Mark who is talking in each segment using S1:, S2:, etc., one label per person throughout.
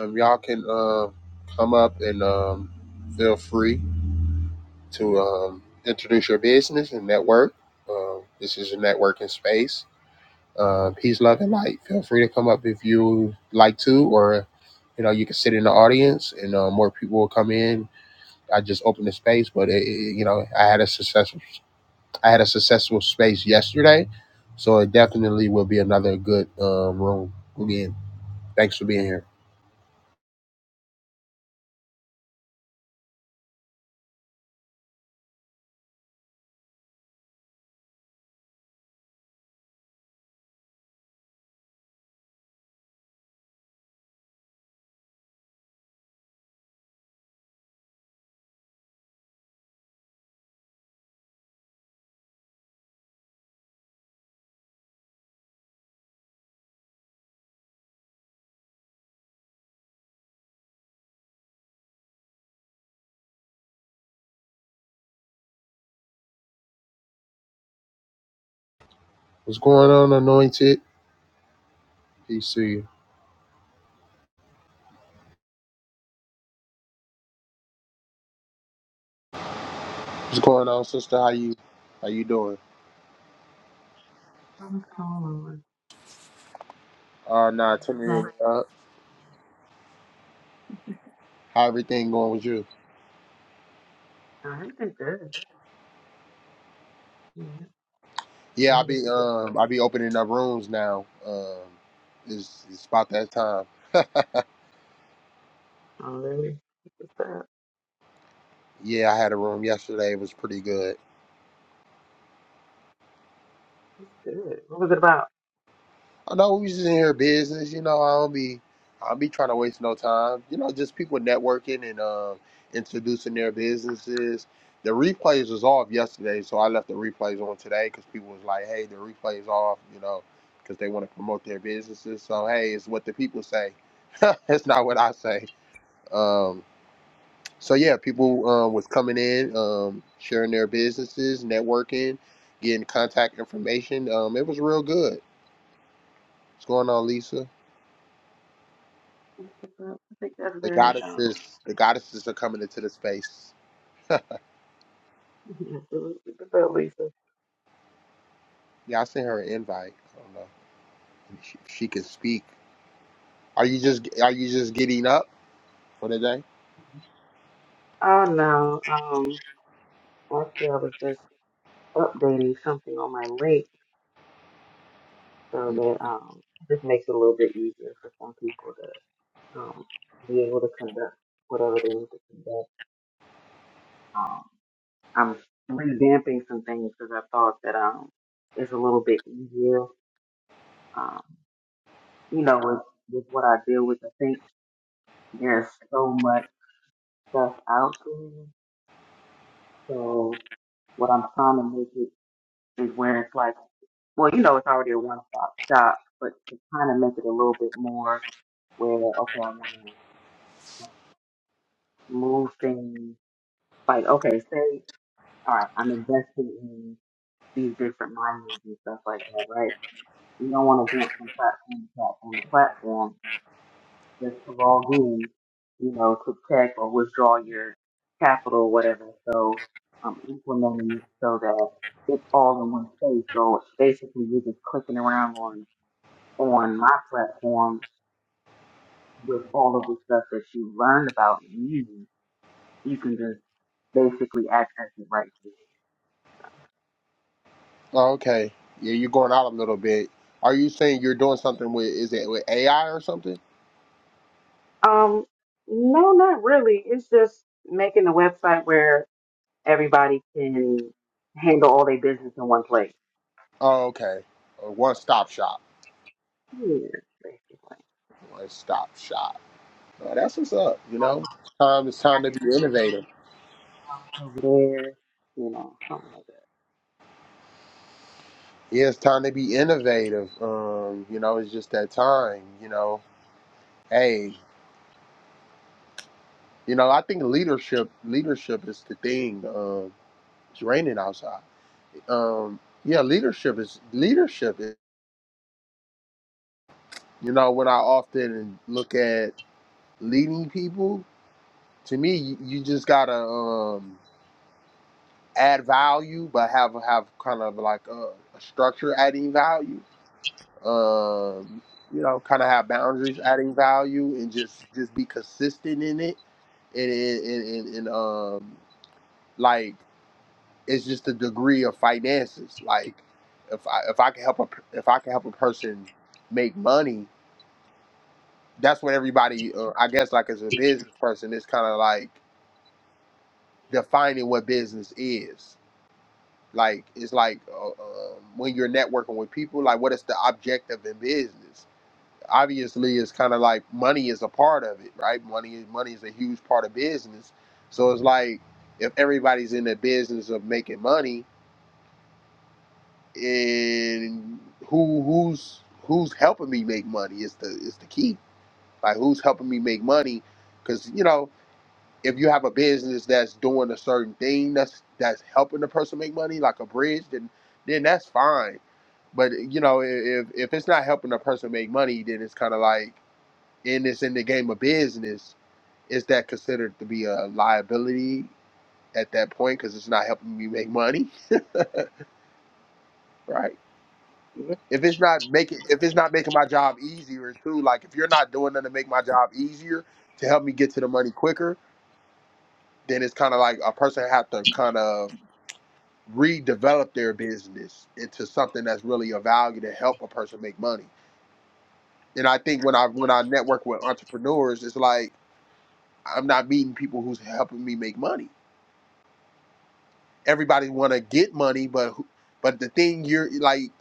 S1: Um, y'all can uh, come up and um, feel free to um, introduce your business and network. Uh, this is a networking space. Uh, peace, love, and light. Feel free to come up if you like to, or you know, you can sit in the audience and uh, more people will come in. I just opened the space, but it, it- you know, I had a successful, I had a successful space yesterday, so it definitely will be another good um, room again. Thanks for being here. What's going on, Anointed? Peace to you. What's going on, sister? How you how you doing?
S2: What's going on?
S1: Uh nah, turn it
S2: Like,
S1: in. Uh, how everything going with you?
S2: I've been good. Yeah,
S1: Yeah,
S2: I'm
S1: I
S2: just
S1: be um I be opening up rooms now. Um it's it's about that time.
S2: already. What's up?
S1: Yeah, I had a room yesterday, it was pretty good.
S2: It's good. What was it about?
S1: I know we just in here business, you know, I don't be I don't be trying to waste no time. You know, just people networking and um introducing their businesses. The replays was off yesterday, so I left the replays on today because people was like, "Hey, the replays off," you know, because they want to promote their businesses. So hey, it's what the people say. it's not what I say. Um, so yeah, people um, was coming in, um, sharing their businesses, networking, getting contact information. Um, it was real good. What's going on, Lisa?
S2: What's up? I think that's
S1: The
S2: very um.
S1: goddesses, the goddesses are coming into the space.
S2: Yeah, absolutely. What's up, Lisa?
S1: Yeah, I sent her an invite. I don't know if she, if she can speak. Are you just are you just getting up for the day?
S2: Oh no. Um, actually, I was just updating something on my link so
S1: Mm,
S2: that um, this makes it a little bit easier for some people to um be able to conduct whatever they need to conduct. Um, I'm revamping some things because I thought that um it's a little bit easier you know, with, with what I deal with, I think there's so much stuff out there. So what I'm trying to make it is where it's like, well, you know, it's already a one stop shop, but to kind of make it a little bit more where, okay, I want to move things. Like, okay, say, all right, I'm investing in these different miners and stuff like that, right? You don't want to jump from platform to platform to platform that's of all good, you know, to check or withdraw your capital or whatever. So I'm implementing it so that it's all in one place. So basically you're just clicking around on on my platform with all of the stuff that you learned about me. You can just basically access it right there.
S1: Oh, okay. Yeah, you're going out a little bit. Are you saying you're doing something with is it with AI or something?
S2: Um, no, not really. It's just making a website where everybody can handle all their business in one place.
S1: Oh, okay. A one stop shop.
S2: Yeah, basically.
S1: One stop shop. Oh, that's what's up. You know, time it's
S2: I
S1: time to be
S2: can
S1: innovative.
S2: find out over there, you know, something like that.
S1: Yeah, it's time to be innovative. Um, you know, it's just that time. You know, hey, You know, I think leadership leadership is the thing. Um, it's raining outside. Um, yeah, leadership is leadership. Is, you know, when I often look at leading people, to me, you, you just gotta um, add value, but have have kind of like a, a structure adding value. Um, you know, kind of have boundaries adding value, and just just be consistent in it and and, and, and um like It's just the degree of finances. Like if I if I can help a per- if I can help a person make money, that's what everybody. Uh, I guess like as a business person, it's kind of like defining what business is. Like it's like uh, uh, when you're networking with people, like what is the objective in business? Obviously, it's kind of like money is a part of it, right? Money is money is a huge part of business. So it's like if everybody's in the business of making money, and who who's who's helping me make money is the is the key. Like who's helping me make money? Because you know, if you have a business that's doing a certain thing that's that's helping the person make money, like a bridge, then then that's fine. But you know, if if it's not helping the person make money, then it's kind of like, and it's in the game of business, is that considered to be a liability at that point? Because it's not helping me make money, right?
S2: This-
S1: if it's not making if it's not making my job easier too, like if you're not doing nothing to make my job easier to help me get to the money quicker, then it's kind of like a person have to kind of redevelop their business into something that's really of value to help a person make money. And I think when I when I network with entrepreneurs, it's like I'm not meeting people who's helping me make money. Everybody want to get money, but who- but the thing you're like,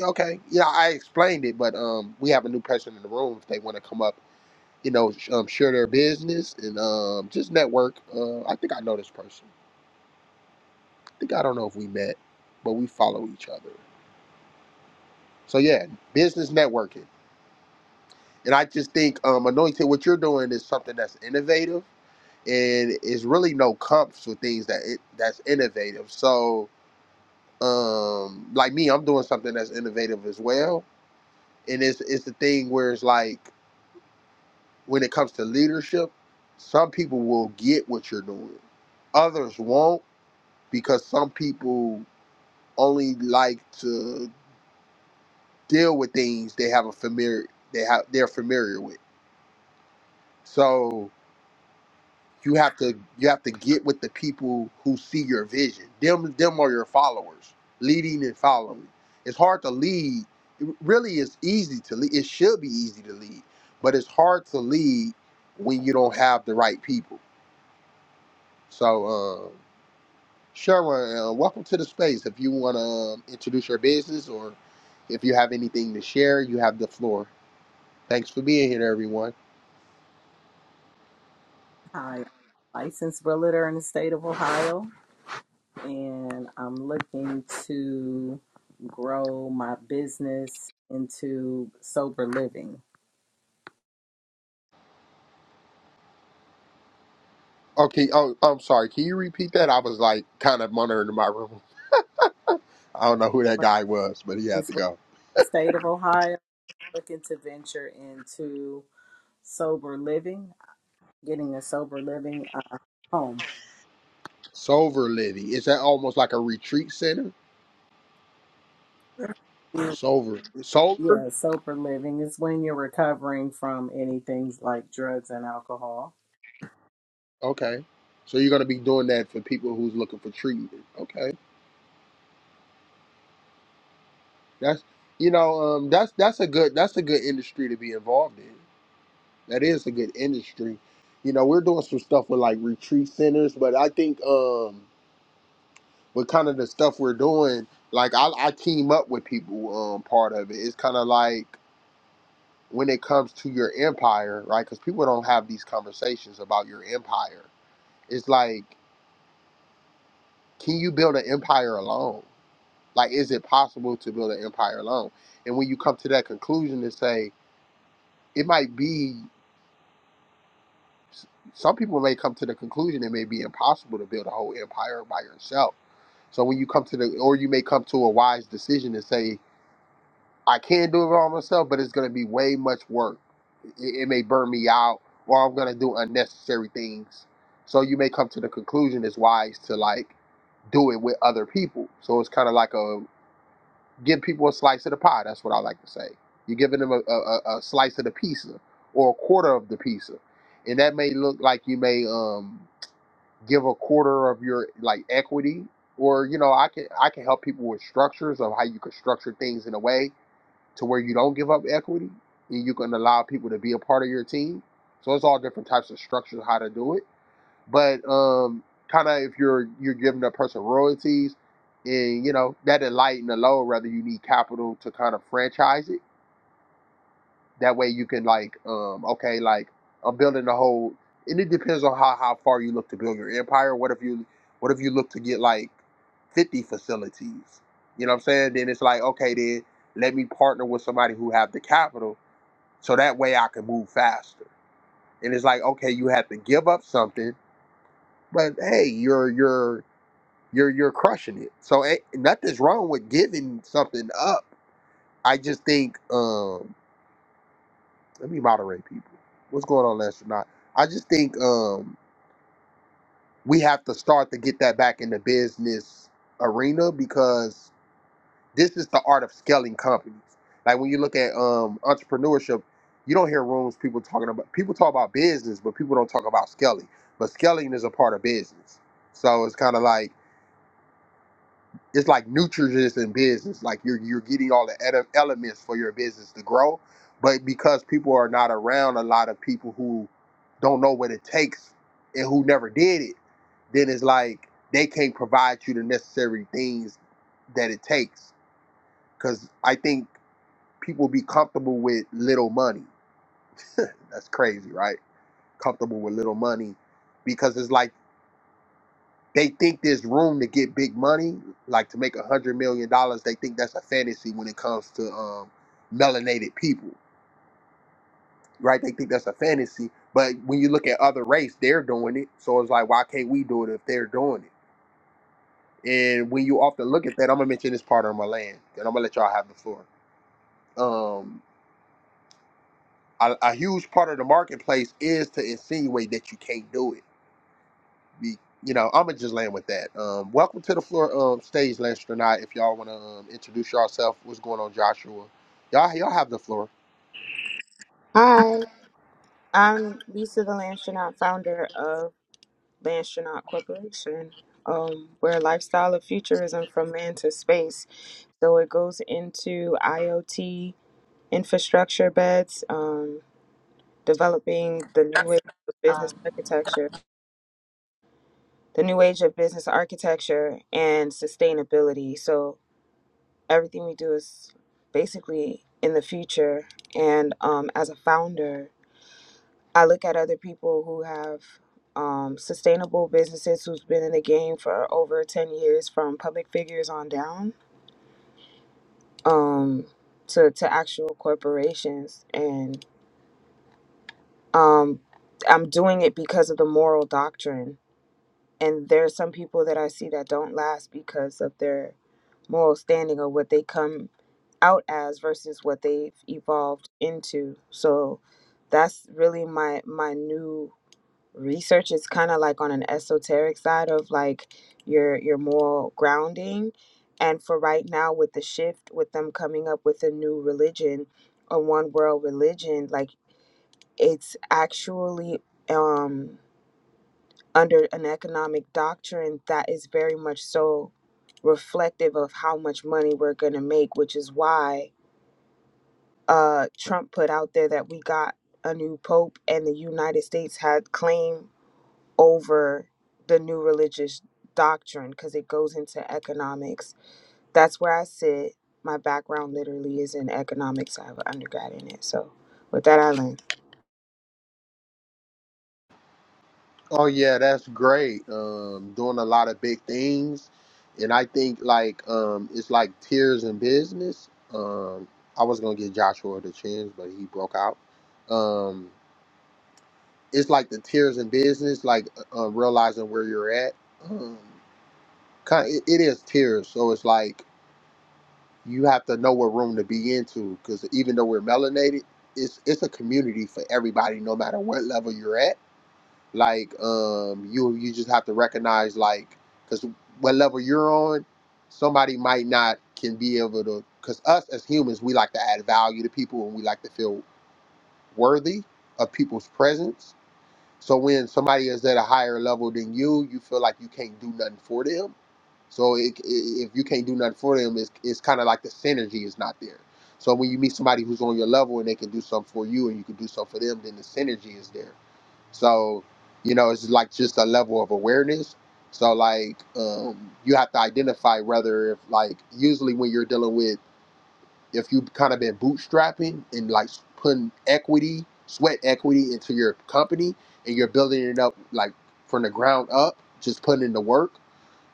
S1: okay, yeah, I explained it, but um, we have a new person in the room if they want to come up you know, sh- um, share their business and um, just network. Uh, I think I know this person. I think I don't know if we met, but we follow each other. So yeah, business networking. And I just think um, anointed, what you're doing is something that's innovative, and it's really no comps with things that it, that's innovative. So um, like me, I'm doing something that's innovative as well, and it's it's the thing where it's like when it comes to leadership, some people will get what you're doing, others won't because some people only like to deal with things they have a familiar they have they're familiar with. So you have to you have to get with the people who see your vision. Them them are your followers, leading and following. It's hard to lead. It really is easy to lead. It should be easy to lead, but it's hard to lead when you don't have the right people. So uh, Sure. Uh, welcome to the space. If you want to um, introduce your business or if you have anything to share, you have the floor. Thanks for being here, everyone.
S3: Hi, I'm a licensed realtor in the state of Ohio, and I'm looking to grow my business into sober living.
S1: Okay. Oh, I'm sorry. Can you repeat that? I was like kind of monitoring my room. I don't know who that guy was, but he had to
S3: Licensed realtor
S1: go.
S3: in the state of Ohio, looking to venture into sober living, getting a sober living uh, home.
S1: Sober Living. Is that almost like a retreat center? Sober. Sober?
S3: Yeah, sober living is when you're recovering from anything like drugs and alcohol.
S1: Okay. So you're going to be doing that for people who's looking for treatment. Okay. That's, you know, um, that's, that's a good, that's a good industry to be involved in. That is a good industry. You know, we're doing some stuff with like retreat centers, but I think um with kind of the stuff we're doing, like I, I team up with people. Um, part of it. It's kind of like when it comes to your empire, right? Because people don't have these conversations about your empire. It's like, can you build an empire alone? Like, is it possible to build an empire alone? And when you come to that conclusion to say it might be s- some people may come to the conclusion it may be impossible to build a whole empire by yourself. So when you come to the, or you may come to a wise decision and say, I can do it all myself, but it's going to be way much work. It, it may burn me out, or I'm going to do unnecessary things. So you may come to the conclusion it's wise to like do it with other people. So it's kind of like a give people a slice of the pie. That's what I like to say. You're giving them a, a, a a slice of the pizza or a quarter of the pizza, and that may look like you may um give a quarter of your like equity or you know i can i can help people with structures of how you can structure things in a way to where you don't give up equity and you can allow people to be a part of your team so it's all different types of structures how to do it but um kind of if you're you're giving a person royalties and you know that lighten the load rather you need capital to kind of franchise it that way you can like, um, okay, like I'm building a whole. And it depends on how how far you look to build your empire. What if you what if you look to get like 50 facilities? You know what I'm saying? Then it's like, okay, then let me partner with somebody who have the capital, so that way I can move faster. And it's like, okay, you have to give up something, but hey, you're you're you're you're crushing it. So ain't, nothing's wrong with giving something up. I just think. um let me moderate people. What's going on, Astronaut? I just think um, we have to start to get that back in the business arena because this is the art of scaling companies. Like when you look at um, entrepreneurship, you don't hear rooms people talking about. People talk about business, but people don't talk about scaling. But scaling is a part of business. So it's kind of like it's like nutritious in business. Like you're you're getting all the ele- elements for your business to grow, but because people are not around a lot of people who don't know what it takes and who never did it, then it's like they can't provide you the necessary things that it takes. Because I think people be comfortable with little money. That's crazy, right? Comfortable with little money because it's like They think there's room to get big money, like to make a hundred million dollars. They think that's a fantasy when it comes to um, melanated people, right? They think that's a fantasy. But when you look at other race, they're doing it. So it's like, why can't we do it if they're doing it? And when you often look at that, I'm gonna mention this part on my land, and I'm gonna let y'all have the floor. Um, a, a huge part of the marketplace is to insinuate that you can't do it Be, you know, I'm gonna just land with that. Um, welcome to the floor um, stage, Lester Tonight, If y'all wanna um, introduce yourself, what's going on, Joshua? Y'all, y'all have the floor.
S4: Hi, I'm Lisa, the Lanchonaut founder of Lanchonaut Corporation. Um, we're a lifestyle of futurism from land to space. So it goes into IoT infrastructure beds, um, developing the new age of business
S5: um,
S4: architecture, the new age of business architecture and sustainability. So everything we do is basically in the future. And um, as a founder, I look at other people who have um, sustainable businesses who's been in the game for over 10 years from public figures on down um, to, to actual corporations. And um, I'm doing it because of the moral doctrine. And there are some people that I see that don't last because of their moral standing or what they come out as versus what they've evolved into. So that's really my my new research is kind of like on an esoteric side of like your your moral grounding and for right now with the shift with them coming up with a new religion a one world religion like it's actually um under an economic doctrine that is very much so reflective of how much money we're going to make which is why uh Trump put out there that we got a new pope and the United States had claim. over the new religious doctrine because it goes into economics. That's where I sit. My background literally is in economics. I have an undergrad in it. So with that, I learned.
S1: Oh yeah, that's great. Um, doing a lot of big things, and I think like um, it's like tears in business. Um, I was gonna give Joshua the chance, but he broke out. Um, it's like the tears in business, like uh, uh, realizing where you're at. Um, kind, it, it is tears, so it's like you have to know what room to be into because even though we're melanated, it's it's a community for everybody, no matter what level you're at. Like um, you you just have to recognize like because what level you're on, somebody might not can be able to. Because us as humans, we like to add value to people and we like to feel worthy of people's presence. So when somebody is at a higher level than you, you feel like you can't do nothing for them so it, i if you can't do nothing for them, it's, it's kind of like the synergy is not there. So when you meet somebody who's on your level and they can do something for you and you can do something for them, then the synergy is there. So, you know, it's like just a level of awareness. So like um, you have to identify whether if like usually when you're dealing with if you've kind of been bootstrapping and like putting equity, sweat equity into your company and you're building it up like from the ground up, just putting in the work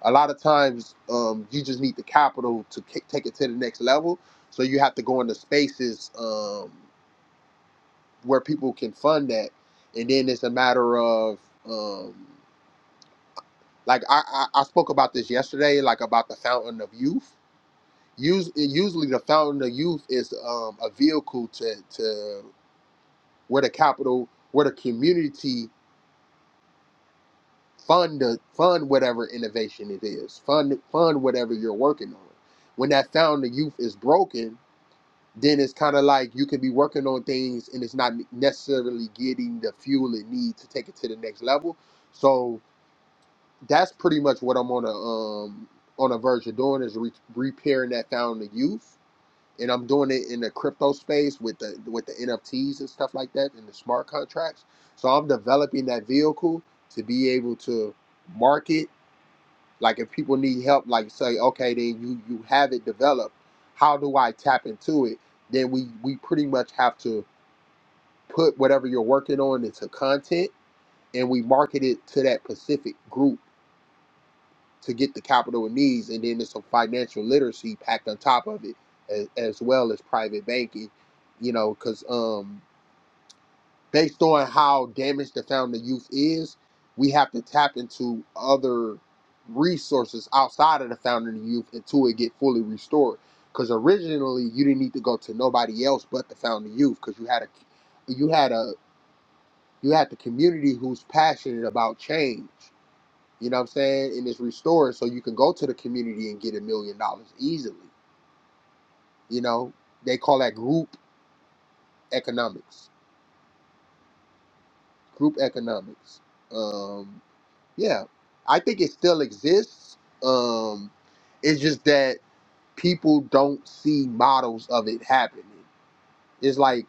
S1: a lot of times um, you just need the capital to ki take it to the next level. So you have to go into spaces um, where people can fund that, and then it's a matter of um, like I, I, I spoke about this yesterday, like about the fountain of youth. Us- usually the fountain of youth is um, a vehicle to to where the capital, where the community fund the fund whatever innovation it is, fund fund whatever you're working on. When that fountain of youth is broken then it's kind of like you can be working on things and it's not necessarily getting the fuel it needs to take it to the next level. So that's pretty much what I'm on a um on a verge of doing is re- repairing that found the youth, and I'm doing it in the crypto space with the with the NFTs and stuff like that and the smart contracts. So I'm developing that vehicle to be able to market like if people need help, like say, okay, then you you have it developed. How do I tap into it? Then we we pretty much have to put whatever you're working on into content, and we market it to that specific group to get the capital it needs, and then there's some financial literacy packed on top of it, as, as well as private banking. You know, because um based on how damaged the founding youth is, we have to tap into other resources outside of the founding youth until it get fully restored. Because originally you didn't need to go to nobody else but the founding youth, because you had a you had a you had the community who's passionate about change. You know what I'm saying? And it's restored, so you can go to the community and get a million dollars easily. You know they call that group economics. Group economics. Um, Yeah, I think it still exists. Um, it's just that people don't see models of it happening. It's like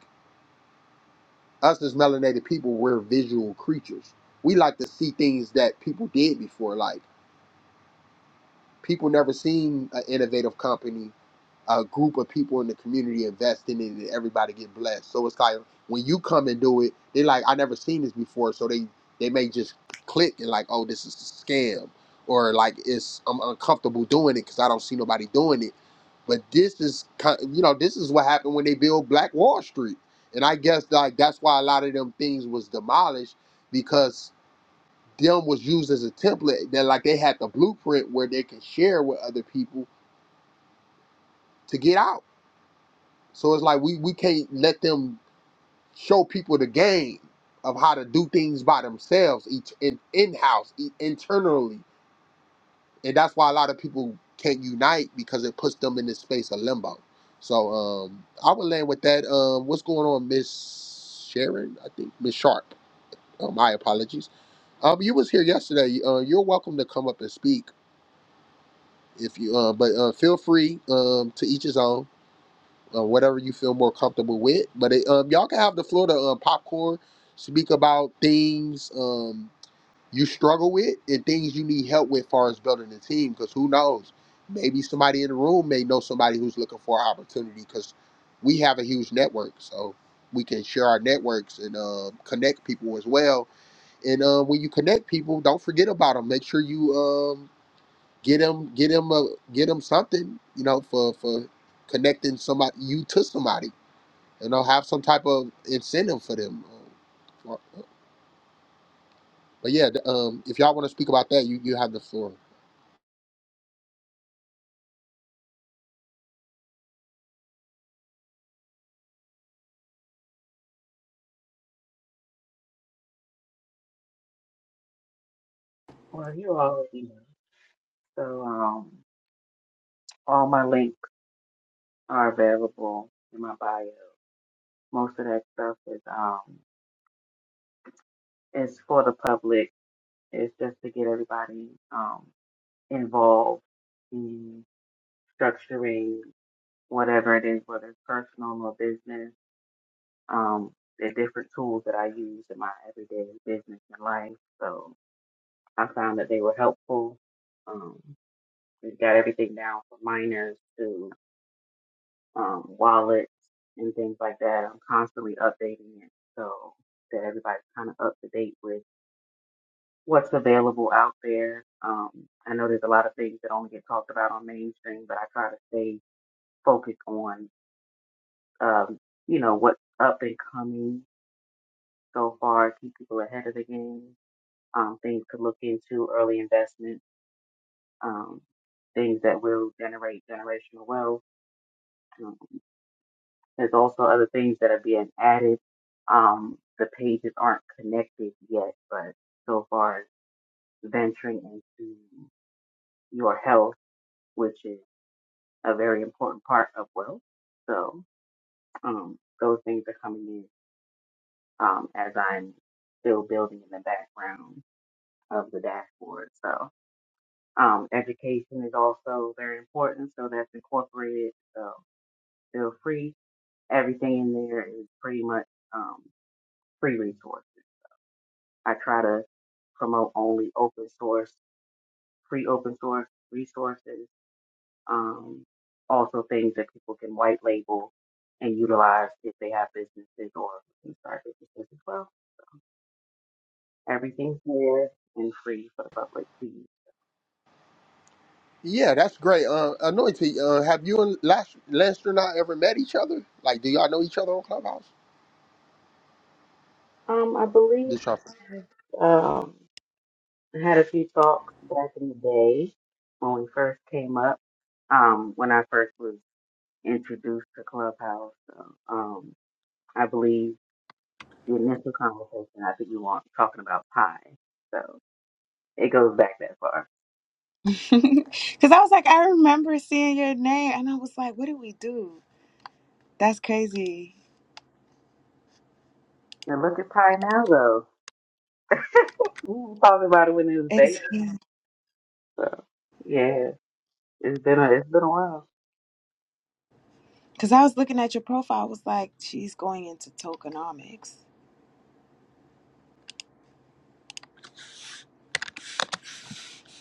S1: us as melanated people, we're visual creatures. We like to see things that people did before. Like People never seen an innovative company, a group of people in the community investing in it, and everybody get blessed. So it's like when you come and do it, they are like, I never seen this before. So they they may just click and like, oh, this is a scam, or like it's I'm uncomfortable doing it because I don't see nobody doing it. But this is, ki- you know, this is what happened when they built Black Wall Street, and I guess like that's why a lot of them things was demolished because them was used as a template that like they had the blueprint where they can share with other people to get out. So it's like we we can't let them show people the game of how to do things by themselves, each in in house, internally, and that's why a lot of people can't unite because it puts them in this space of limbo. So um, I would land with that. Um, what's going on, Miss Sharon? I think Miss Sharp. Uh my apologies. Um, you was here yesterday. Uh, you're welcome to come up and speak if you uh but uh feel free um to each his own uh, whatever you feel more comfortable with but it, um y'all can have the floor to uh, popcorn speak about things um you struggle with and things you need help with as far as building a team because who knows maybe somebody in the room may know somebody who's looking for an opportunity because we have a huge network so we can share our networks and uh, connect people as well and uh, when you connect people don't forget about them make sure you um. Get him, get him, a, get him something, you know, for for connecting somebody you to somebody. You know, have some type of incentive for them. Um, But yeah, th- um, if y'all want to speak about that, you you have the floor.
S2: Well, you already know. So, um, all my links are available in my bio. Most of that stuff is um, it's for the public. It's just to get everybody um involved in structuring whatever it is, whether it's personal or business. Um, the different tools that I use in my everyday business and life. So I found that they were helpful. Um, We've got everything down from miners to um, wallets and things like that. I'm constantly updating it so that everybody's kind of up to date with what's available out there. Um, I know there's a lot of things that only get talked about on mainstream, but I try to stay focused on, um, you know, what's up and coming so far, keep people ahead of the game, um, things to look into, early investments, um, things that will generate generational wealth um, There's also other things that are being added. Um, the pages aren't connected yet, but so far as venturing into your health, which is a very important part of wealth. So um, those things are coming in um, as I'm still building in the background of the dashboard. So um, education is also very important. So that's incorporated. So feel free. Everything in there is pretty much um, free resources. I try to promote only open source, free open source resources, um, also things that people can white label and utilize if they have businesses or can start businesses as well. Everything's there and free for the public to use.
S1: Yeah, that's great. Uh, Anointed, uh, have you and Las- Lester and I ever met each other? Like, do y'all know each other on Clubhouse?
S2: Um, I believe
S1: This y'all-
S2: that, um, I had a few talks back in the day when we first came up, um, when I first was introduced to Clubhouse. So, um, I believe The initial conversation, I think you want talking about pi, So it goes back that far.
S4: Because I was like, I remember seeing your name, and I was like, what did we do? That's crazy.
S2: And look at pi now though. We were talking about it when it was baby.
S4: It's because
S2: So yeah, it's been a, it's been a while.
S4: I was looking at your profile. I was like, she's going into tokenomics.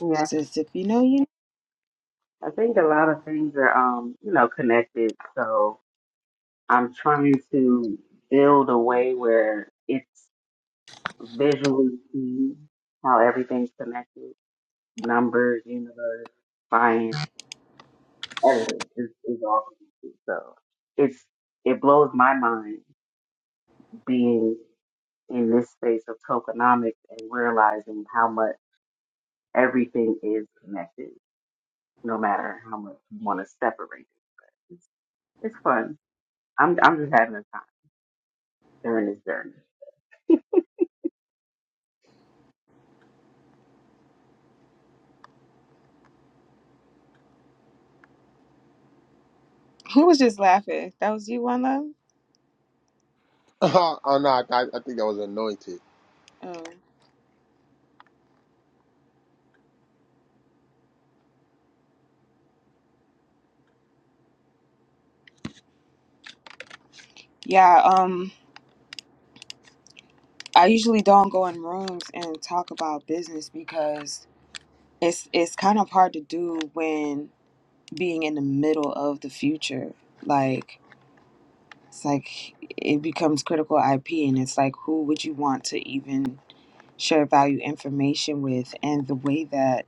S2: Yeah,
S4: Just if you know you,
S2: I think a lot of things are um you know connected. So I'm trying to build a way where it's visually seen how everything's connected: numbers, universe, science everything is, is all connected. So it's it blows my mind being in this space of tokenomics and realizing how much everything is connected, no matter how much you want to separate it. It's, it's fun. I'm I'm just having a time during this journey.
S4: who was just laughing? That was you, one love.
S1: oh no, I, I I think that was Anointed.
S4: Oh, yeah. Um. I usually don't go in rooms and talk about business because it's it's kind of hard to do when being in the middle of the future. Like it's like it becomes critical IP and it's like who would you want to even share value information with and the way that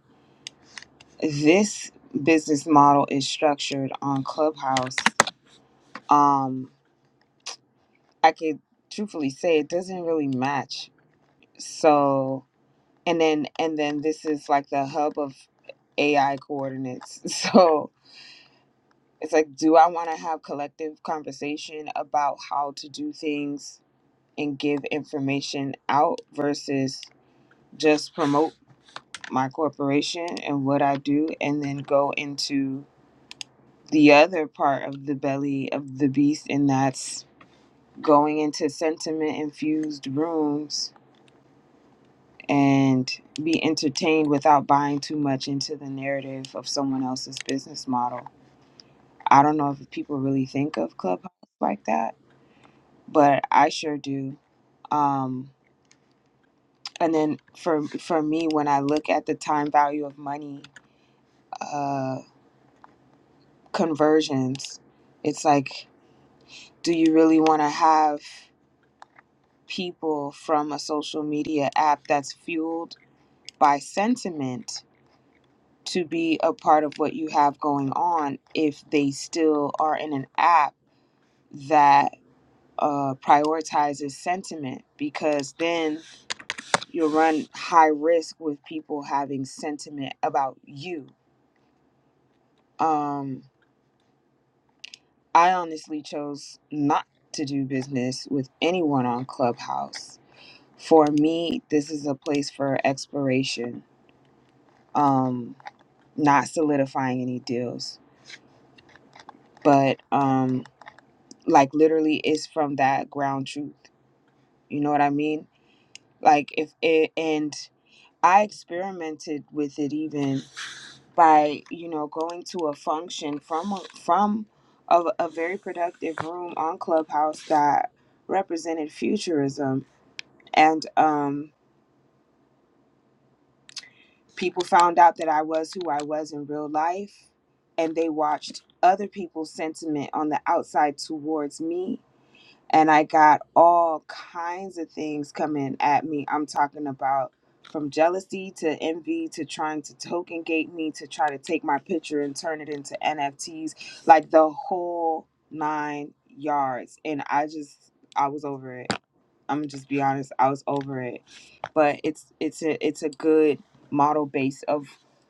S4: this business model is structured on Clubhouse um I could truthfully say it doesn't really match. So and then and then this is like the hub of AI coordinates. So it's like, do I want to have collective conversation about how to do things and give information out versus just promote my corporation and what I do and then go into the other part of the belly of the beast and that's going into sentiment infused rooms and be entertained without buying too much into the narrative of someone else's business model. I don't know if people really think of Clubhouse like that, but I sure do. Um, and then for for me, when I look at the time value of money uh, conversions, it's like, do you really want to have people from a social media app that's fueled by sentiment? to be a part of what you have going on if they still are in an app that uh, prioritizes sentiment because then you'll run high risk with people having sentiment about you. Um, I honestly chose not to do business with anyone on Clubhouse. For me, this is a place for exploration, um, not solidifying any deals. But um, like literally is from that ground truth you know what i mean like if it and i experimented with it even by you know going to a function from a- from a, a very productive room on clubhouse that represented futurism and um people found out that i was who i was in real life and they watched other people's sentiment on the outside towards me and I got all kinds of things coming at me. I'm talking about from jealousy to envy to trying to token gate me to try to take my picture and turn it into NFTs, like the whole nine yards. And I just, I was over it. I'm gonna just be honest, I was over it. But it's it's a it's a good model base of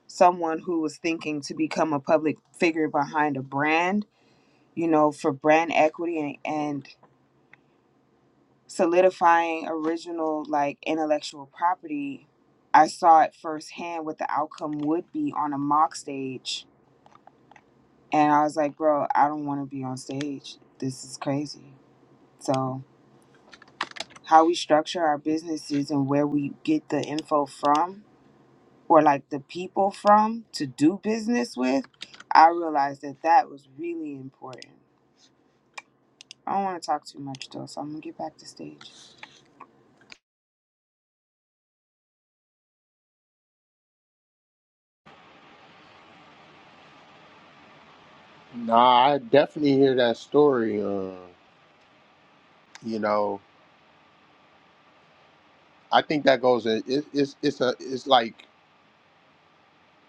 S4: someone who was thinking to become a public figure behind a brand, you know, for brand equity and and solidifying original like intellectual property i saw it firsthand what the outcome would be on a mock stage and i was like bro i don't want to be on stage this is crazy so how we structure our businesses and where we get the info from or like the people from to do business with i realized that that was really important i don't want to talk too much though so i'm gonna get back to stage
S1: Nah, I definitely hear that story. Uh, you know, I think that goes. in- It, it's it's a it's like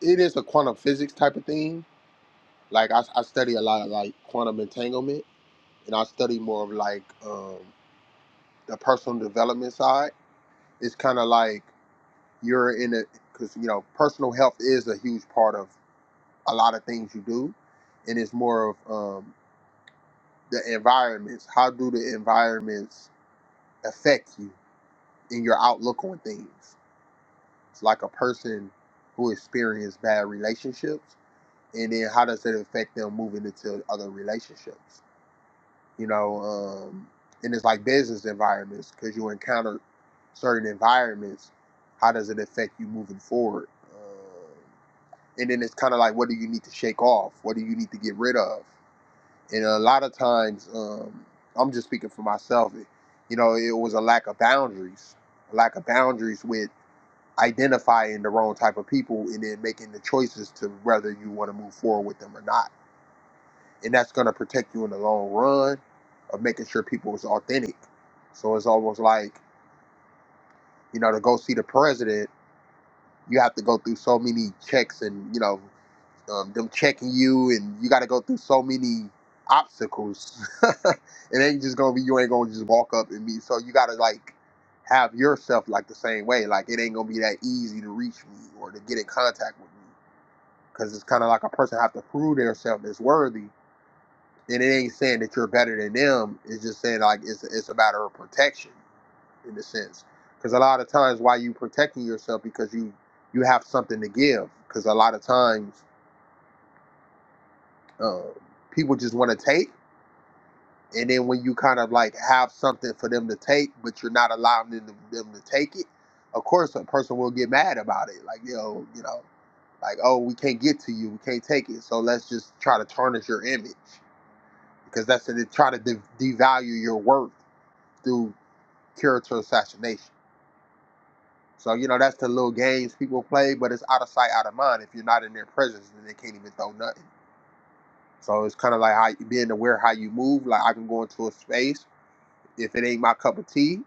S1: it is a quantum physics type of thing. Like I, I study a lot of like quantum entanglement, and I study more of like um, the personal development side. It's kind of like you're in a because you know personal health is a huge part of a lot of things you do, and it's more of um, the environments. How do the environments affect you in your outlook on things? It's like a person who experienced bad relationships, and then how does it affect them moving into other relationships? you know, um, and it's like business environments because you encounter certain environments. How does it affect you moving forward? Um, and then it's kind of like, what do you need to shake off? What do you need to get rid of? And a lot of times, um, I'm just speaking for myself. It, you know, it was a lack of boundaries, a lack of boundaries with identifying the wrong type of people and then making the choices to whether you want to move forward with them or not and that's going to protect you in the long run of making sure people is authentic. So it's almost like you know to go see the president, you have to go through so many checks and you know um, them checking you, and you got to go through so many obstacles. it ain't just gonna be you ain't gonna just walk up and meet. So you got to like have yourself like the same way. Like it ain't gonna be that easy to reach me or to get in contact with me because it's kind of like a person have to prove themselves as worthy And it ain't saying that you're better than them. It's just saying like it's it's a matter of protection in a sense. Because a lot of times, why you protecting yourself because you you have something to give. Because a lot of times, uh, people just want to take, and then when you kind of like have something for them to take, but you're not allowing them to, them to take it, of course a person will get mad about it. Like yo, you know, like oh we can't get to you, we can't take it. So let's just try to tarnish your image because that's to try to de- devalue your worth through character assassination. So you know that's the little games people play, but it's out of sight, out of mind. If you're not in their presence, then they can't even throw nothing. So it's kind of like how being aware how you move. Like I can go into a space if it ain't my cup of tea,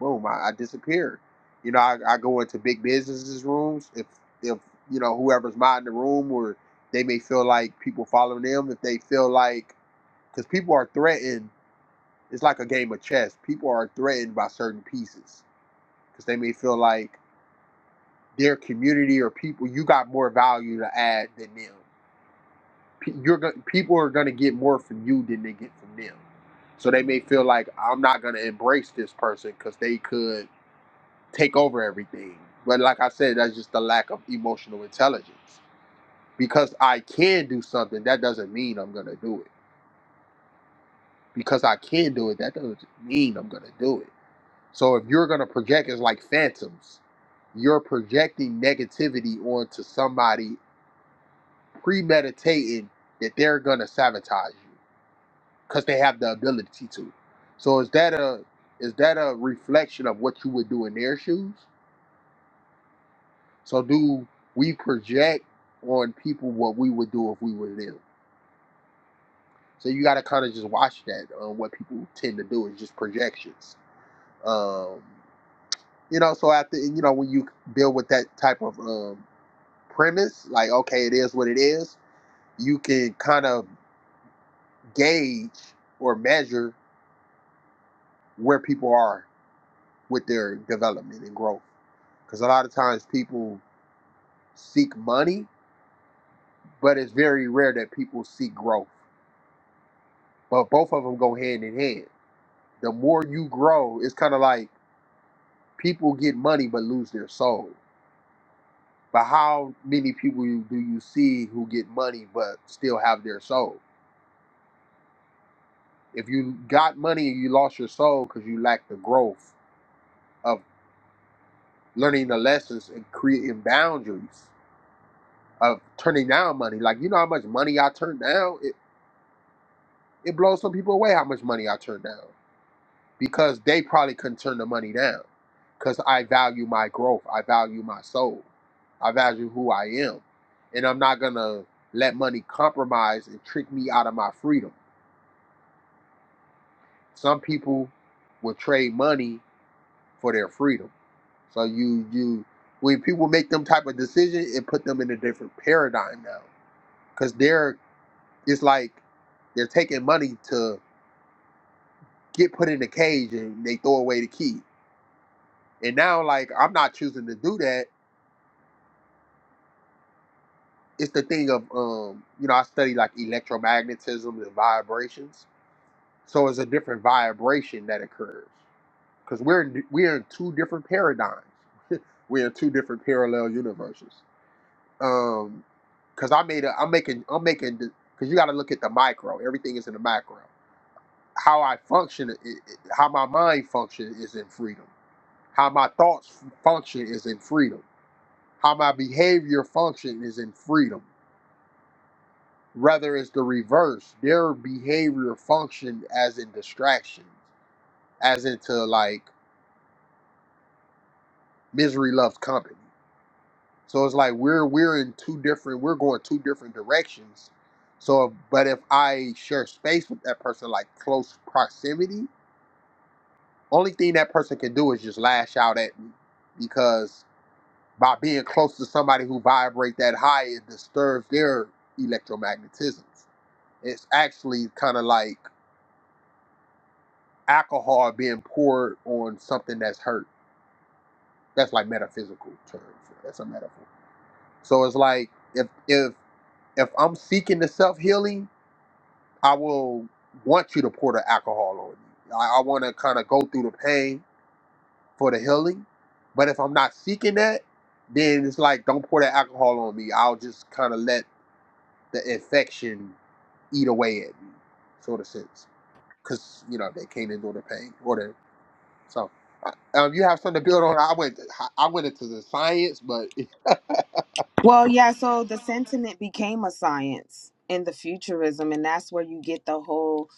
S1: boom, I, I disappear. You know, I, I go into big businesses rooms if if you know whoever's minding the room or they may feel like people following them if they feel like because people are threatened. It's like a game of chess. People are threatened by certain pieces because they may feel like their community or people, you got more value to add than them. You're go- people are gonna get more from you than they get from them. So they may feel like I'm not gonna embrace this person because they could take over everything. But like I said, that's just the lack of emotional intelligence. Because I can do something, that doesn't mean I'm gonna do it. Because I can do it, that doesn't mean I'm gonna do it. So if you're gonna project, it's like phantoms you're projecting negativity onto somebody premeditating that they're gonna sabotage you because they have the ability to. So is that a is that a reflection of what you would do in their shoes? So do we project on people what we would do if we were them? So you got to kind of just watch that. Um, what people tend to do is just projections. Um, you know, so after you know when you deal with that type of um, premise, like okay, it is what it is. You can kind of gauge or measure where people are with their development and growth. Because a lot of times people seek money, but it's very rare that people seek growth. But both of them go hand in hand. The more you grow, it's kind of like people get money but lose their soul. But how many people you- do you see who get money but still have their soul? If you got money and you lost your soul because you lacked the growth of learning the lessons and creating boundaries, of turning down money. Like you know how much money I turn down. It it blows some people away how much money I turn down because they probably couldn't turn the money down because I value my growth. I value my soul. I value who I am, and I'm not gonna let money compromise and trick me out of my freedom. Some people will trade money for their freedom. So you you when people make them type of decision, it put them in a different paradigm now because they're It's like they're taking money to get put in a cage and they throw away the key. And now, like, I'm not choosing to do that. It's the thing of, um, you know, I study like electromagnetism and vibrations. So it's a different vibration that occurs because we're in, we're in two different paradigms. We're in two different parallel universes. Um, because I made a, I'm making, I'm making, because you got to look at the micro. Everything is in the macro. How I function, i i how my mind functions, is in freedom How my thoughts function is in freedom. How my behavior function is in freedom. Rather, it's the reverse. Their behavior function as in distractions, as into like misery loves company. So it's like we're we're in two different. We're going two different directions. So, but if I share space with that person, like close proximity, only thing that person can do is just lash out at me because by being close to somebody who vibrate that high it disturbs their electromagnetisms it's actually kind of like alcohol being poured on something that's hurt that's like metaphysical terms. that's a metaphor so it's like if if if i'm seeking the self-healing i will want you to pour the alcohol on me i, I want to kind of go through the pain for the healing but if i'm not seeking that then it's like don't pour that alcohol on me i'll just kind of let the infection eat away at me, sort of sense. Because you know they can't endure the pain or the so. uh, Um, you have something to build on. I went, I went into the science, but it,
S4: Well, yeah, so the sentiment became a science in the futurism, and that's where you get the whole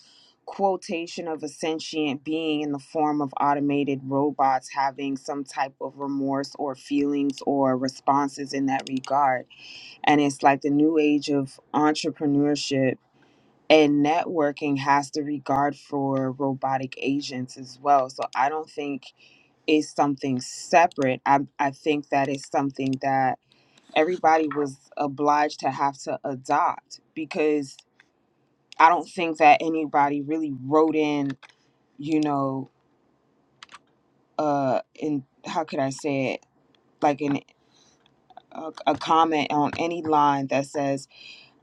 S4: quotation of a sentient being in the form of automated robots having some type of remorse or feelings or responses in that regard. And it's like the new age of entrepreneurship and networking has the regard for robotic agents as well. So I don't think it's something separate. I, I think that it's something that everybody was obliged to have to adopt because I don't think that anybody really wrote in, you know, uh, in how could I say it, like in a, a comment on any line that says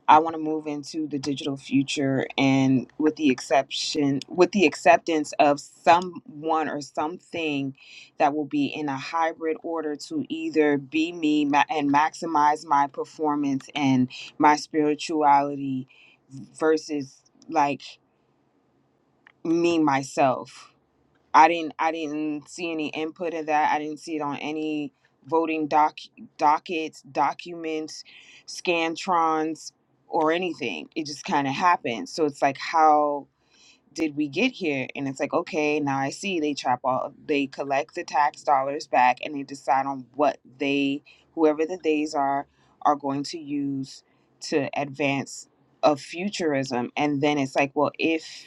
S4: I want to move into the digital future and with the exception with the acceptance of someone or something that will be in a hybrid order to either be me ma- and maximize my performance and my spirituality versus like me myself I didn't I didn't see any input of that. I didn't see it on any voting doc dockets, documents, scantrons, or anything. It just kind of happened. So it's like, how did we get here? And it's like, okay, now I see they trap all they collect the tax dollars back and they decide on what they whoever the days are are going to use to advance of futurism. And then it's like, well, if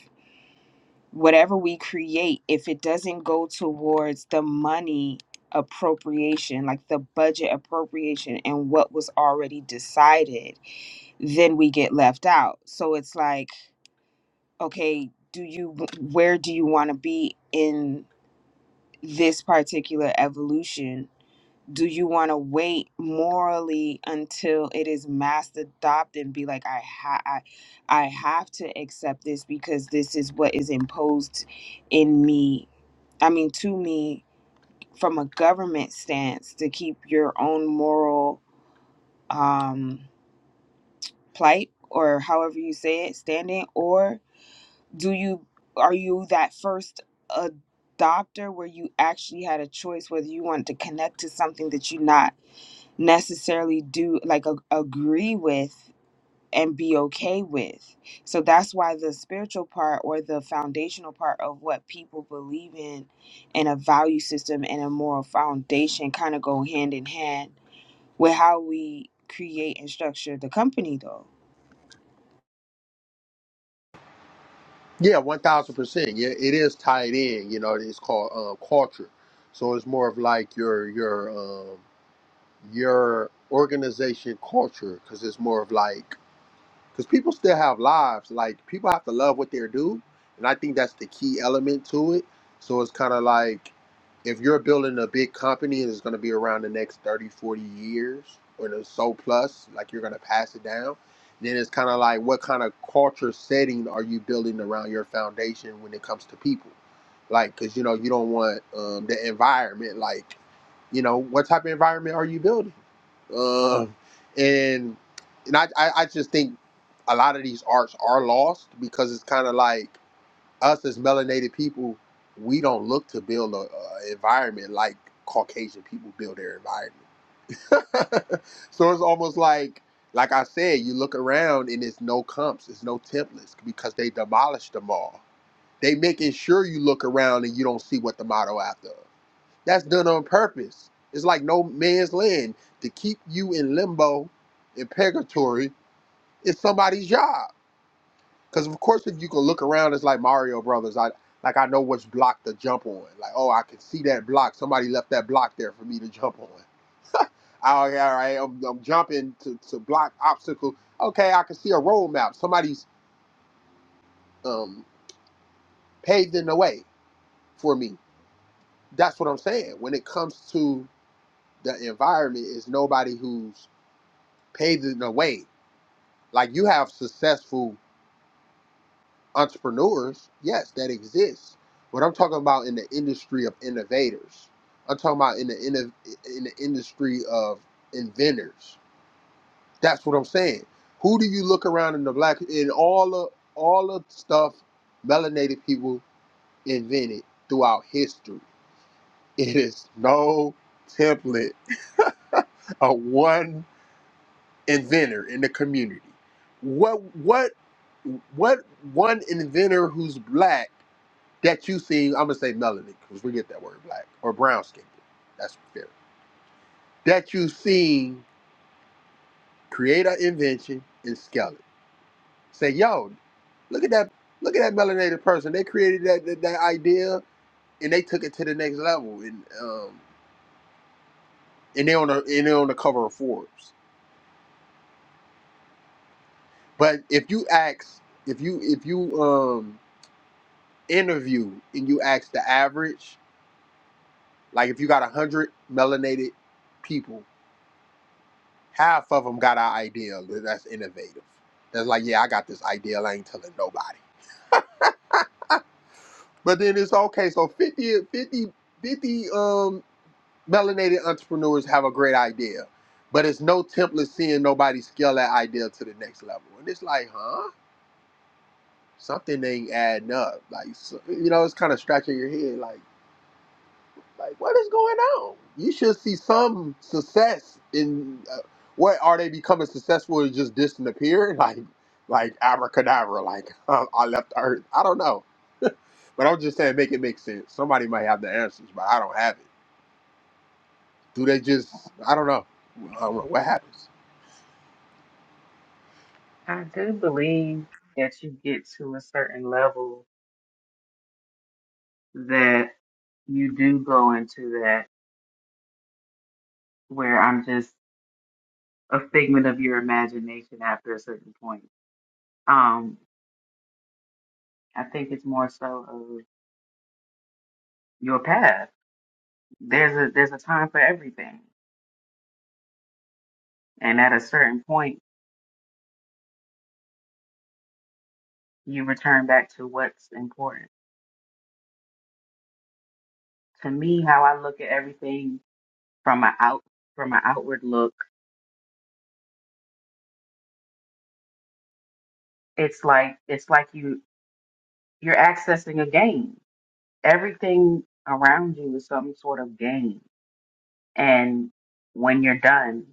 S4: whatever we create, if it doesn't go towards the money appropriation, like the budget appropriation and what was already decided, then we get left out. So it's like, okay, do you, where do you want to be in this particular evolution? Do you want to wait morally until it is mass adopted and be like, I, ha- I, I have to accept this because this is what is imposed in me I mean, to me, from a government stance, to keep your own moral um, plight or however you say it standing, or do you are you that first adopter where you actually had a choice whether you wanted to connect to something that you not necessarily do like a, agree with and be okay with. So that's why the spiritual part or the foundational part of what people believe in and a value system and a moral foundation kind of go hand in hand with how we create and structure the company though.
S1: yeah, one thousand percent. Yeah, it is tied in. You know, it's called um, culture, so it's more of like your your um, your organization culture because it's more of like because people still have lives. Like people have to love what they do, and I think that's the key element to it. So it's kind of like if you're building a big company and it's going to be around the next 30, 40 years or the so plus, like you're going to pass it down. Then it's kind of like what kind of culture setting are you building around your foundation when it comes to people? Like, because you know, you don't want um, the environment, like, you know, what type of environment are you building? Um, and and I, I, I just think a lot of these arts are lost because it's kind of like us as melanated people, we don't look to build a, a environment like Caucasian people build their environment. so it's almost like, like I said, you look around and it's no comps, it's no templates because they demolished them all. They making sure you look around and you don't see what the motto after. That's done on purpose. It's like no man's land to keep you in limbo, in purgatory. It's somebody's job because of course, if you can look around, it's like Mario Brothers. I like I know which block to jump on. Like, oh, I can see that block. Somebody left that block there for me to jump on. Oh, yeah, all right. I'm, I'm jumping to, to block obstacle. Okay, I can see a road map. Somebody's um, paving the way for me. That's what I'm saying. When it comes to the environment, is nobody who's paving the way. Like you have successful entrepreneurs, yes, that exists. But I'm talking about in the industry of innovators. I'm talking about in the inno- in the industry of inventors. That's what I'm saying. Who do you look around in the black in all of all of stuff melanated people invented throughout history? It is no template of one inventor in the community. What what what one inventor who's black that you seen, I'm gonna say melanin because we get that word black or brown skin. That's fair. That you seen create an invention and scale it. Say, yo, look at that, look at that melanated person. They created that that, that idea and they took it to the next level and um and they on the and they on the cover of Forbes. But if you ask, if you if you um interview and you ask the average, like if you got a hundred melanated people half of them got our idea that's innovative. That's like, yeah, I got this idea. I ain't telling nobody. But then it's okay. So 50, 50, 50 um, melanated entrepreneurs have a great idea, but it's no template seeing nobody scale that idea to the next level. And it's like, huh? Something ain't adding up. Like, so, you know, it's kind of scratching your head. Like, Like, what is going on? You should see some success in uh, what are they becoming successful and just disappear? Like, like abracadabra, like um, I left the earth. I don't know, but I'm just saying, make it make sense. Somebody might have the answers, but I don't have it. Do they just? I don't know. I don't know what happens.
S2: I do believe that you get to a certain level that you do go into that where I'm just a figment of your imagination after a certain point. Um. I think it's more so of your path. There's a there's a time for everything, and at a certain point, you return back to what's important. To me, how I look at everything from my out from an outward look, it's like it's like you you're accessing a game. Everything around you is some sort of game, and when you're done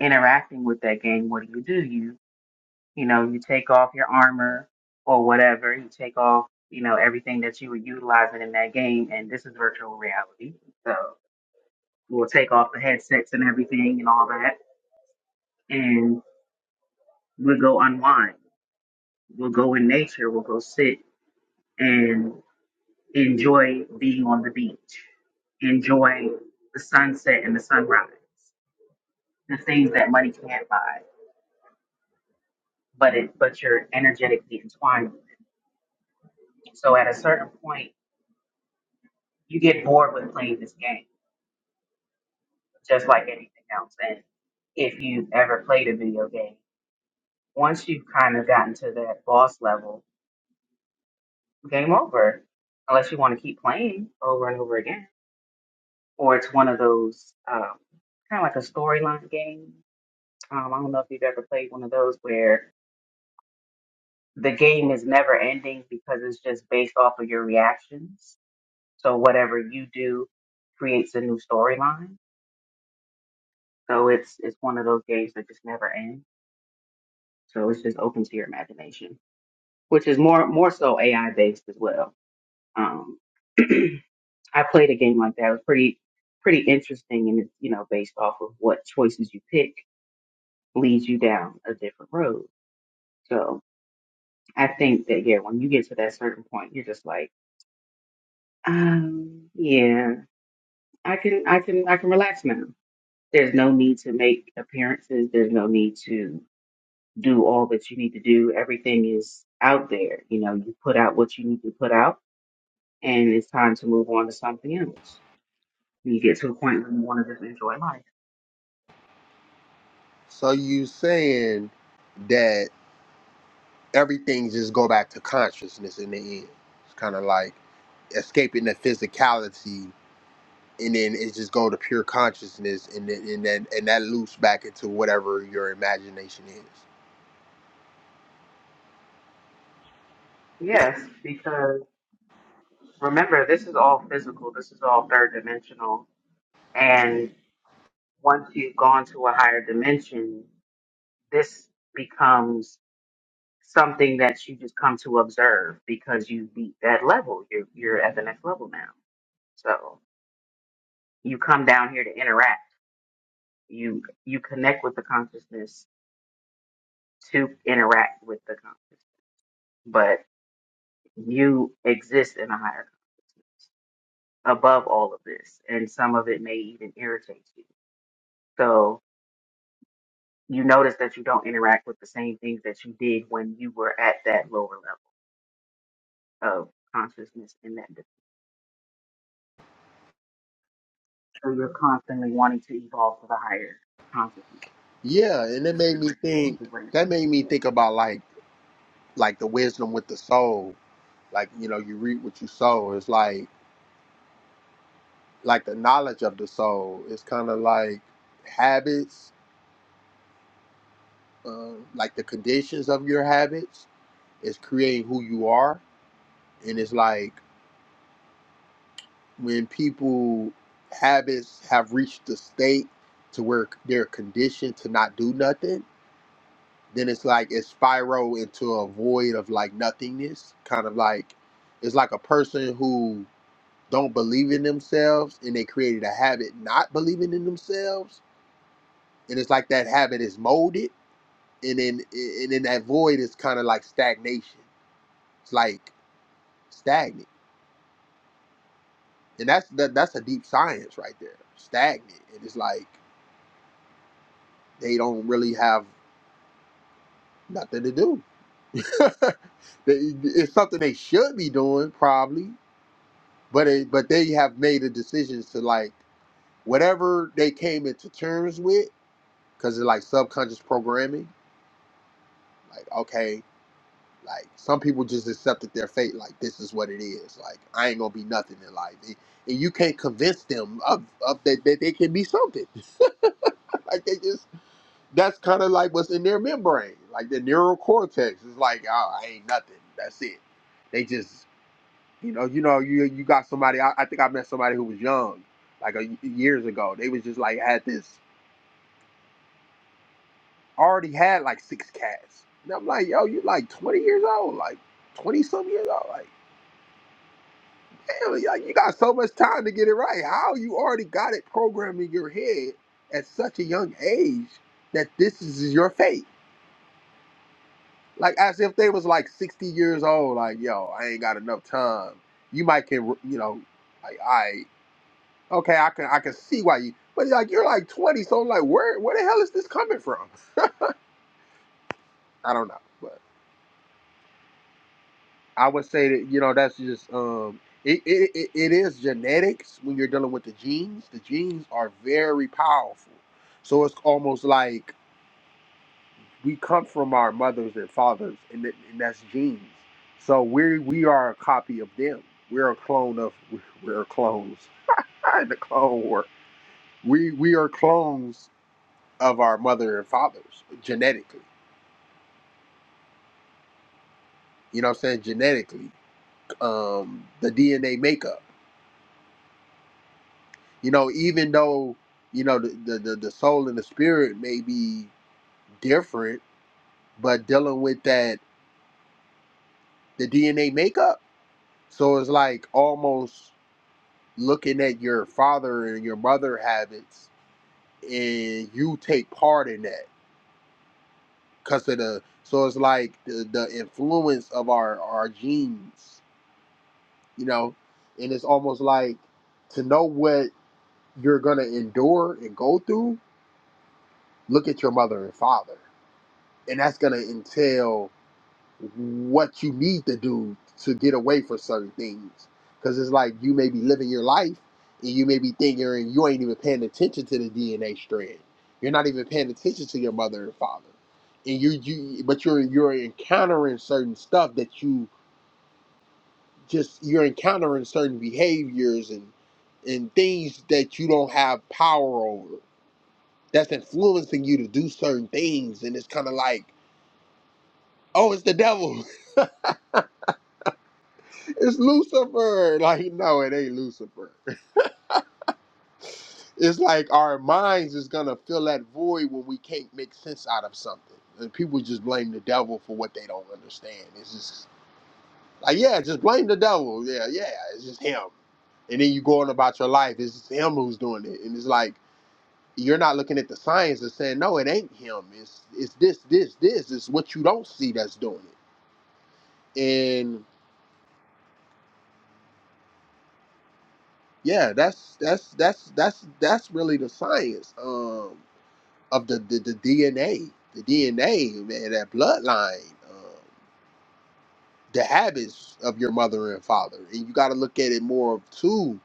S2: interacting with that game, what do you do? You know, you take off your armor or whatever, you take off, you know, everything that you were utilizing in that game, and this is virtual reality. So we'll take off the headsets and everything and all that, and we'll go unwind. We'll go in nature, we'll go sit and enjoy being on the beach, enjoy the sunset and the sunrise, the things that money can't buy, but it but you're energetically entwined. with it. So at a certain point, you get bored with playing this game just like anything else. And if you've ever played a video game, once you've kind of gotten to that boss level, game over, unless you want to keep playing over and over again. Or it's one of those um, kind of like a storyline game. Um, I don't know if you've ever played one of those where the game is never ending because it's just based off of your reactions. So whatever you do creates a new storyline. So it's it's one of those games that just never ends. So it's just open to your imagination. which is more more so AI based as well. Um, I played a game like that. It was pretty pretty interesting, and it's you know based off of what choices you pick leads you down a different road. So I think that yeah, when you get to that certain point, you're just like, um, yeah, I can I can I can relax now. There's no need to make appearances. There's no need to do all that you need to do. Everything is out there. You know, you put out what you need to put out and it's time to move on to something else. You get to a point where you want to just enjoy life.
S1: So you saying that everything just go back to consciousness in the end? It's kind of like escaping the physicality and then it just go to pure consciousness and then and then and that loops back into whatever your imagination is
S2: Yes, because remember, this is all physical, this is all third dimensional. And once you've gone to a higher dimension, this becomes something that you just come to observe because you beat that level. You're, you're at the next level now. So you come down here to interact. You you connect with the consciousness to interact with the consciousness. but. you exist in a higher above all of this, and some of it may even irritate you. So you notice that you don't interact with the same things that you did when you were at that lower level of consciousness in that. dis- So you're constantly wanting to evolve to the higher consciousness,
S1: yeah and it made me
S2: which
S1: think
S2: is race.
S1: that made me think about like like the wisdom with the soul like you know you reap what you sow it's like like the knowledge of the soul it's kind of like habits uh, like the conditions of your habits is creating who you are and it's like when people habits have reached the state to where they're conditioned to not do nothing, then it's like it spiral into a void of like nothingness. Kind of like it's like a person who don't believe in themselves and they created a habit not believing in themselves. And it's like that habit is molded and then and then that void is kind of like stagnation. It's like stagnant. And that's that, that's a deep science right there. Stagnant. And it's like they don't really have nothing to do. They- it's something they should be doing probably, but it, but they have made a decision to like whatever they came into terms with because it's like subconscious programming. Like okay, like some people just accepted their fate. Like this is what it is. Like I ain't gonna be nothing in life, and, and you can't convince them of, of that, that they can be something. like they just that's kind of like what's in their membrane, like the neural cortex. It's like, oh, I ain't nothing. That's it. They just, you know, you know, you you got somebody. I, I think I met somebody who was young, like a, years ago. They was just like had this already had like six cats, and I'm like, yo, you like 20 years old, like 20 some years old, like. Damn, like you got so much time to get it right. How you already got it programmed in your head at such a young age that this is your fate? like as if they was like 60 years old like yo i ain't got enough time you might can you know like i okay i can i can see why you but like you're like 20 so like where where the hell is this coming from i don't know but i would say that you know that's just um it, it, it it is genetics when you're dealing with the genes the genes are very powerful so it's almost like we come from our mothers and fathers, and, th- and that's genes. So we we are a copy of them. We're a clone of we're clones. the clone war. We we are clones of our mother and fathers genetically. You know what I'm saying? Genetically, um, the DNA makeup. You know, even though you know the the, the the soul and the spirit may be different, but dealing with that the DNA makeup. So it's like almost looking at your father and your mother habits and you take part in that because of the so it's like the, the influence of our our genes you know and it's almost like to know what you're gonna endure and go through look at your mother and father and that's gonna entail what you need to do to get away from certain things. Because it's like you may be living your life and you may be thinking and you ain't even paying attention to the DNA strand. You're not even paying attention to your mother and father. And you, you but you're you're encountering certain stuff that you just you're encountering certain behaviors and and things that you don't have power over. That's influencing you to do certain things and it's kinda like, oh it's the devil. It's Lucifer. Like, no, it ain't Lucifer. It's like our minds is gonna fill that void when we can't make sense out of something. And people just blame the devil for what they don't understand. It's just like, yeah, just blame the devil. Yeah, yeah, it's just him. And then you go on about your life. It's just him who's doing it. And it's like you're not looking at the science and saying, no, it ain't him. It's it's this, this, this. It's what you don't see that's doing it. And yeah, that's that's that's that's that's really the science. Um of the, the, the DNA, the DNA, man, that bloodline, um, the habits of your mother and father. And you got to look at it more of too.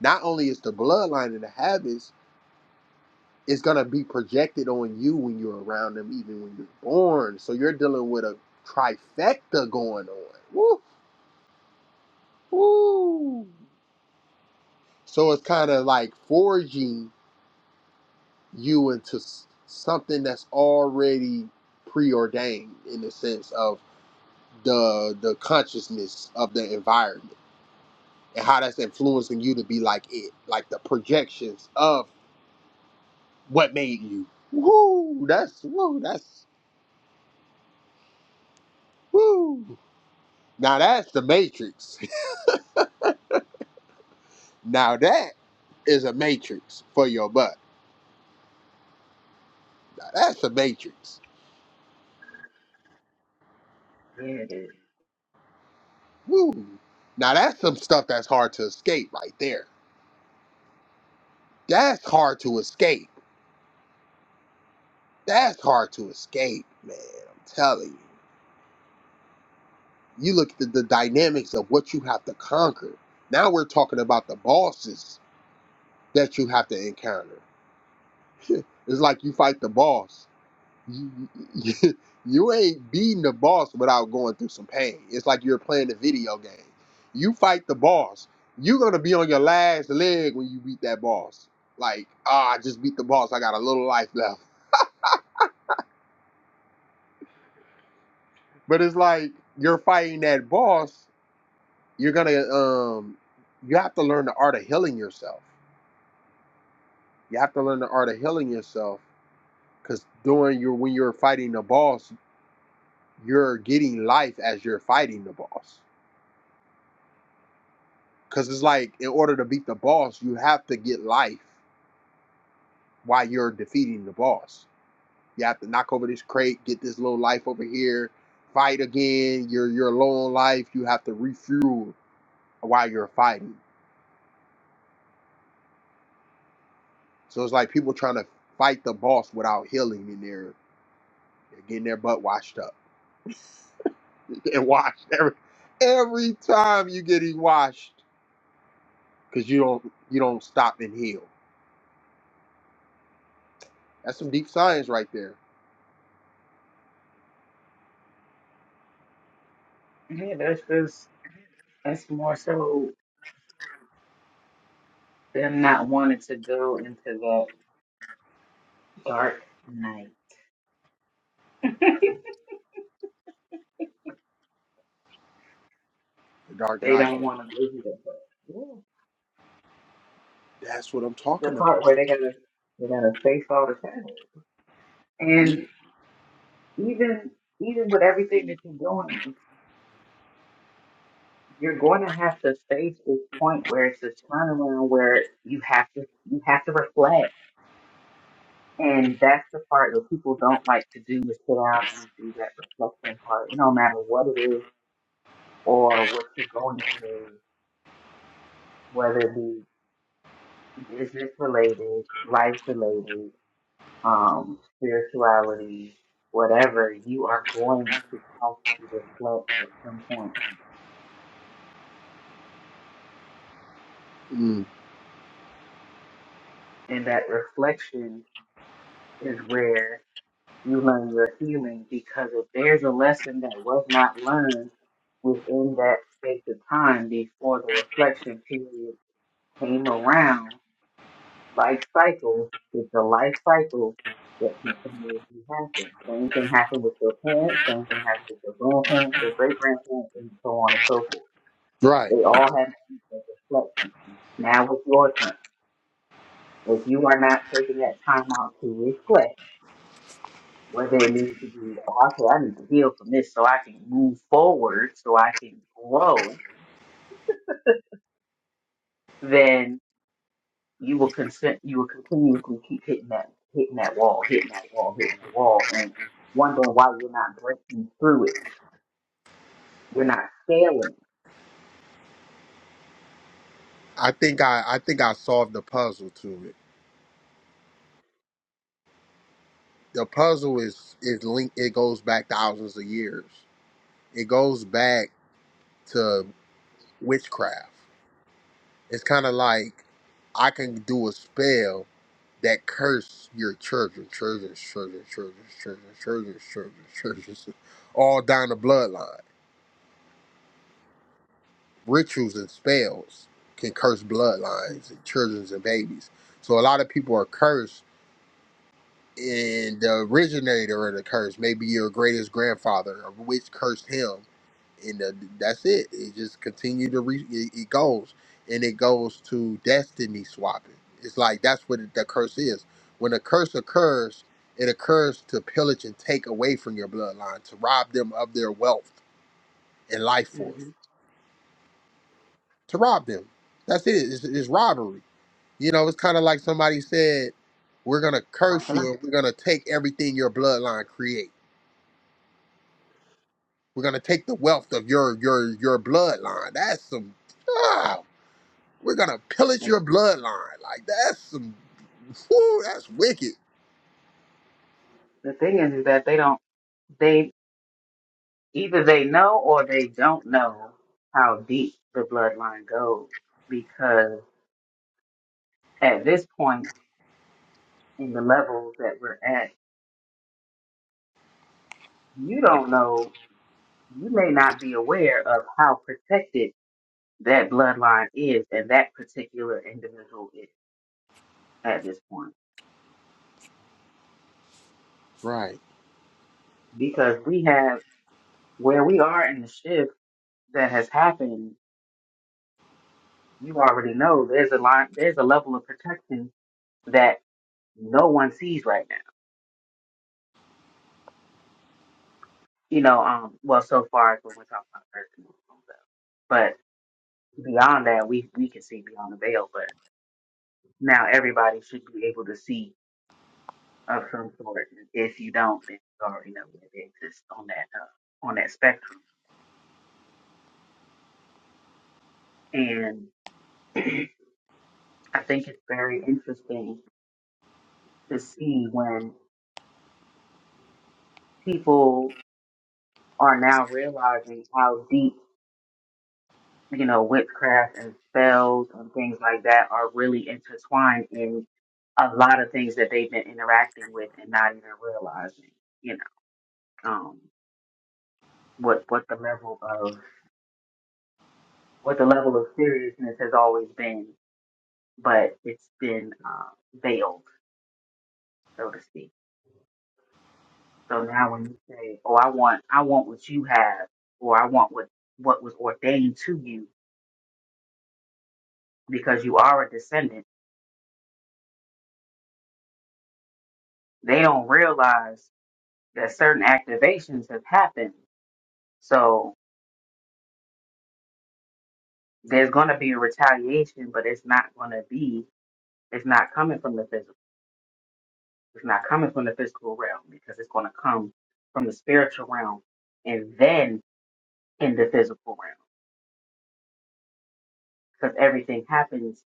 S1: Not only is the bloodline and the habits, it's going to be projected on you when you're around them, even when you're born. So you're dealing with a trifecta going on. Woo, woo. So it's kind of like forging you into s- something that's already preordained in the sense of the the consciousness of the environment and how that's influencing you to be like it, like the projections of what made you. Woo, that's woo, that's woo. Now that's the matrix. now that is a matrix for your butt. Now that's a matrix.
S2: Yeah, it is.
S1: Woo. Now that's some stuff that's hard to escape right there. That's hard to escape. That's hard to escape, man. I'm telling you. You look at the, the dynamics of what you have to conquer. Now we're talking about the bosses that you have to encounter. It's like you fight the boss. You, you you ain't beating the boss without going through some pain. It's like you're playing a video game. You fight the boss. You're gonna be on your last leg when you beat that boss. Like, ah, I just beat the boss. I got a little life left. But it's like you're fighting that boss. You're gonna um, you have to learn the art of healing yourself. You have to learn the art of healing yourself because during your when you're fighting the boss, you're getting life as you're fighting the boss. Because it's like in order to beat the boss, you have to get life while you're defeating the boss. You have to knock over this crate, get this little life over here, fight again. You're you're low on life. You have to refuel while you're fighting. So it's like people trying to fight the boss without healing, and they're, they're getting their butt washed up and washed every every time you get washed because you don't you don't stop and heal. That's some deep science right there.
S2: yeah, that's just that's more so them not wanting to go into that dark night.
S1: The Dark
S2: They
S1: Knight.
S2: don't want to go through that.
S1: That's what I'm
S2: the
S1: talking about.
S2: part where they gotta they gotta face all the challenges.
S1: Mm.
S2: And even even with everything that you're doing, you're going to have to face this point where it's a turnaround where you have to you have to reflect. And that's the part that people don't like to do is sit down and do that reflection part. It don't matter what it is or what you're going through, whether it be business related, life related. um, spirituality, whatever, you are going to have to reflect at some point.
S1: Mm.
S2: And that reflection is where you learn your healing because if there's a lesson that was not learned within that space of time before the reflection period came around, life cycle is the life cycle that continuously happens. Same thing happened with your parents, same thing happened with your grandparents, your great grandparents, and so on and so forth
S1: Right.
S2: They all have needs of reflection. Now it's your turn. If you are not taking that time out to reflect, whether it needs to be, oh, okay, I need to heal from this so I can move forward, so I can grow, then you will consent. You will continuously keep hitting that, hitting that wall, hitting that wall, hitting that wall, and wondering why you're not breaking through it. You're not scaling.
S1: I think I I think I solved the puzzle to it. The puzzle is is linked. It goes back thousands of years. It goes back to witchcraft. It's kind of like I can do a spell that curse your children, children's children, children's children, children's children, children's, all down the bloodline. Rituals and spells can curse
S2: hmm
S1: bloodlines and children's and babies. So a lot of people are cursed and the originator of the curse, maybe your greatest grandfather, of which cursed him, and uh that's it. It just continue to re- it, it goes, and it goes to destiny swapping. It's like that's what the curse is. When a curse occurs, it occurs to pillage and take away from your bloodline, to rob them of their wealth and life force,
S2: hmm
S1: to rob them. That's it. It's, it's robbery. You know, it's kind of like somebody said, "We're gonna
S2: Once
S1: curse
S2: a
S1: you,
S2: lot.
S1: and we're gonna take everything your bloodline creates." We're gonna take the wealth of your your your bloodline. That's some. Ah, we're gonna pillage your bloodline. Like that's some. Whoo, that's wicked.
S2: The thing is, is that they don't. They Either they know or they don't know how deep the bloodline goes because at this point in the levels that we're at, you don't know, you may not be aware of how protected that bloodline is and that particular individual is at this point.
S1: Right.
S2: Because we have where we are in the shift that has happened, you already know there's a line, there's a level of protection that no one sees right now you know, um, well, so far as when we're talking about personal homes, but beyond that, we we can see beyond the veil. But now everybody should be able to see of some sort. If you don't, then you already know that it exists on that uh, on that spectrum. And I think it's very interesting to see when people are now realizing how deep you know, witchcraft and spells and things like that are really intertwined in a lot of things that they've been interacting with and not even realizing, you know, um, what what the level of what the level of seriousness has always been, but it's been uh, veiled, so to speak. So now when you say, "Oh, I want I want what you have," or "I want what what was ordained to you," because you are a descendant, they don't realize that certain activations have happened So there's going to be a retaliation, but it's not going to be, it's not coming from the physical. It's not coming from the physical realm because it's going to come from the spiritual realm and then in the physical realm because everything happens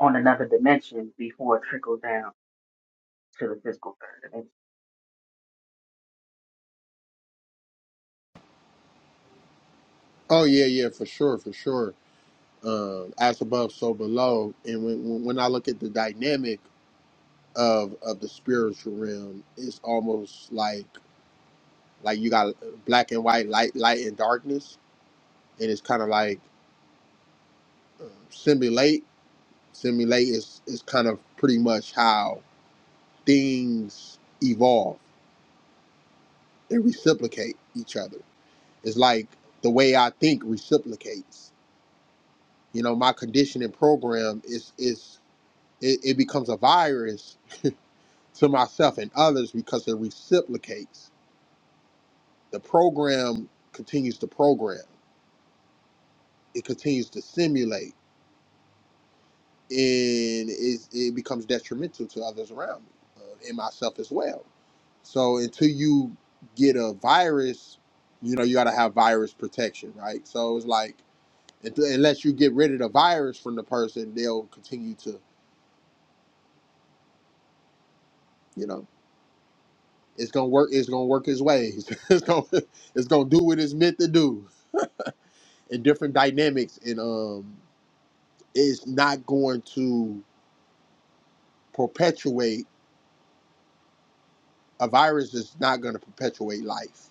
S2: on another dimension before it trickles down to the physical third dimension.
S1: Oh yeah, yeah, for sure, for sure. Um, as above, so below. And when when when I look at the dynamic of of the spiritual realm, it's almost like like you got black and white, light, light and darkness, and it's kind of like um, simulate. Simulate is is kind of pretty much how things evolve they reciprocate each other it's like the way i think reciprocates you know my conditioning program is is it, it becomes a virus to myself and others because it reciprocates the program continues to program it continues to simulate and it, it becomes detrimental to others around me uh, and myself as well So until you get a virus, you know, you got to have virus protection, right? So it's like, unt- unless you get rid of the virus from the person, they'll continue to, you know, it's gonna work. It's gonna work its ways. it's gonna, it's gonna do what it's meant to do in different dynamics, and um, it's not going to perpetuate a virus. Is not going to perpetuate life.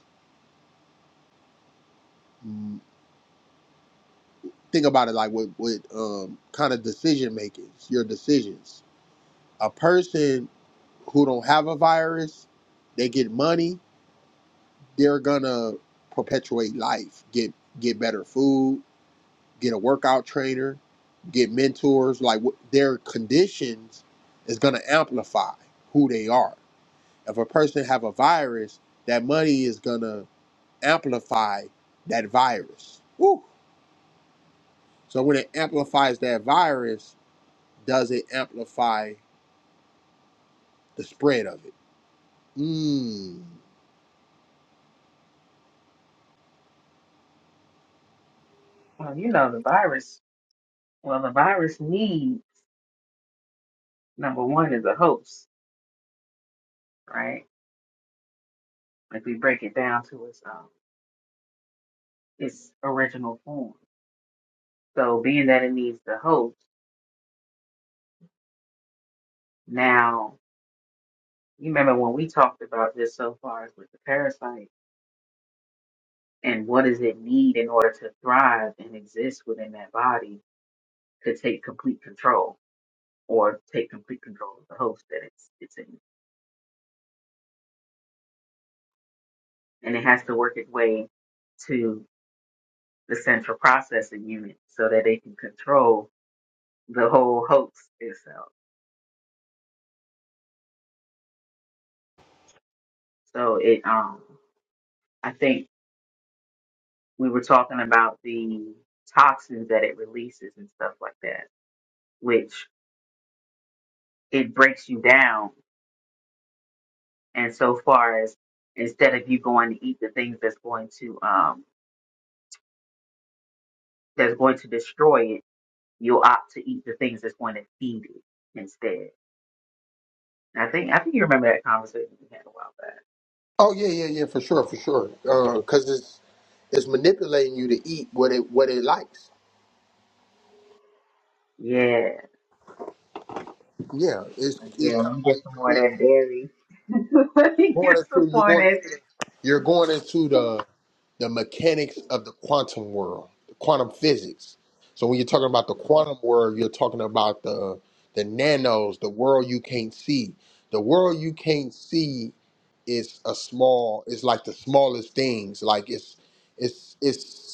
S1: Mm, Think about it like with with um, kind of decision making, your decisions a person who don't have a virus, they get money, they're gonna perpetuate life, get get better food, get a workout trainer, get mentors. Like wh- their conditions is gonna amplify who they are. If a person have a virus, that money is gonna amplify that virus. Woo. So when it amplifies that virus, does it amplify the spread of it? Mm.
S2: Well, you know, the virus, well, the virus needs, number one, is a host, right? If we break it down to its, um, its original form. So being that it needs the host, now You remember when we talked about this so far as with the parasite and what does it need in order to thrive and exist within that body to take complete control or take complete control of the host that it's it's in. And it has to work its way to the central processing unit so that they can control the whole host itself. So it um I think we were talking about the toxins that it releases and stuff like that, which it breaks you down And so far as instead of you going to eat the things that's going to um that's going to destroy it, you'll opt to eat the things that's going to feed it instead. And I think I think you remember that conversation we had a while back.
S1: Oh yeah, yeah, yeah, for sure, for sure. Uh, Cause it's it's manipulating you to eat what it what it likes.
S2: Yeah.
S1: Yeah, it's it's
S2: Yeah,
S1: kind
S2: let
S1: of
S2: me
S1: like
S2: get some
S1: you're
S2: more of
S1: go-
S2: that dairy. let me
S1: you're going
S2: get some
S1: into you're
S2: more of
S1: going into
S2: that
S1: you're going into the the mechanics of the quantum world, the quantum physics. So when you're talking about the quantum world, you're talking about the the nanos, the world you can't see. The world you can't see is a small. It's like the smallest things. Like it's it's it's.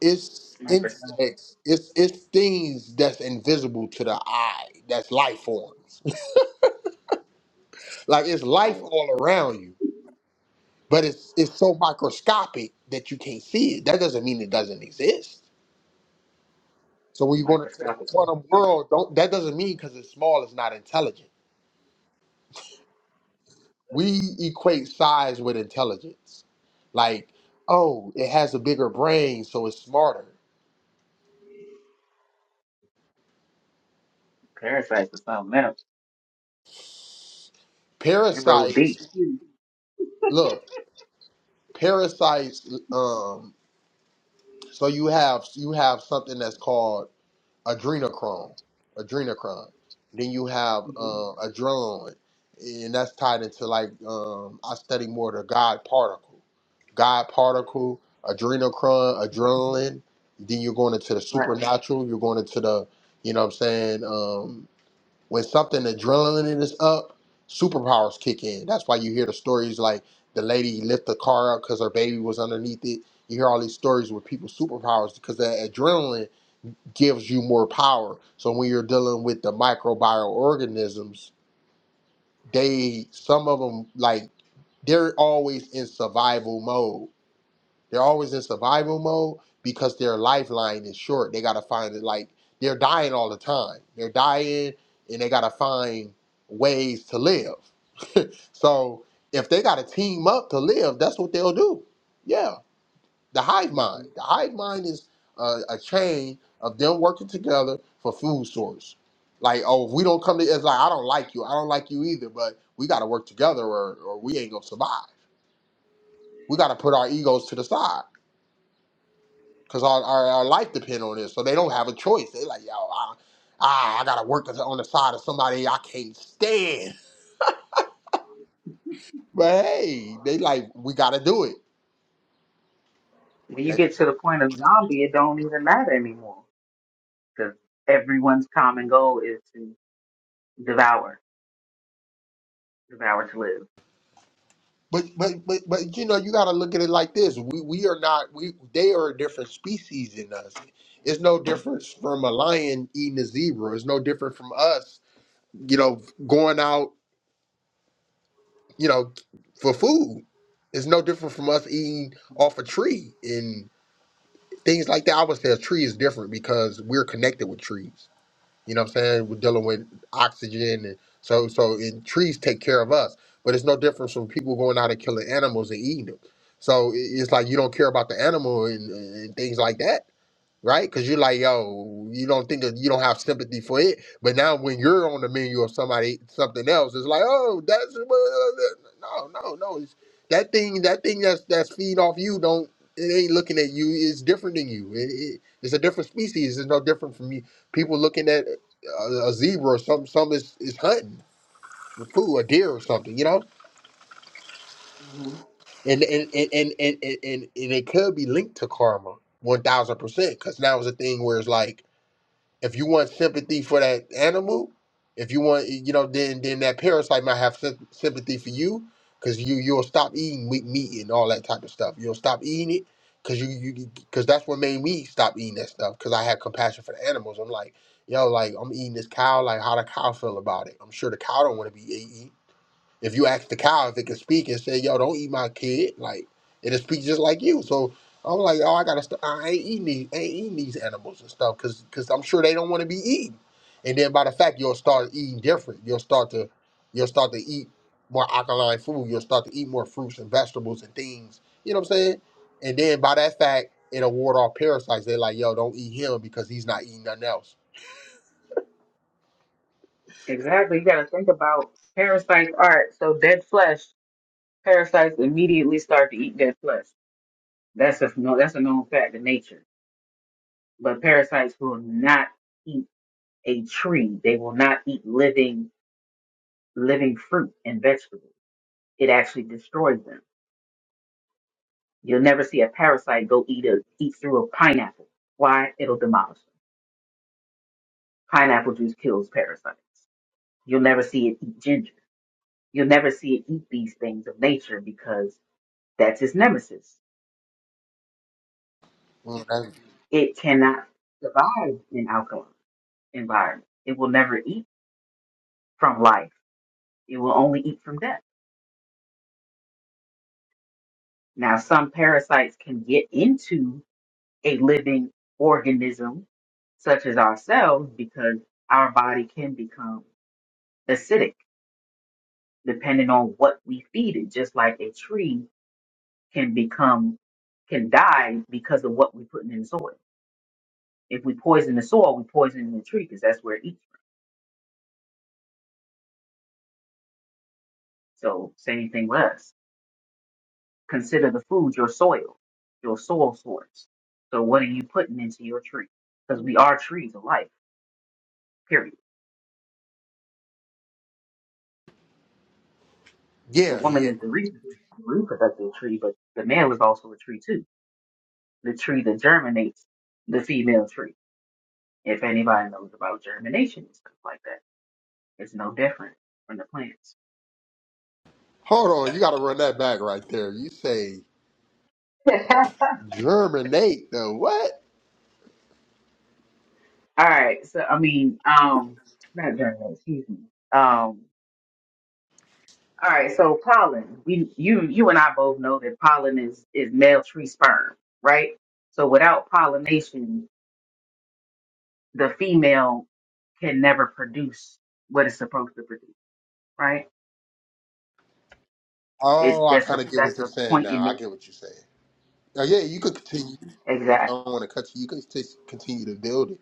S1: it's
S2: microscopic
S1: insects, it's it's things that's invisible to the eye, that's life forms. Like it's life
S2: like
S1: all around you, but it's it's so microscopic that you can't see it. That doesn't mean it doesn't exist. So when you go into that
S2: microscopic
S1: quantum world, don't that doesn't mean because it's small, it's not intelligent. We equate size with intelligence. Like, oh, it has a bigger brain, so it's smarter.
S2: parasites or something else. They roll
S1: Parasites,
S2: deep.
S1: look, parasites. Um, So you have you have something that's called adrenochrome, adrenochrome. Then you have
S2: hmm
S1: uh, adrenaline, and that's tied into like um, I study more the God particle, God particle, adrenochrome, adrenaline. Then you're going into the
S2: Right.
S1: supernatural. You're going into the you know what I'm saying um, when something adrenaline is up, superpowers kick in. That's why you hear the stories like the lady lift the car up because her baby was underneath it. You hear all these stories with people's superpowers because that adrenaline gives you more power. So when you're dealing with the microbial organisms, they some of them like they're always in survival mode. They're always in survival mode because their lifeline is short. They gotta find it like they're dying all the time. They're dying and they gotta find ways to live. So if they gotta team up to live, that's what they'll do. Yeah. The hive
S2: hmm
S1: mind. The hive mind is a, a chain of them working together for food source. Like, oh, if we don't come to it's like I don't like you, I don't like you either, but we gotta work together or, or we ain't gonna survive. We gotta put our egos to the side because our, our, our life depend on this. So they don't have a choice. They like, yo, I, ah, I gotta work as- on the side of somebody I can't stand. But hey, they like, we gotta do it.
S2: When you
S1: Like,
S2: get to the point of zombie, it don't even matter anymore. because everyone's common goal is to devour, devour to live.
S1: but but but but you know, you gotta look at it like this. We we are not we they are a different species in us. It's no difference from a lion eating a zebra. It's no different from us, you know, going out, you know, for food. It's no different from us eating off a tree And things like that. I would say a tree is different because we're connected with trees. You know what I'm saying? We're dealing with oxygen, and so so and trees take care of us. But it's no difference from people going out and killing animals and eating them. So i- it's like you don't care about the animal and, and things like that right? Because you're like, yo, you don't think that you don't have sympathy for it, but now when you're on the menu of somebody something else, it's like, oh, that's no, no, no. It's, that thing, that thing that's that's feed off you. Don't it ain't looking at you. It's different than you. It, it, it's a different species. It's no different from you. People looking at a, a zebra or some some is is hunting for food, a deer or something, you know.
S2: Mhm.
S1: And and and and and and, and, and it could be linked to karma. One thousand percent, because now it's a thing where it's like If you want sympathy for that animal, if you want, you know, then then that parasite might have sym- sympathy for you because you you'll stop eating meat, meat and all that type of stuff. You'll stop eating it because you you because that's what made me stop eating that stuff because I had compassion for the animals. I'm like, yo, like I'm eating this cow. Like, how the cow feel about it? I'm sure the cow don't want to be eaten if you ask the cow if it can speak and say, "Yo, don't eat my kid," like it'll speak just like you. So I'm like, "Oh, I gotta. St- I ain't eating these. Ain't eating these animals and stuff because because I'm sure they don't want to be eaten. And then by the fact you'll start eating different. You'll start to you'll start to eat more alkaline food. You'll start to eat more fruits and vegetables and things. You know what I'm saying? And then by that fact, it'll ward off parasites. They're like, "Yo, don't eat him because he's not eating nothing else."
S2: Exactly. You got to think about parasites. All right, so dead flesh. Parasites immediately start to eat dead flesh. That's a no. That's a known fact in nature. But parasites will not eat a tree. They will not eat living living fruit and vegetables. It actually destroys them. You'll never see a parasite go eat a eat through a pineapple. Why? It'll demolish them. Pineapple juice kills parasites. You'll never see it eat ginger. You'll never see it eat these things of nature because that's its nemesis.
S1: Mm, that's-
S2: It cannot survive in alkaline environment. It will never eat from life. It will only eat from death. Now, some parasites can get into a living organism such as ourselves because our body can become acidic depending on what we feed it, just like a tree can become, can die because of what we put in the soil If we poison the soil, we poison the tree because that's where it eats from. So same thing with us. Consider the food your soil, your soil source. So what are you putting into your tree? Because we are trees of life, period. The
S1: yeah,
S2: woman
S1: yeah.
S2: is the re- reproductive tree, but the man was also a tree too. The tree that germinates the female tree. If anybody knows about germination and stuff like that, it's no different from the plants.
S1: Hold on, you got to run that back right there. You say
S2: All
S1: Germinate the what?
S2: right, so I mean, um, not germinate, excuse me. Um, All right, so pollen. We you you and I both know that pollen is is male tree sperm, right? So without pollination, the female can never produce what it's supposed to produce, right? It
S1: Oh, I
S2: that's
S1: kind
S2: a
S1: of get what
S2: that's
S1: you're
S2: a
S1: saying
S2: point in
S1: now. I
S2: me.
S1: get what you're saying. Oh, yeah, you could continue. Like, I
S2: Exactly.
S1: don't want to cut you. You could just continue to build it.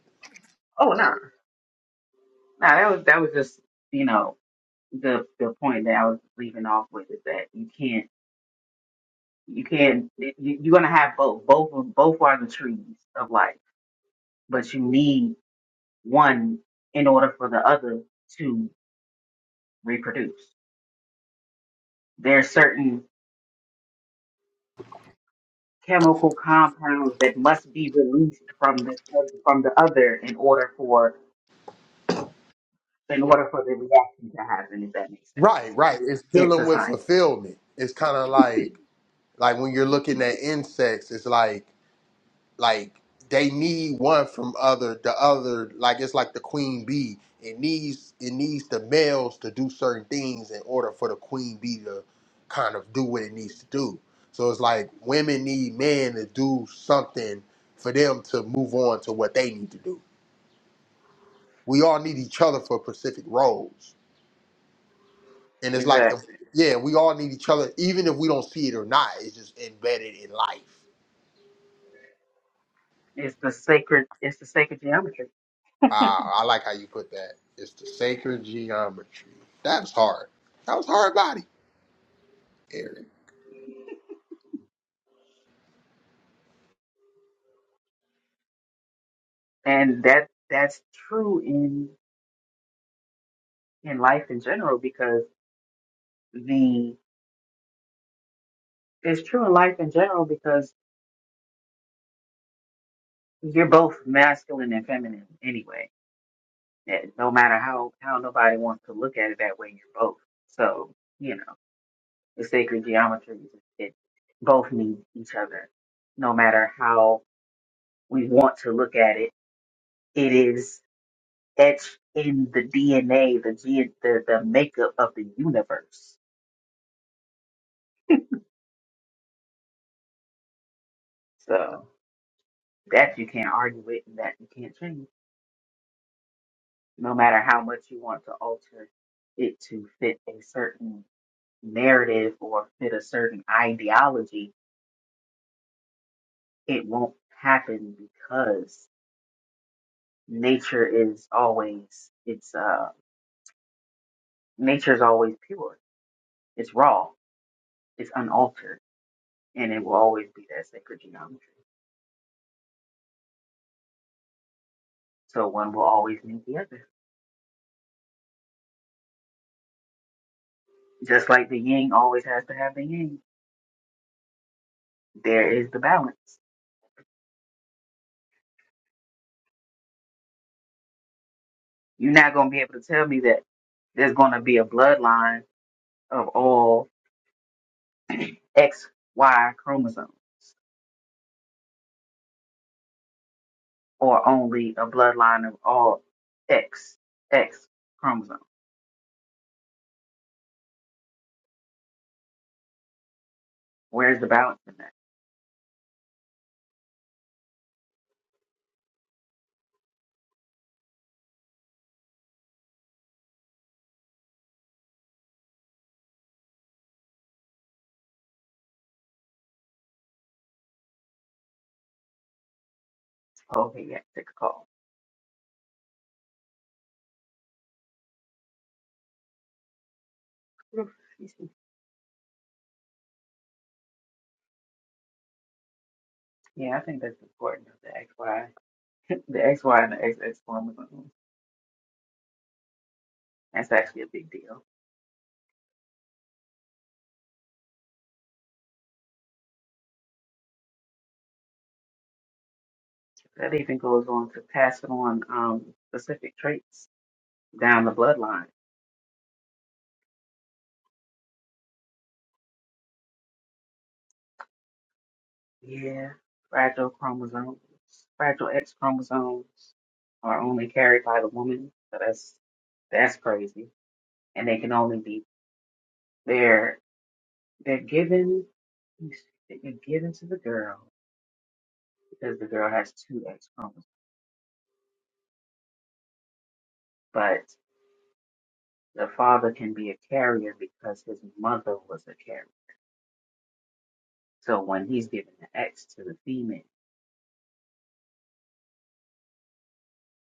S2: Oh no, no, that was that was just you know the the point that I was leaving off with is that you can't you can't you, you're gonna have both both of both are the trees of life, but you need one in order for the other to reproduce. There are certain chemical compounds that must be released from the from the other in order for in order for the reaction to happen. If that makes
S1: Right,
S2: sense,
S1: right. It's
S2: it's
S1: dealing
S2: a
S1: with
S2: science.
S1: fulfillment. It's kind of like like when you're looking at insects. It's like like they need one from other the other like it's like the queen bee it needs it needs the males to do certain things in order for the queen bee to kind of do what it needs to do so it's like women need men to do something for them to move on to what they need to do we all need each other for specific roles and it's like the,
S2: Exactly,
S1: yeah we all need each other even if we don't see it or not it's just embedded in life
S2: it's the sacred it's the sacred geometry,
S1: Wow, I like how you put that. It's the sacred geometry. That was hard. That was hard body, Eric.
S2: and that that's true in in life in general because the it's true in life in general because you're both masculine and feminine anyway. Eh, No matter how how nobody wants to look at it that way, you're both. So you know. The sacred geometry is that both need each other. No matter how we want to look at it, it is etched in the DNA, the ge- the, the makeup of the universe. So that you can't argue with and that you can't change. No matter how much you want to alter it to fit a certain narrative or fit a certain ideology, it won't happen because nature is always its uh Nature's always pure. It's raw. It's unaltered. And it will always be that sacred geometry. So one will always need the other. Just like the yin always has to have the yin. There is the balance. You're not going to be able to tell me that there's going to be a bloodline of all XY chromosomes or only a bloodline of all X, X chromosomes. Where's the balance in that? Okay, yeah, take a call. Excuse me. Yeah, I think that's important. of The XY. The XY and the X X chromosome. That's actually a big deal. That even goes on to passing on um, specific traits down the bloodline. Yeah, fragile chromosomes, fragile X chromosomes are only carried by the woman. So that's that's crazy. And they can only be they're they're given they're given to the girl because the girl has two X chromosomes. But the father can be a carrier because his mother was a carrier. So when he's giving the X to the female,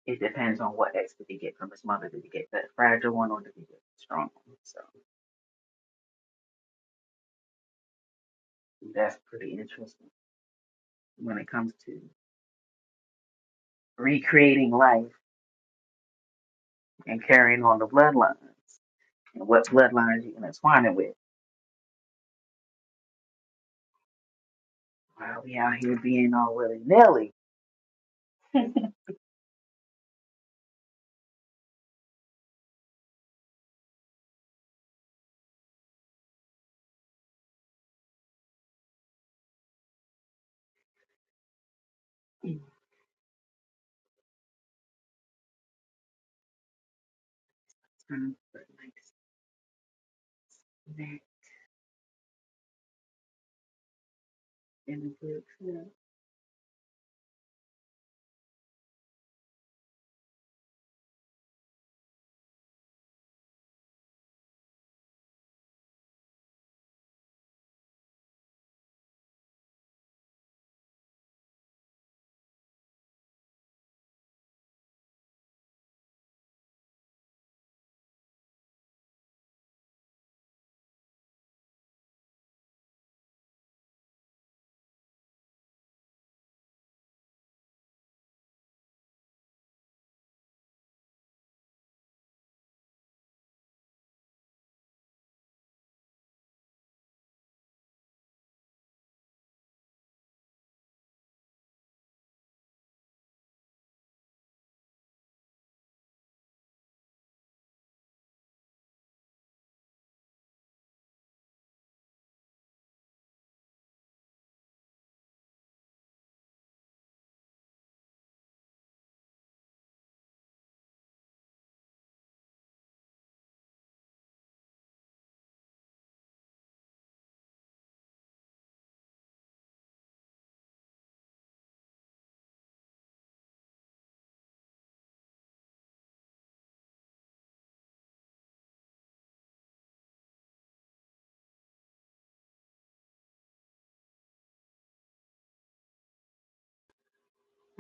S2: it depends on what X did he get from his mother. Did he get that fragile one or did he get the strong one? So that's pretty interesting when it comes to recreating life and carrying on the bloodlines and what bloodlines you can intertwine it with. While we out here being all willy nilly. It's time for like that in the group. yeah. If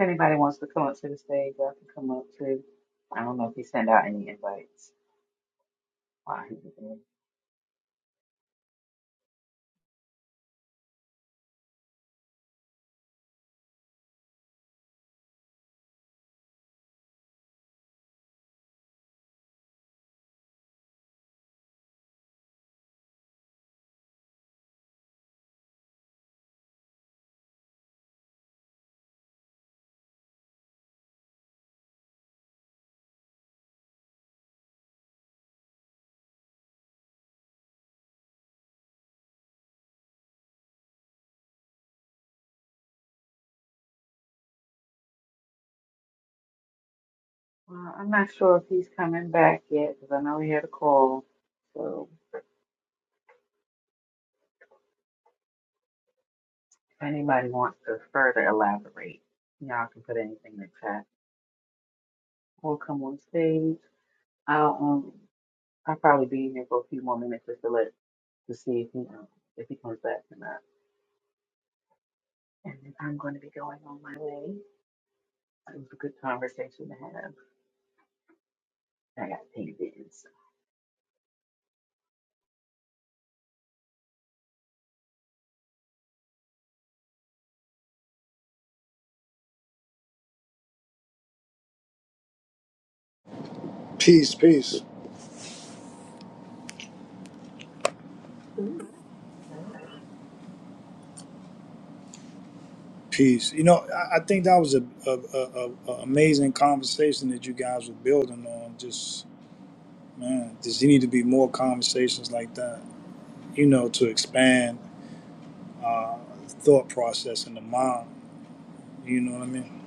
S2: anybody wants to come up to the stage, y'all can come up too. I don't know if he sent out any invites. Why? Well, I'm not sure if he's coming back yet because I know he had a call. So if anybody wants to further elaborate, y'all can put anything in the chat or come on stage. I'll um I'll probably be in here for a few more minutes just to let to see if he um, if he comes back or not. And then I'm going to be going on my way. It was a good conversation to have. I got paid in. So.
S6: Peace, peace,
S2: Ooh.
S6: peace. You know, I, I think that was a, a, a, a a amazing conversation that you guys were building on. Just man, does you need to be more conversations like that. You know, to expand uh, thought process in the mind. You know what I mean?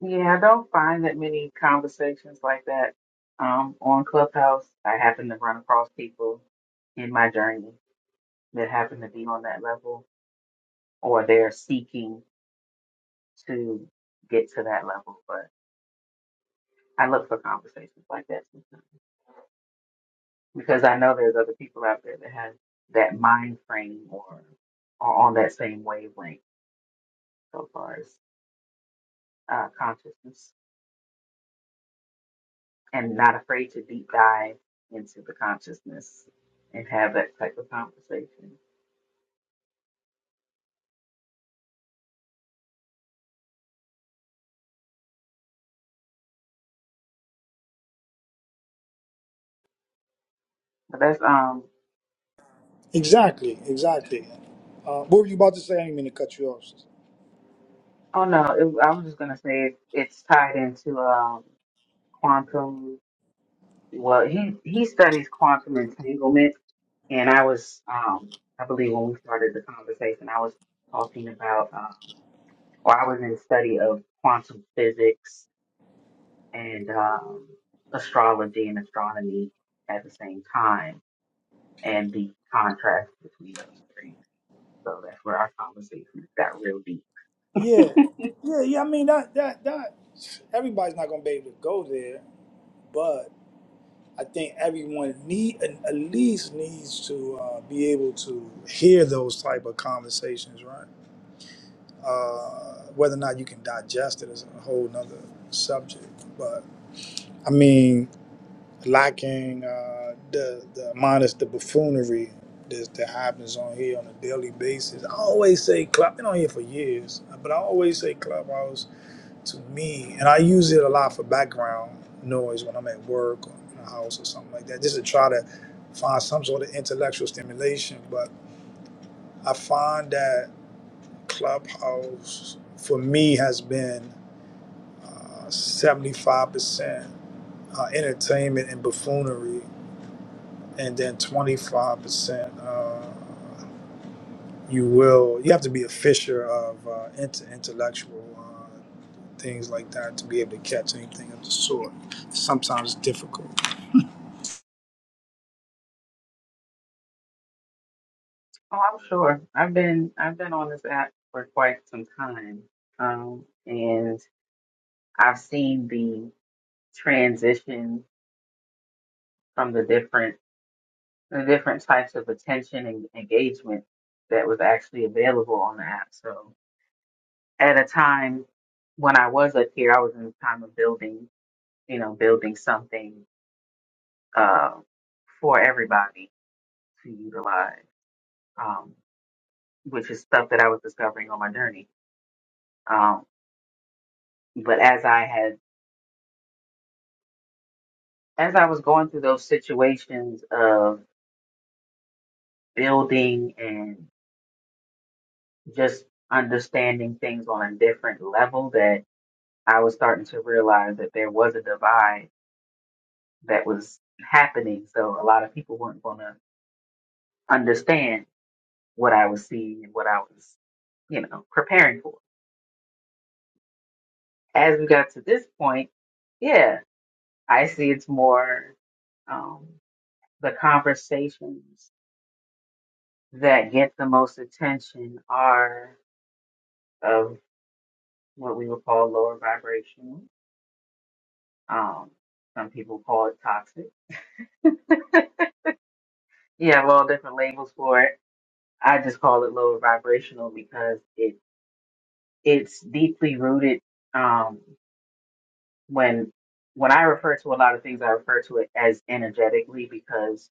S2: Yeah, I don't find that many conversations like that um, on Clubhouse. I happen to run across people in my journey that happen to be on that level or they're seeking to get to that level. But I look for conversations like that sometimes because I know there's other people out there that have that mind frame or are on that same wavelength so far as uh, consciousness. and not afraid to deep dive into the consciousness and have that type of conversation. But that's um
S6: Exactly, exactly. Uh, what were you about to say? I didn't mean to cut you off. sister.
S2: oh no, it, I was just gonna say it, it's tied into um quantum. Well, he he studies quantum entanglement, and I was um I believe when we started the conversation, I was talking about um or I was in study of quantum physics and um astrology and astronomy at the same time and the contrast between those three. So that's where our conversation got real deep.
S6: Yeah, yeah, yeah. I mean that that that everybody's not gonna be able to go there, I think everyone need at least needs to uh, be able to hear those type of conversations, right? Uh, whether or not you can digest it is a whole nother subject. But I mean, lacking uh, the the minus the buffoonery that, that happens on here on a daily basis. I always say club. Been on here for years, but I always say clubhouse to me, and I use it a lot for background noise when I'm at work or in the house or something like that, just to try to find some sort of intellectual stimulation. But I find that Clubhouse for me has been uh, 75% uh, entertainment and buffoonery, and then 25% uh, you will you have to be a fisher of uh, inter- intellectual uh, things like that to be able to catch anything of the sort sometimes it's difficult
S2: Oh, I'm sure. I've been I've been on this app for quite some time, um, and I've seen the transition from the different the different types of attention and engagement that was actually available on the app. So at a time when I was up here, I was in the time of building, you know, building something uh, for everybody to utilize. Um, which is stuff that I was discovering on my journey. Um, but as I had, as I was going through those situations of building and just understanding things on a different level, that I was starting to realize that there was a divide that was happening. So a lot of people weren't going to understand what I was seeing and what I was, you know, preparing for. As we got to this point, yeah, I see it's more um, the conversations that get the most attention are of what we would call lower vibrational. Um, some people call it toxic. You have all different labels for it. I just call it lower vibrational because it it's deeply rooted. Um, when when I refer to a lot of things, I refer to it as energetically because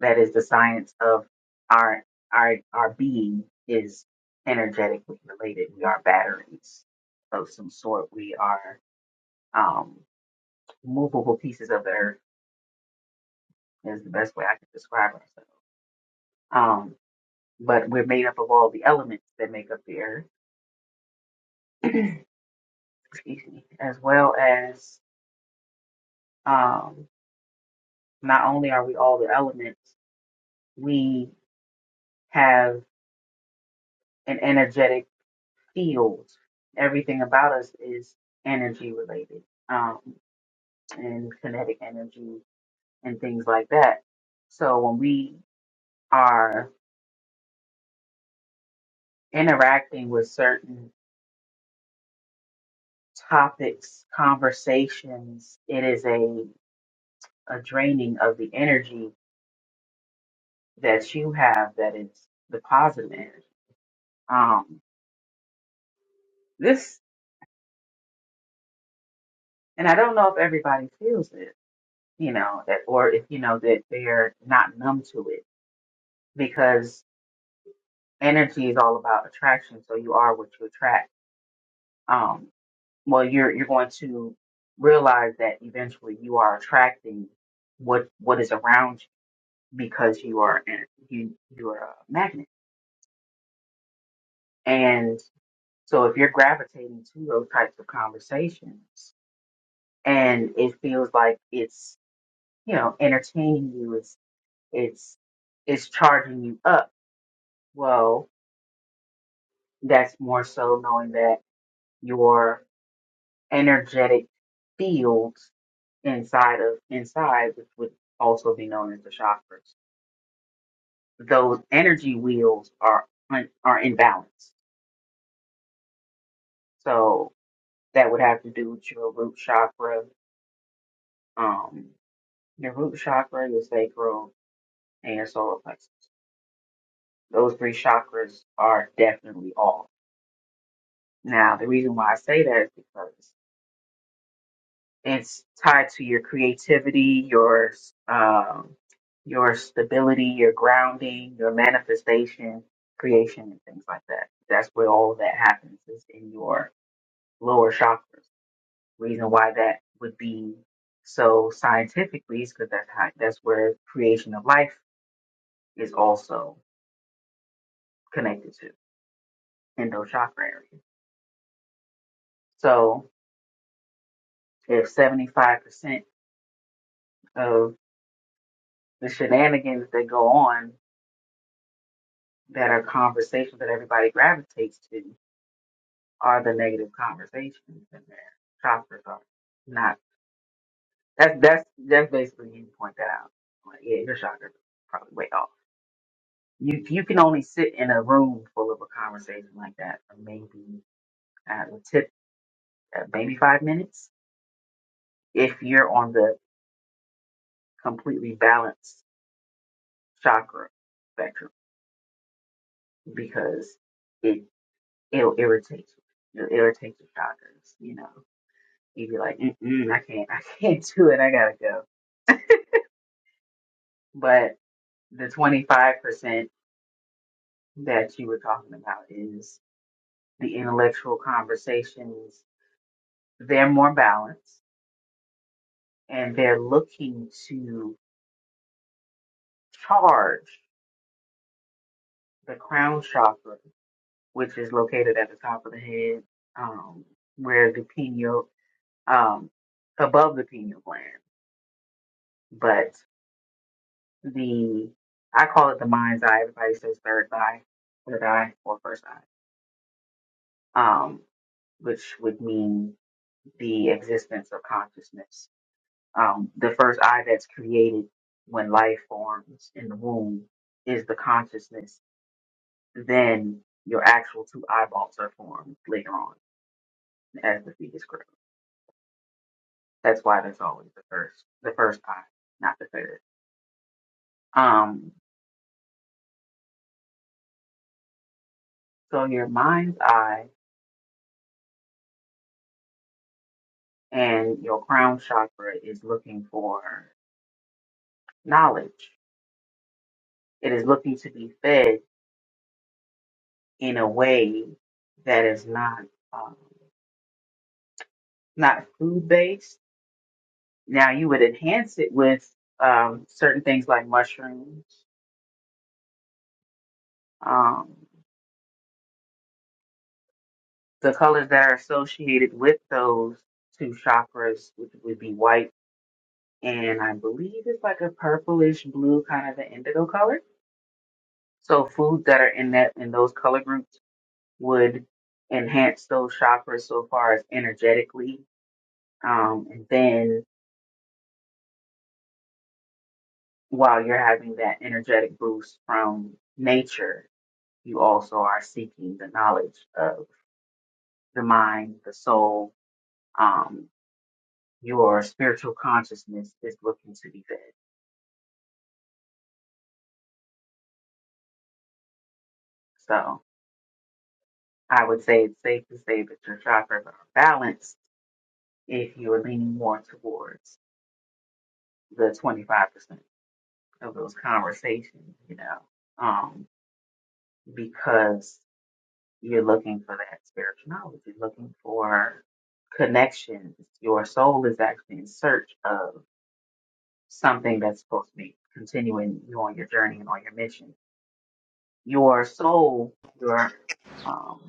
S2: that is the science of our our our being is energetically related. We are batteries of some sort. We are um, movable pieces of the earth is the best way I can describe ourselves. Um, but we're made up of all the elements that make up the earth, excuse me, as well as um, not only are we all the elements, we have an energetic field. Everything about us is energy related um, and kinetic energy and things like that. So when we are interacting with certain topics, conversations, it is a, a draining of the energy that you have that is the positive energy. Um, this, and I don't know if everybody feels it, you know, that, or if, you know, that they're not numb to it because energy is all about attraction. So you are what you attract. Um, well, you're, you're going to realize that eventually you are attracting what, what is around you because you are, an- you, you are a magnet And so if you're gravitating to those types of conversations and it feels like it's, you know, entertaining you, it's it's it's charging you up, well, that's more so knowing that your energetic field inside of inside, which would also be known as the chakras, those energy wheels are un- are in balance. So that would have to do with your root chakra, um, Your root chakra, your sacral, and your solar plexus. Those three chakras are definitely off. Now, the reason why I say that is because it's tied to your creativity, your um, your stability, your grounding, your manifestation, creation, and things like that. That's where all of that happens is in your lower chakras. Reason why that would be so scientifically is because that's how, that's where creation of life is also connected to. Kendall Chakra area. So if 75% of the shenanigans that go on that are conversations that everybody gravitates to are the negative conversations and their chakras are not. That's that's that's basically you point that out. Like, yeah, your chakras are probably way off. You you can only sit in a room full of a conversation like that for maybe at a tip uh, maybe five minutes if you're on the completely balanced chakra spectrum because it it'll irritate you. It'll irritate your chakras, you know. You'd be like, Mm-mm, I can't, I can't do it. I gotta go. But the twenty five percent that you were talking about is the intellectual conversations. They're more balanced, and they're looking to charge the crown chakra, which is located at the top of the head, um, where the pineal, um, above the pineal gland. but the I call it the mind's eye. Everybody says third eye, third eye, or first eye, um, which would mean the existence of consciousness. Um, the first eye that's created when life forms in the womb is the consciousness. Then your actual two eyeballs are formed later on as the fetus grows. That's why there's always the first, the first eye, not the third. Um, so your mind's eye and your crown chakra is looking for knowledge. It is looking to be fed in a way that is not um, not food based. Now you would enhance it with um, certain things like mushrooms, um, the colors that are associated with those two chakras, which would be white and I believe it's like a purplish blue, kind of an indigo color. So foods that are in that in those color groups would enhance those chakras so far as energetically. Um, and then while you're having that energetic boost from nature, you also are seeking the knowledge of the mind, the soul. Um, your spiritual consciousness is looking to be fed. So I would say it's safe to say that your chakras are balanced if you are leaning more towards the 25% of those conversations, you know, um, because You're looking for that spiritual knowledge. You're looking for connections. Your soul is actually in search of something that's supposed to be continuing you on your journey and on your mission. Your soul, your um,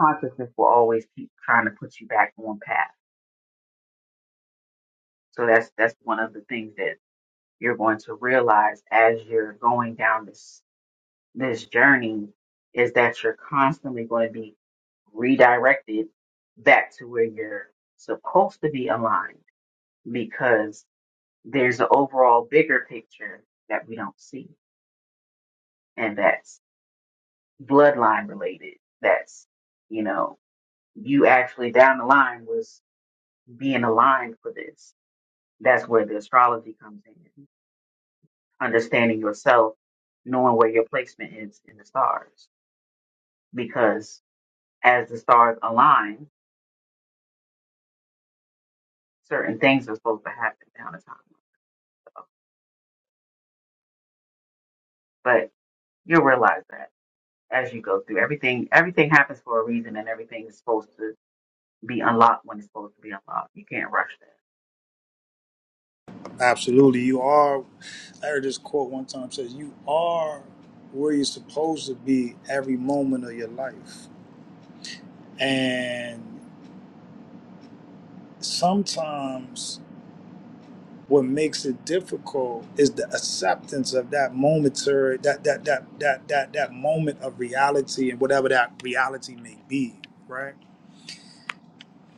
S2: consciousness will always keep trying to put you back on path. So that's that's one of the things that you're going to realize as you're going down this this journey is that you're constantly going to be redirected back to where you're supposed to be aligned because there's an overall bigger picture that we don't see. And that's bloodline related. That's, you know, you actually down the line was being aligned for this. That's where the astrology comes in, understanding yourself, knowing where your placement is in the stars. Because as the stars align, certain things are supposed to happen down the timeline. But you'll realize that as you go through everything, everything happens for a reason, and everything is supposed to be unlocked when it's supposed to be unlocked. You can't rush that.
S6: absolutely you are i heard this quote one time says you are where you're supposed to be every moment of your life and sometimes what makes it difficult is the acceptance of that momentary that that that that that, that moment of reality and whatever that reality may be right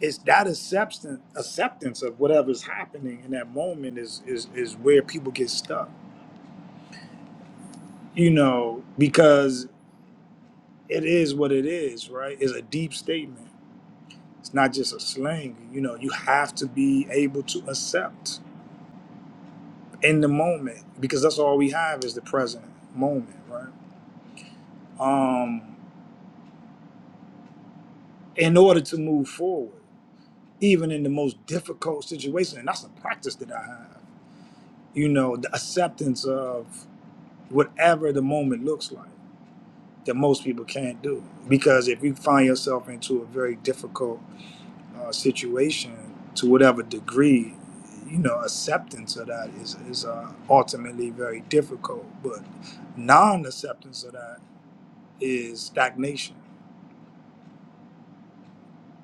S6: it's that acceptance acceptance of whatever's happening in that moment is is is where people get stuck you know because it is what it is right it's a deep statement it's not just a slang you know you have to be able to accept in the moment because that's all we have is the present moment right um in order to move forward even in the most difficult situation and that's a practice that i have you know the acceptance of whatever the moment looks like that most people can't do. Because if you find yourself into a very difficult uh, situation, to whatever degree, you know, acceptance of that is, is uh, ultimately very difficult. But non acceptance of that is stagnation,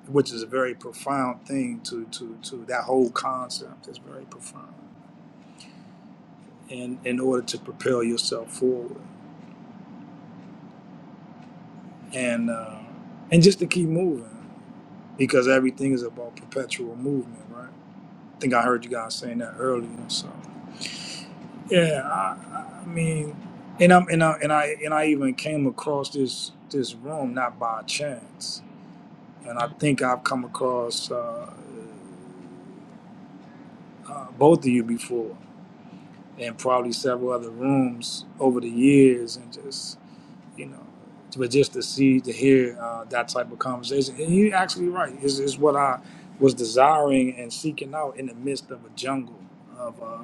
S6: which is a very profound thing to, to, to that whole concept is very profound in, in order to propel yourself forward and, uh, and just to keep moving because everything is about perpetual movement, right? I think I heard you guys saying that earlier. So yeah, I, I mean, and I'm and I and I and I even came across this this room not by chance, and I think I've come across uh, uh, both of you before, and probably several other rooms over the years, and just you know. to, But just to see, to hear uh, that type of conversation, and you're actually right. Is is what I was desiring and seeking out in the midst of a jungle of uh,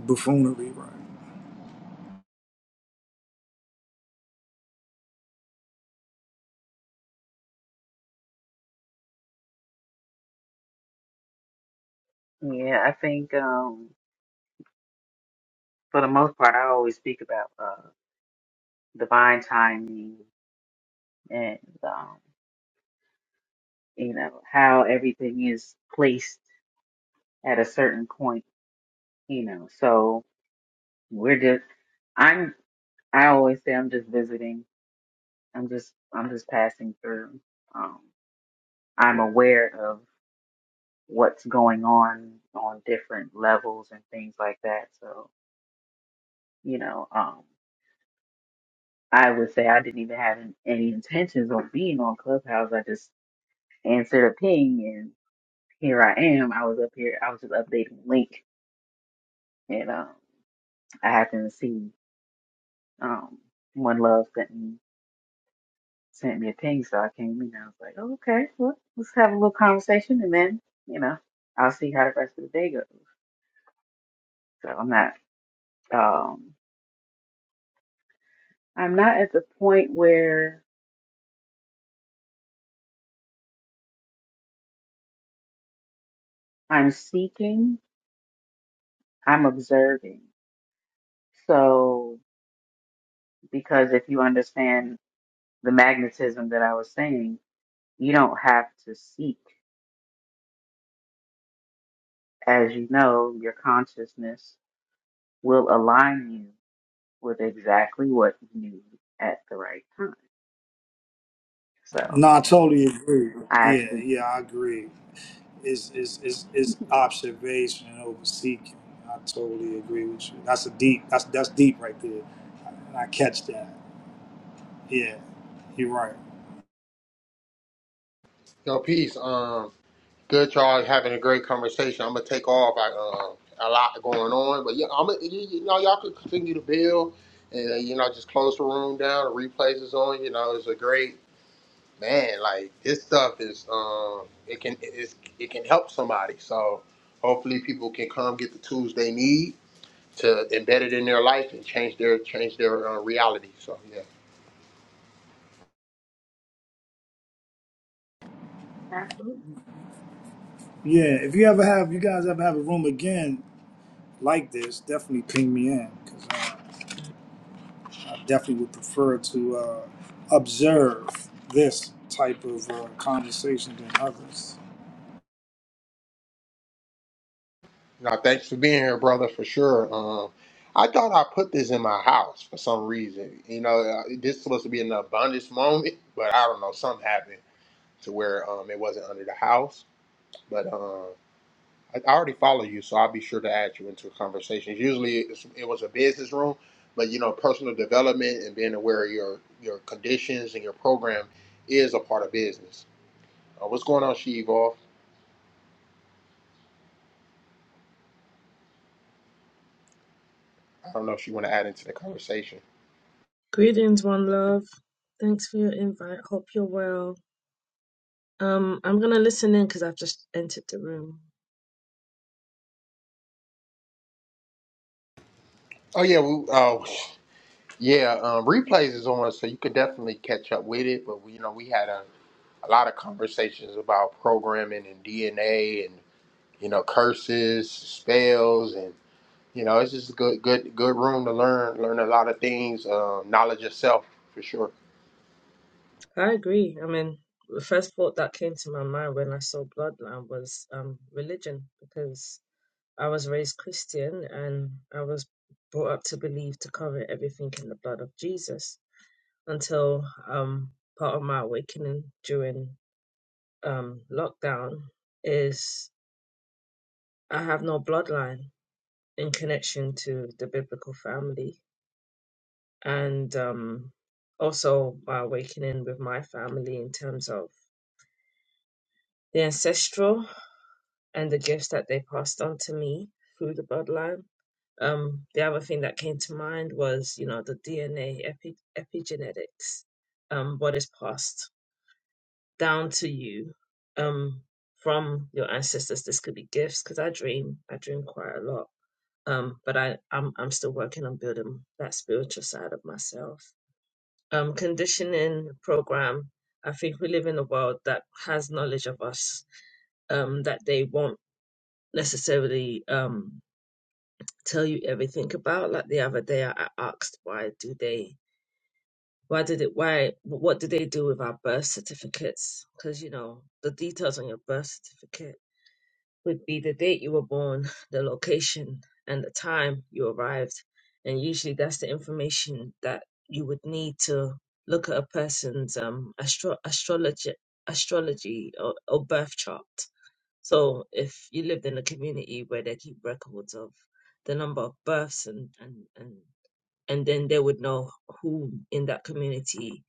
S6: buffoonery, right?
S2: Yeah, I think um, for the most part, I always speak about uh, divine timing and um, you know how everything is placed at a certain point. You know, so we're just I'm I always say I'm just visiting. I'm just I'm just passing through. Um, I'm aware of what's going on on different levels and things like that. So, you know, um, I would say I didn't even have an- any intentions of being on Clubhouse. I just answered a ping and here I am. I was up here. I was just updating the link and, um, I happened to see, um, one love sent me, sent me a ping. So I came in I was like, oh, okay, well, let's have a little conversation and then, you know, I'll see how the rest of the day goes. So I'm not, um, I'm not at the point where I'm seeking, I'm observing. So, because if you understand the magnetism that I was saying, you don't have to seek. As you know, your consciousness will align you with exactly what you need at the right time. So,
S6: No, I totally agree.
S2: I
S6: Yeah,
S2: actually,
S6: yeah, I agree. It's it's it's is observation over seeking. I totally agree with you. That's a deep. That's that's deep right there. And I catch that. Yeah, you're right.
S1: Yo, peace. Um, good y'all having a great conversation. I'm gonna take off. I um a lot going on, but yeah, I'm. Gonna, you, you know, y'all can continue to build, and uh, you know, just close the room down. The replays is on. You know, it's a great man. Like this stuff is um, it can it's, it can help somebody. So hopefully people can come get the tools they need to embed it in their life and change their change their uh, reality. So yeah.
S2: absolutely.
S6: Yeah, if you ever have, you guys ever have a room again, like this, definitely ping me in because uh, I definitely would prefer to uh, observe this type of uh, conversation than others.
S1: Now thanks for being here, brother, for sure. Um, I thought I put this in my house for some reason. You know, uh, this was supposed to be an abundance moment, but I don't know. Something happened to where um, it wasn't under the house. But um, I, I already follow you, so I'll be sure to add you into conversations. Usually, it's, it was a business room, but you know, personal development and being aware of your your conditions and your program is a part of business. Uh, what's going on, She Evolve? I don't know if you want to add into the conversation.
S7: Greetings, one love. Thanks for your invite. Hope you're well. Um, I'm gonna listen in because I've just entered the room.
S1: Oh yeah, we, oh yeah. Um, replays is on, so you could definitely catch up with it. But we, you know, we had a, a lot of conversations about programming and DNA and you know curses, spells, and you know it's just a good, good, good room to learn, learn a lot of things, um, knowledge yourself for sure.
S7: I agree. I mean, the first thought that came to my mind when I saw Bloodline was um religion because I was raised Christian and I was brought up to believe to cover everything in the blood of Jesus until um part of my awakening during um lockdown is I have no bloodline in connection to the biblical family and um, also my awakening with my family in terms of the ancestral and the gifts that they passed on to me through the bloodline. Um, the other thing that came to mind was, you know, the DNA epi- epigenetics, um, what is passed down to you um, from your ancestors. This could be gifts because I dream, I dream quite a lot. Um, but I, I'm, I'm still working on building that spiritual side of myself um, conditioning program. I think we live in a world that has knowledge of us um, that they won't necessarily um, tell you everything about. Like the other day, I I asked why do they, why did it, why, what do they do with our birth certificates? Because you know the details on your birth certificate would be the date you were born, the location, and the time you arrived. And usually that's the information that you would need to look at a person's um, astro- astrology, astrology or, or birth chart. So if you lived in a community where they keep records of the number of births and, and, and, and then they would know who in that community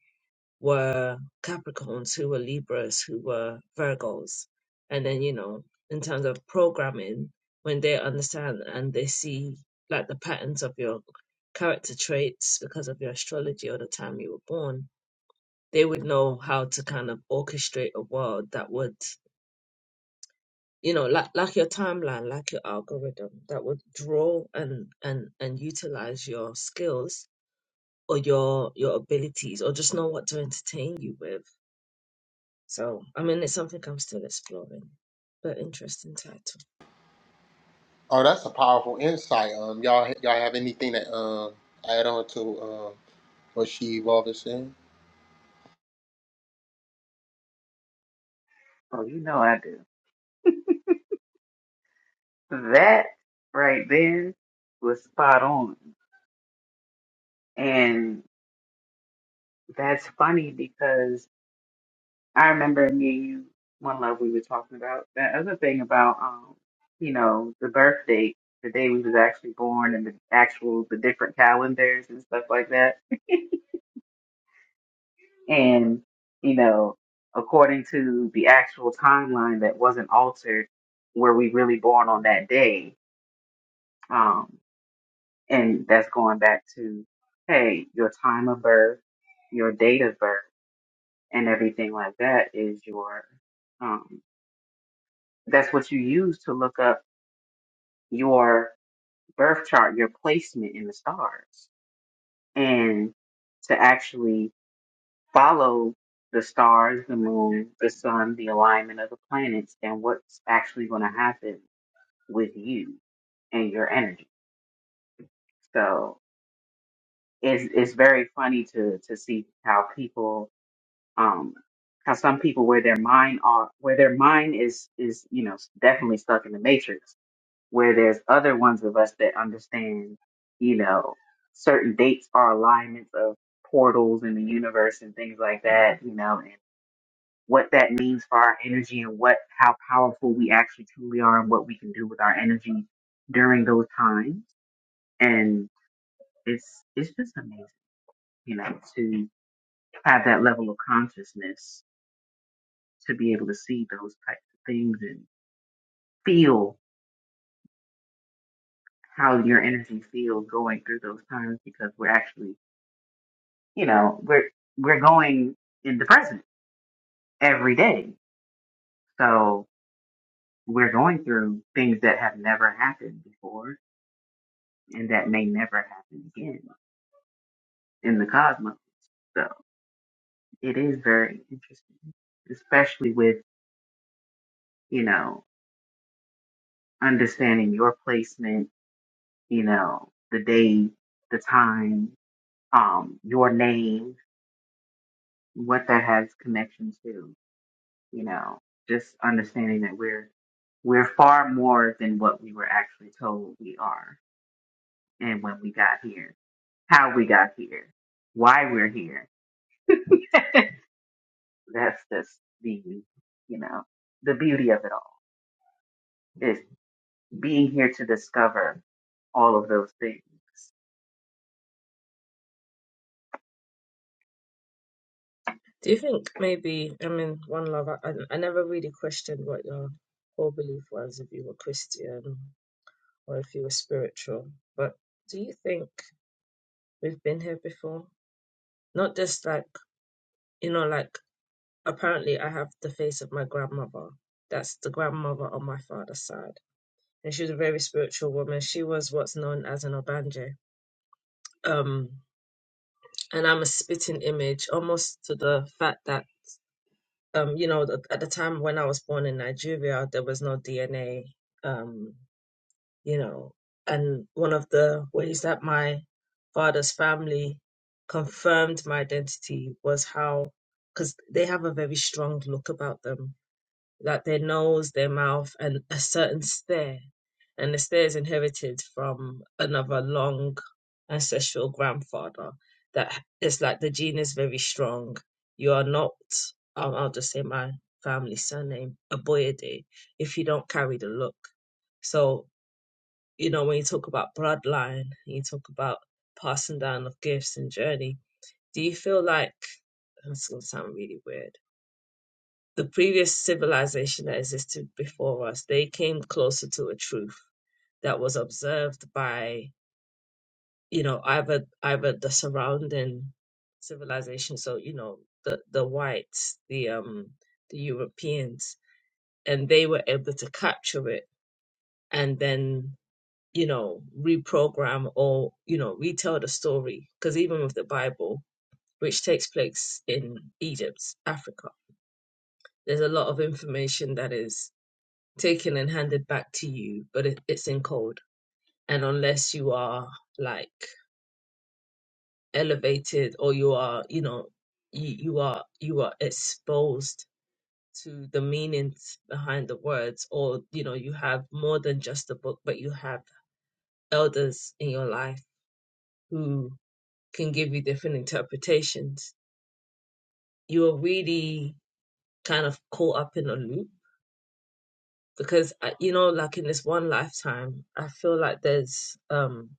S7: were Capricorns, who were Libras, who were Virgos. And then, you know, in terms of programming, when they understand and they see like the patterns of your character traits because of your astrology or the time you were born, they would know how to kind of orchestrate a world that would, you know, like like your timeline, like your algorithm, that would draw and and and utilize your skills or your your abilities or just know what to entertain you with So, I mean, it's something I'm still exploring, but interesting title.
S1: Oh, that's a powerful insight. Um, y'all, y'all have anything to um add on to um what she evolved is saying?
S2: Oh, you know I do. That right then was spot on. And that's funny because I remember me and you, one love we were talking about that other thing about um, you know, the birth date, the day we was actually born, and the actual the different calendars and stuff like that, and you know, according to the actual timeline that wasn't altered, were we really born on that day? Um, and that's going back to hey, your time of birth, your date of birth, and everything like that is your um, that's what you use to look up your birth chart, your placement in the stars, and to actually follow the stars, the moon, the sun, the alignment of the planets, and what's actually going to happen with you and your energy. So it's it's very funny to to see how people um how some people where their mind are where their mind is is you know definitely stuck in the matrix where there's other ones of us that understand, you know, certain dates are alignments of portals in the universe and things like that, you know, and what that means for our energy and what how powerful we actually truly are and what we can do with our energy during those times. And it's it's just amazing, you know, to have that level of consciousness to be able to see those types of things and feel how your energy feels going through those times because we're actually you know, we're we're going in the present every day. So we're going through things that have never happened before and that may never happen again in the cosmos. So it is very interesting, especially with, you know, understanding your placement, you know, the day, the time, um, your name, what that has connection to. you know, just understanding that we're we're far more than what we were actually told we are and when we got here, how we got here, why we're here. That's just the you know, the beauty of it all is being here to discover all of those things.
S7: Do you think maybe, I mean, One Love, I, I I never really questioned what your core belief was if you were Christian or if you were spiritual, but do you think we've been here before? Not just like, you know, like apparently I have the face of my grandmother. That's the grandmother on my father's side. And she was a very spiritual woman. She was what's known as an Obanje. Um, and I'm a spitting image, almost to the fact that um, you know, th- at the time when I was born in Nigeria, there was no DNA, um, you know, and one of the ways that my father's family confirmed my identity was how, because they have a very strong look about them like their nose, their mouth, and a certain stare. And the stare is inherited from another long ancestral grandfather. That it's like the gene is very strong. You are not, um, I'll just say my family surname, a Boyede, if you don't carry the look. So, you know, when you talk about bloodline, you talk about passing down of gifts and journey, do you feel like, that's going to sound really weird the previous civilization that existed before us, they came closer to a truth that was observed by, you know, either either the surrounding civilization, so you know, the the whites, the um the Europeans, and they were able to capture it and then you know reprogram or you know retell the story because even with the Bible, which takes place in Egypt, Africa, there's a lot of information that is taken and handed back to you, but it, it's in code. And unless you are like elevated or you are, you know, you, you are you are exposed to the meanings behind the words, or you know, you have more than just a book, but you have elders in your life who can give you different interpretations. You are really kind of caught up in a loop because uh, you know, like in this one lifetime, I feel like there's um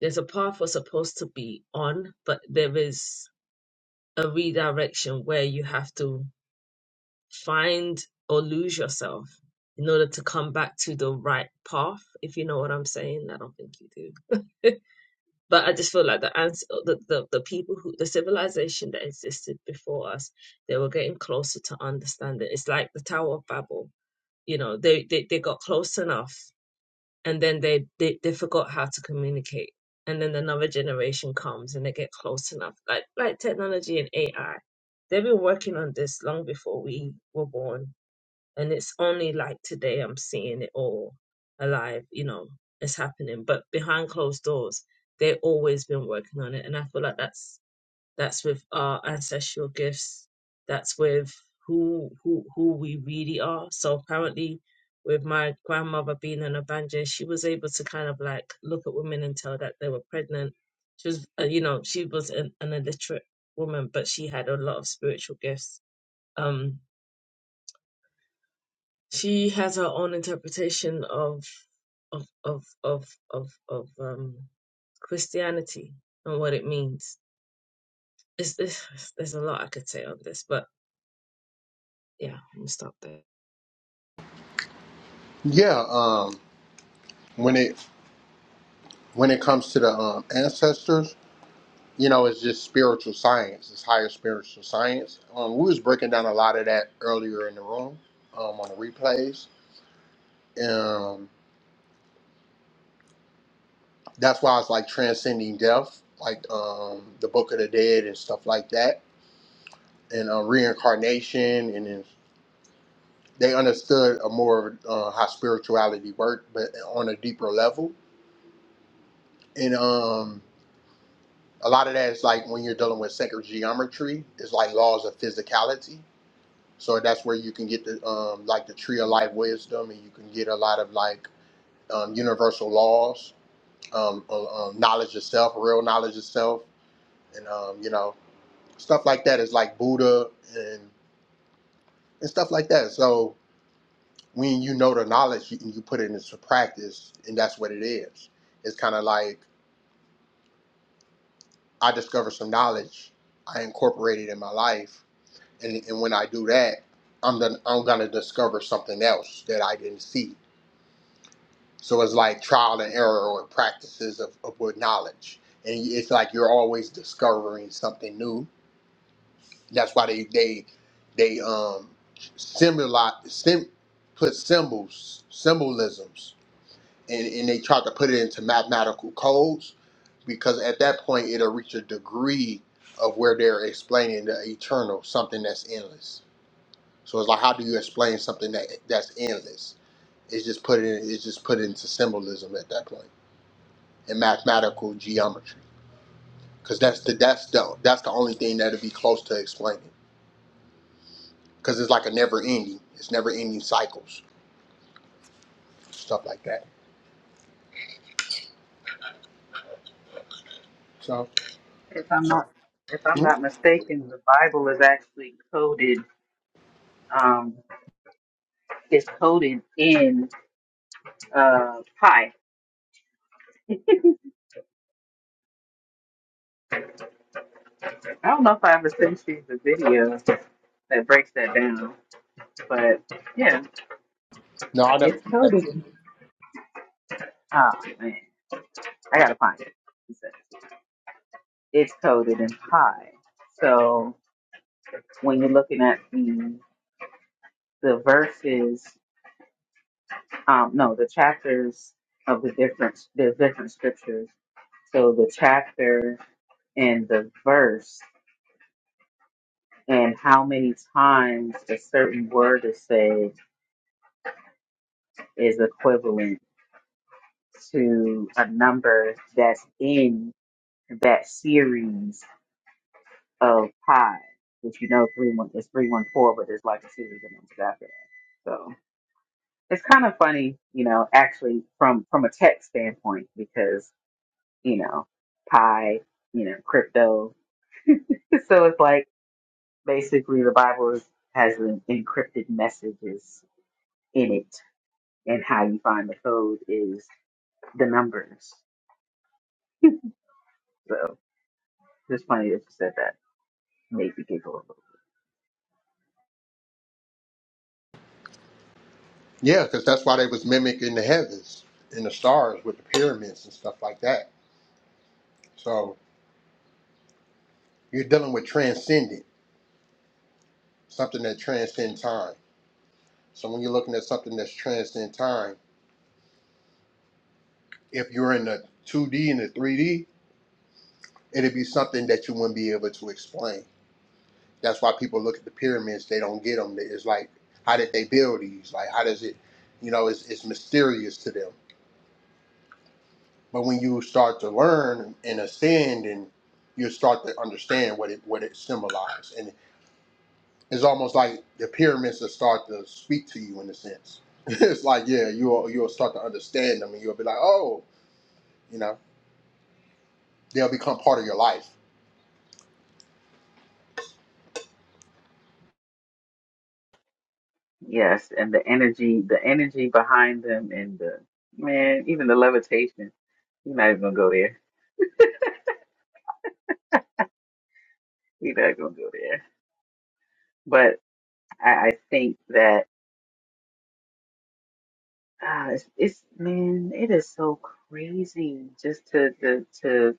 S7: There's a path we're supposed to be on, but there is a redirection where you have to find or lose yourself in order to come back to the right path, if you know what I'm saying. I don't think you do. but I just feel like the answer, the, the, the people who, the civilization that existed before us, they were getting closer to understanding. It's like the Tower of Babel. You know, they, they, they got close enough and then they, they they forgot how to communicate and then another generation comes and they get close enough like like technology and ai they've been working on this long before we were born and it's only like today i'm seeing it all alive you know it's happening but behind closed doors they've always been working on it and i feel like that's that's with our ancestral gifts that's with who who who we really are so apparently with my grandmother being an abanja she was able to kind of like look at women and tell that they were pregnant she was uh, you know she was an, an illiterate woman but she had a lot of spiritual gifts um she has her own interpretation of of of of of, of um christianity and what it means it's, it's, there's a lot i could say on this but yeah, I'm gonna stop there.
S1: Yeah. Um, when it when it comes to the um, ancestors, you know, it's just spiritual science. It's higher spiritual science. Um, we was breaking down a lot of that earlier in the room um, on the replays. Um, that's why it's like transcending death, like um, the Book of the Dead and stuff like that, and uh, reincarnation. And then they understood a more uh, how spirituality worked, but on a deeper level. And um, a lot of that is like when you're dealing with sacred geometry, it's like laws of physicality So that's where you can get the um, like the tree of life wisdom, and you can get a lot of like um, universal laws, um, uh, um, knowledge of self, real knowledge of self, and um, you know stuff like that is like Buddha and and stuff like that. So when you know the knowledge, you, you put it into practice, and that's what it is. It's kind of like I discover some knowledge, I incorporate it in my life, and, and when I do that, I'm the, I'm gonna discover something else that I didn't see So it's like trial and error and practices of, of with knowledge. And it's like you're always discovering something new. That's why they they they um symbolize sim, put symbols symbolisms and, and they try to put it into mathematical codes because at that point it'll reach a degree of where they're explaining the eternal something that's endless. So it's like how do you explain something that that's endless? It's just put in it's just put into symbolism at that point. and mathematical geometry because that's the that's the that's the only thing that'll be close to explaining because it's like a never ending it's never ending cycles stuff like that so
S2: If I'm not if I'm
S1: mm,
S2: not mistaken, the Bible is actually coded um is coded in uh pi. I don't know if I ever sent you the video that breaks that down. But yeah,
S1: no i never
S2: it's coded in oh man, I gotta find it. It's it's coded in pi. So when you're looking at the the verses, um, no, the chapters of the different the different scriptures. So the chapter and the verse and how many times a certain word is said is equivalent to a number that's in that series of pi, which you know three one is three one four, but there's like a series of numbers after that. So it's kind of funny, you know, actually from from a tech standpoint because you know pi, you know, crypto. so it's like basically the Bible is, has an encrypted messages in it, and how you find the code is the numbers. So it's funny that you said that. Made me giggle.
S1: yeah because that's why they was mimicking the heavens and the stars with the pyramids and stuff like that so you're dealing with transcendent something that transcends time so when you're looking at something that's transcend time if you're in the 2d and the 3d it'd be something that you wouldn't be able to explain That's why people look at the pyramids; they don't get them. It's like, how did they build these? Like, how does it? You know, it's it's mysterious to them. But when you start to learn and ascend, and you start to understand what it what it symbolized, and it's almost like the pyramids will start to speak to you in a sense. it's like, yeah, you'll you'll start to understand them, and you'll be like, oh, you know, they'll become part of your life.
S2: Yes, and the energy, the energy behind them, and the man, even the levitation. We're not even gonna go there. We're not gonna go there. But I, I think that ah, it's, it's man, it is so crazy just to to to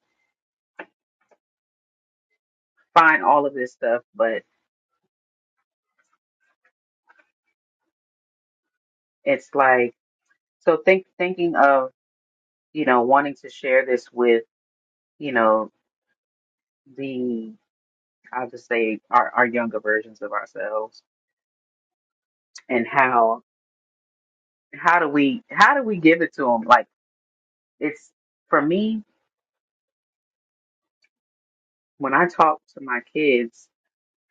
S2: find all of this stuff. But it's like so think thinking of you know wanting to share this with you know the I'll just say our, our younger versions of ourselves and how how do we how do we give it to them it's for me when I talk to my kids,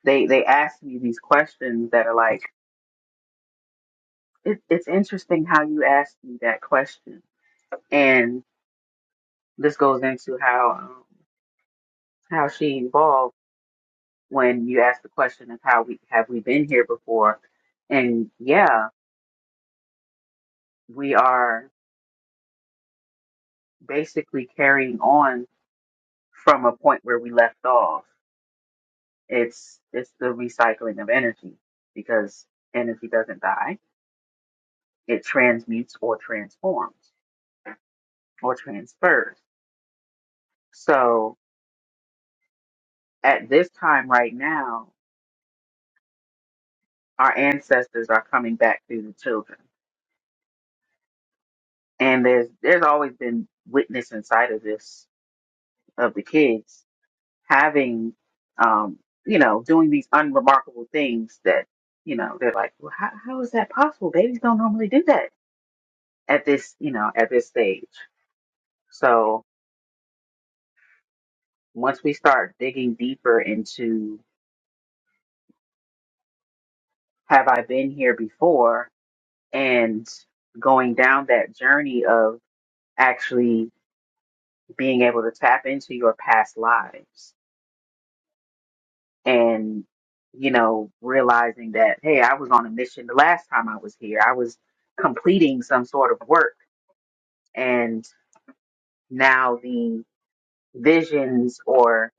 S2: they they ask me these questions that are like, it, it's interesting how you asked me that question, and this goes into how um, how she evolved when you ask the question of how we have we been here before, and yeah, we are basically carrying on from a point where we left off. It's it's the recycling of energy because energy doesn't die It transmutes or transforms or transfers. So at this time right now, our ancestors are coming back through the children. And there's there's always been witness inside of this of the kids having um, you know, doing these unremarkable things that, you know, they're like, Well, how, how is that possible? Babies don't normally do that at this, you know, at this stage. So once we start digging deeper into have I been here before? and going down that journey of actually being able to tap into your past lives and you know realizing that hey i was on a mission the last time i was here i was completing some sort of work and now the visions or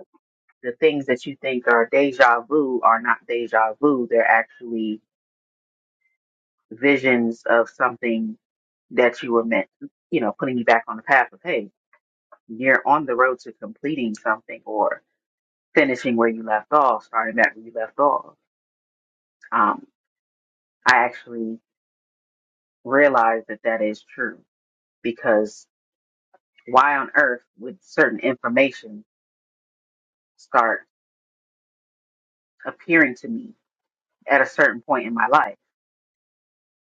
S2: the things that you think are deja vu are not deja vu they're actually visions of something that you were meant you know putting you back on the path of hey You're on the road to completing something or finishing where you left off, starting back where you left off. Um, I actually realized that that is true because why on earth would certain information start appearing to me at a certain point in my life?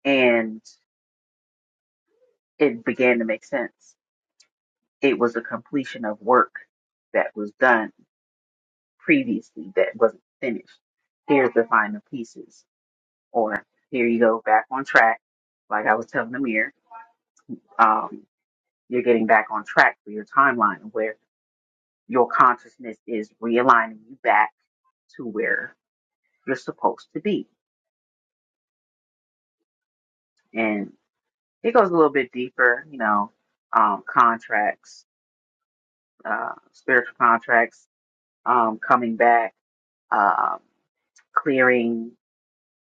S2: And it began to make sense. It was a completion of work that was done previously that wasn't finished. Here's the final pieces, or here you go back on track like I was telling Amir, um, you're getting back on track for your timeline where your consciousness is realigning you back to where you're supposed to be. And it goes a little bit deeper, you know, um, contracts, uh, spiritual contracts, um, coming back, um, clearing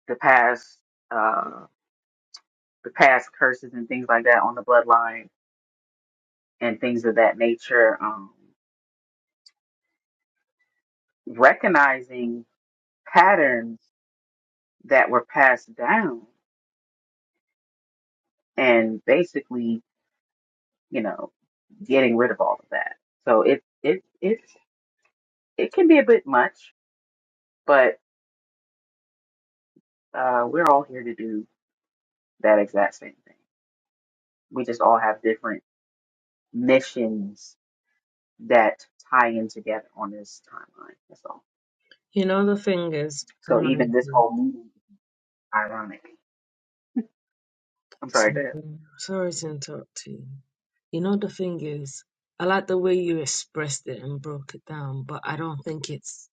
S2: the past, uh, the past curses and things like that on the bloodline and things of that nature. Um, recognizing patterns that were passed down and basically, you know, getting rid of all of that. So it it it's it can be a bit much, but uh, we're all here to do that exact same thing. We just all have different missions that tie in together on this timeline. That's all.
S7: You know the thing is,
S2: So
S7: I'm
S2: even this
S7: mindful.
S2: whole meeting is ironic. I'm sorry, go
S7: So
S2: ahead.
S7: sorry to interrupt you. You know the thing is, I like the way you expressed it and broke it down, but I don't think it's.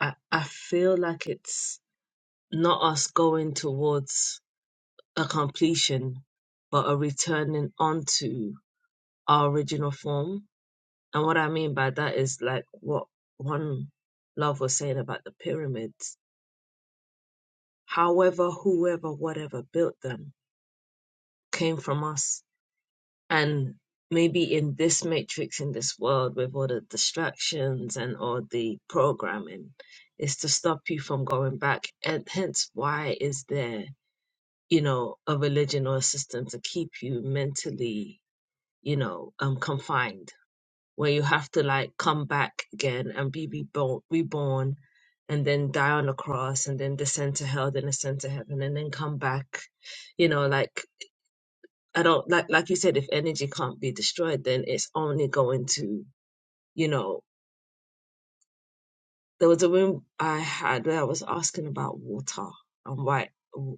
S7: I I feel like it's not us going towards a completion, but a returning onto our original form. And what I mean by that is like what one love was saying about the pyramids. However, whoever, whatever built them, came from us. And maybe in this matrix, in this world, with all the distractions and all the programming, is to stop you from going back. And hence, why is there, you know, a religion or a system to keep you mentally, you know, um, confined, where you have to like come back again and be reborn, reborn and then die on the cross and then descend to hell, then ascend to heaven and then come back you know, like I don't like like you said, if energy can't be destroyed, then it's only going to, you know. There was a room I had where I was asking about water and why,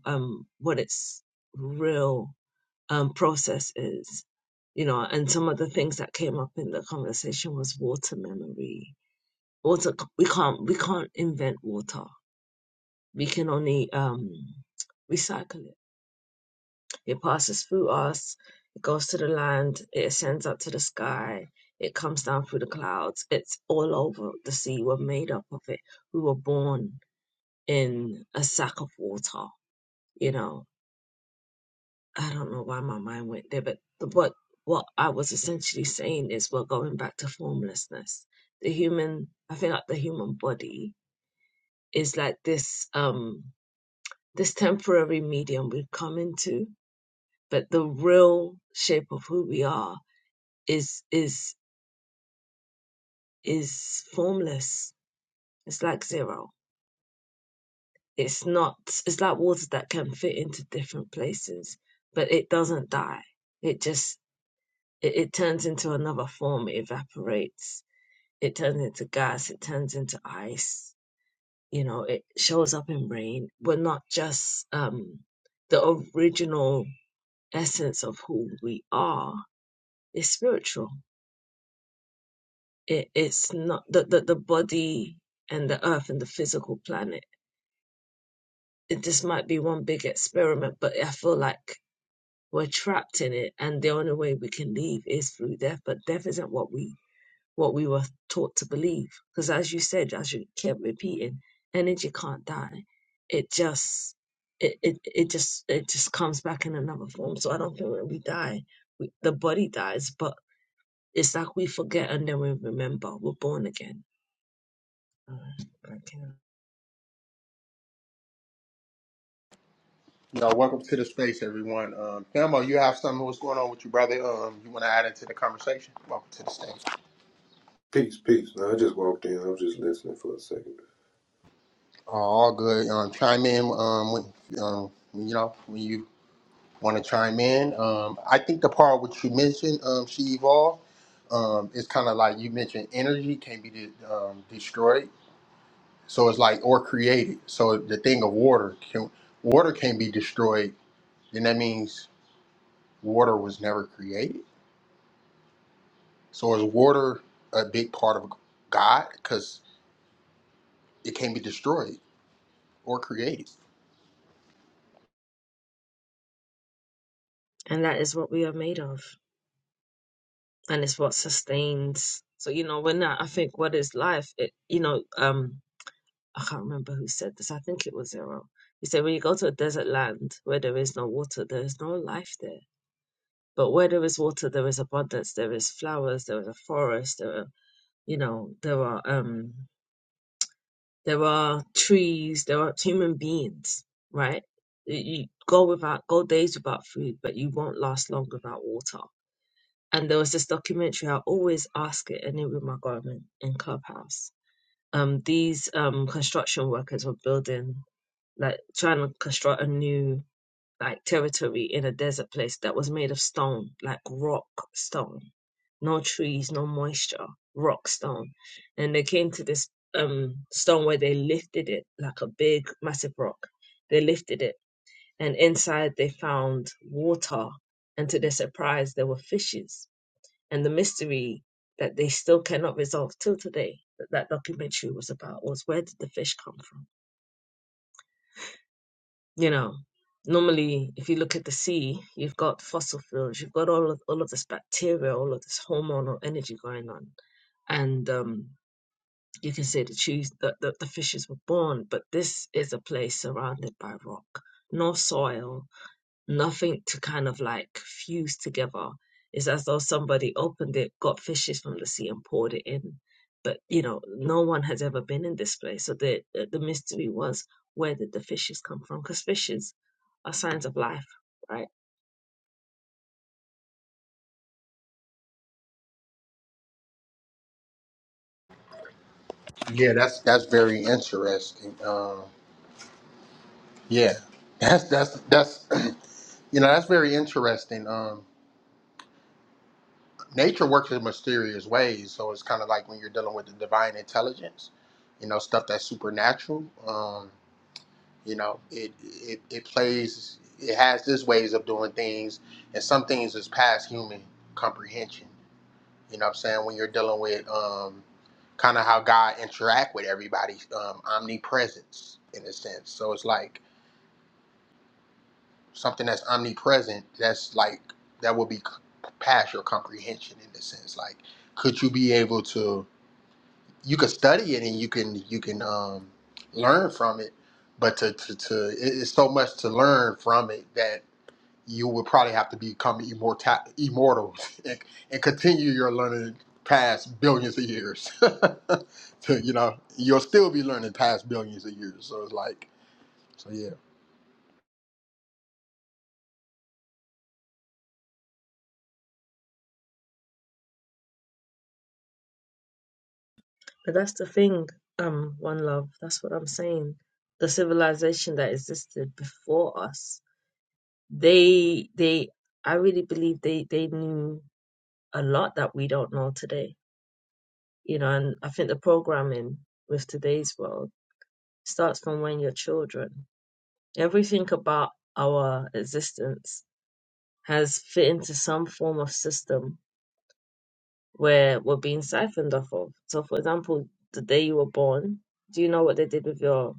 S7: um, what its real um process is, you know, and some of the things that came up in the conversation was water memory. Water, we can't we can't invent water. We can only um recycle it It passes through us. It goes to the land. It ascends up to the sky. It comes down through the clouds. It's all over the sea. We're made up of it. We were born in a sack of water. You know, I don't know why my mind went there, but what what I was essentially saying is we're going back to formlessness. The human, I feel like the human body is like this um this temporary medium we've come into, but the real shape of who we are is is is formless. It's like zero. It's not it's like water that can fit into different places, but it doesn't die. It just it, it turns into another form, it evaporates, it turns into gas, it turns into ice, you know, it shows up in rain. We're not just um the original essence of who we are is spiritual. It, it's not the, the the body and the earth and the physical planet it, this might be one big experiment, but I feel like we're trapped in it, and the only way we can leave is through death. But death isn't what we what we were taught to believe, because as you said, as you kept repeating, energy can't die. It just it, it it just it just comes back in another form. So I don't think when we die, we, the body dies, but it's like we forget and then we remember we're born again. Uh, okay.
S1: You know, welcome to the space, everyone. Um, Thelma, you have something. What's going on with you, brother? Um, you want to add into the conversation? Welcome to the stage.
S8: Peace, peace. No, I just walked in. I was just listening for a second.
S1: Oh, All good. Um, chime in um, when um, you know when you want to chime in. Um, I think the part which you mentioned, um, she evolved. Um, it's kind of like you mentioned, energy can be de- um, destroyed. So it's like or created. So the thing of water can water can be destroyed, and that means water was never created. So is water a big part of God because it can be destroyed or created?
S7: And that is what we are made of. and it's what sustains. So you know, when I, I think what is life, it you know, um, I can't remember who said this. I think it was Zero. He said when you go to a desert land where there is no water, there is no life there. But where there is water, there is abundance. There is flowers. There is a forest. There are you know, there are um, there are trees. There are human beings, right? You you go without go days without food, but you won't last long without water and there was this documentary. I always ask it in Room my garment in Clubhouse. Um, these um construction workers were building like trying to construct a new like territory in a desert place that was made of stone, like rock stone, no trees, no moisture, rock stone. And they came to this um stone where they lifted it like a big massive rock. They lifted it, and inside they found water, and to their surprise, there were fishes and the mystery that they still cannot resolve till today that that documentary was about was where did the fish come from you know normally if you look at the sea you've got fossil fuels you've got all of all of this bacteria all of this hormonal energy going on and um you can say the trees that the, the the fishes were born but this is a place surrounded by rock no soil nothing to kind of like fuse together. It's as though somebody opened it, got fishes from the sea, and poured it in. But you know, no one has ever been in this place, so the the the mystery was where did the fishes come from? Because fishes are signs of life, right?
S1: Yeah, that's that's very interesting. Um, Yeah, that's that's that's you know that's very interesting. Um, nature works in mysterious ways, so it's kind of like when you're dealing with the divine intelligence, you know, stuff that's supernatural. Um, you know, it it it plays, it has its ways of doing things, and some things is past human comprehension. You know, what I'm saying when you're dealing with um, kind of how God interact with everybody, um, omnipresence in a sense. So it's like something that's omnipresent that's like that would be past your comprehension in the sense like could you be able to you could study it and you can you can um learn from it but to to, to it- it's so much to learn from it that you would probably have to become immortal immortal and, and continue your learning past billions of years to you know you'll still be learning past billions of years so it's like so yeah
S7: But that's the thing, um, one love. That's what I'm saying. The civilization that existed before us, they they I really believe they they knew a lot that we don't know today you know and i think the programming with today's world starts from when you're children everything about our existence has fit into some form of system where we're being siphoned off of so for example the day you were born do you know what they did with your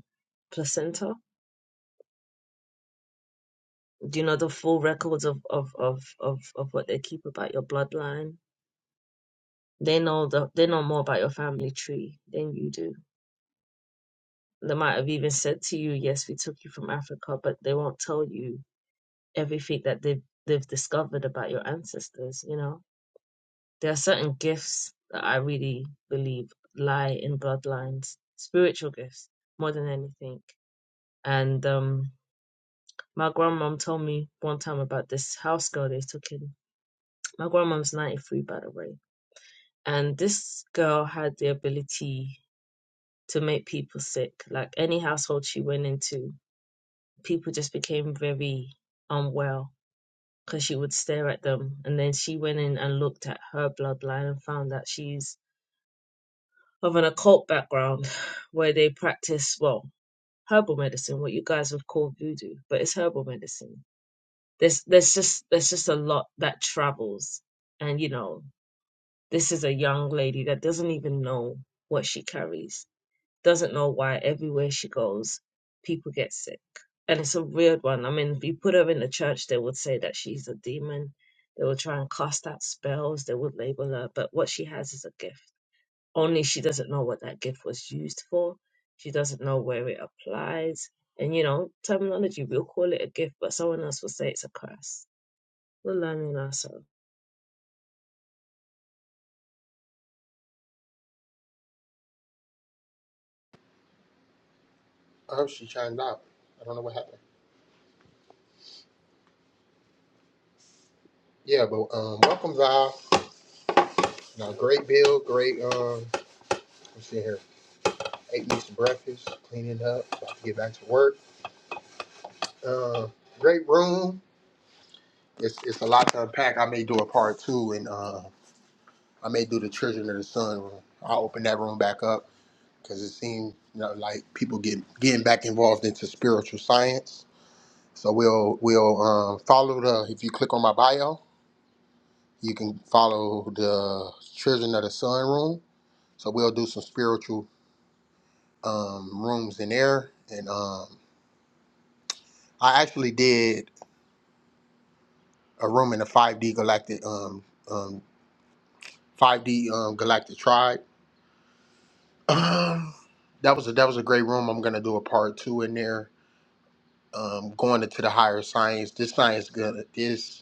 S7: placenta do you know the full records of of of of, of what they keep about your bloodline they know the, they know more about your family tree than you do They might have even said to you, "Yes, we took you from Africa," but they won't tell you everything that they've they've discovered about your ancestors. You know, there are certain gifts that I really believe lie in bloodlines, spiritual gifts more than anything. And um, my grandmom told me one time about this house girl they took in. My grandmom's ninety three, by the way, and this girl had the ability to make people sick. Like any household she went into, people just became very unwell because she would stare at them. And then she went in and looked at her bloodline and found that she's of an occult background where they practice, well, herbal medicine, what you guys would call voodoo, but it's herbal medicine. There's there's just there's just a lot that travels. And you know, this is a young lady that doesn't even know what she carries doesn't know why everywhere she goes, people get sick. And it's a weird one. I mean, if you put her in the church, they would say that she's a demon. They would try and cast out spells. They would label her. But what she has is a gift. Only she doesn't know what that gift was used for. She doesn't know where it applies. And, you know, terminology, we'll call it a gift, but someone else will say it's a curse. We're learning ourselves.
S1: oh she chimed out i don't know what happened Yeah, but um, welcome, Val. Now, great bill, great. Um, I'm sitting here, ate me some breakfast, cleaning up, about to get back to work. Uh, great room. It's it's a lot to unpack. I may do a part two, and uh, I may do the Children of the Sun room. I'll open that room back up because it seemed you know, like people get getting back involved into spiritual science. So we'll we'll um, follow the. If you click on my bio, you can follow the Children of the Sun room. So we'll do some spiritual um, rooms in there, and um, I actually did a room in the 5D Galactic um, um, 5D um, Galactic Tribe. Um, that was a that was a great room. I'm gonna do a part two in there. Um, going into the higher science. This science gonna this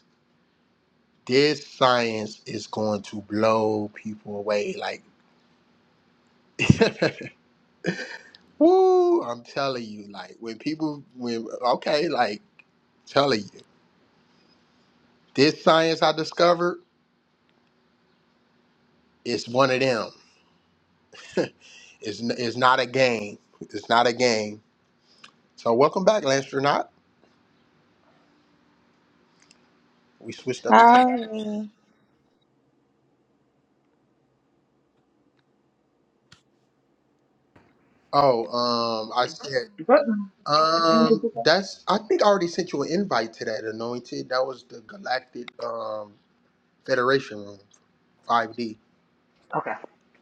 S1: this science is going to blow people away. Like, woo! I'm telling you, like when people when okay, like telling you this science I discovered is one of them. It's, n- it's not a game. It's not a game. So welcome back, Lancernaut. We switched up the time.
S4: Howdy.
S1: Oh, um, I said,
S2: What? When did
S1: um,
S2: you go?
S1: that's. I think I already sent you an invite to that anointed. That was the Galactic um Federation room, five D.
S2: Okay.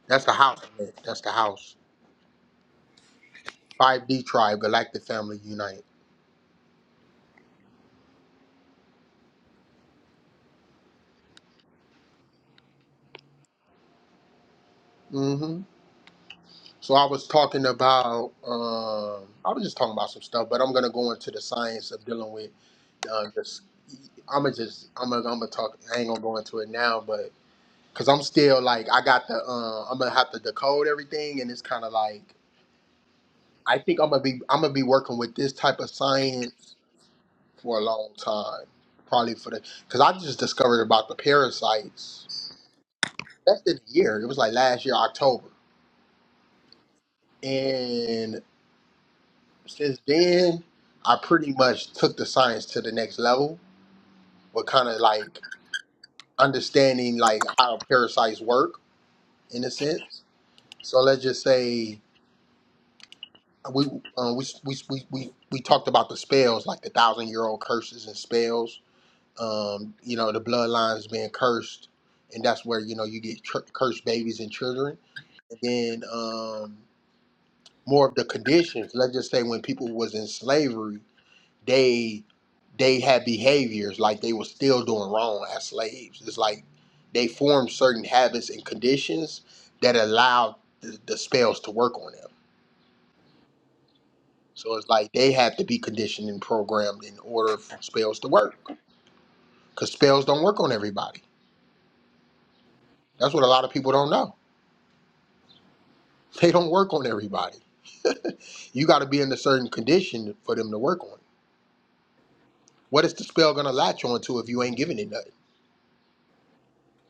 S1: That's the house. man. That's the house. Five D tribe, Galactic Family Unite. Mm-hmm. So I was talking about, um, I was just talking about some stuff, but I'm gonna go into the science of dealing with uh, this. I'm gonna just, I'm gonna, I'm gonna talk. I ain't gonna go into it now, but because I'm still like, I got the, uh, I'm gonna have to decode everything, and it's kind of like, I think I'm gonna be, I'm gonna be working with this type of science for a long time, probably for the, because I just discovered about the parasites. That's this year. It was like last year October, and Since then, I pretty much took the science to the next level with kind of like understanding like how parasites work in a sense. So let's just say we um, we, we we we we talked about the spells like the thousand year old curses and spells. Um, you know the bloodlines being cursed, and that's where you know you get tr- cursed babies and children. And then um, more of the conditions. Let's just say when people was in slavery they they had behaviors like they were still doing wrong as slaves. It's like they formed certain habits and conditions that allowed the, the spells to work on them. So it's like they had to be conditioned and programmed in order for spells to work, because spells don't work on everybody. That's what a lot of people don't know. They don't work on everybody. you got to be in a certain condition for them to work on. it. What is the spell gonna latch on to if you ain't giving it nothing?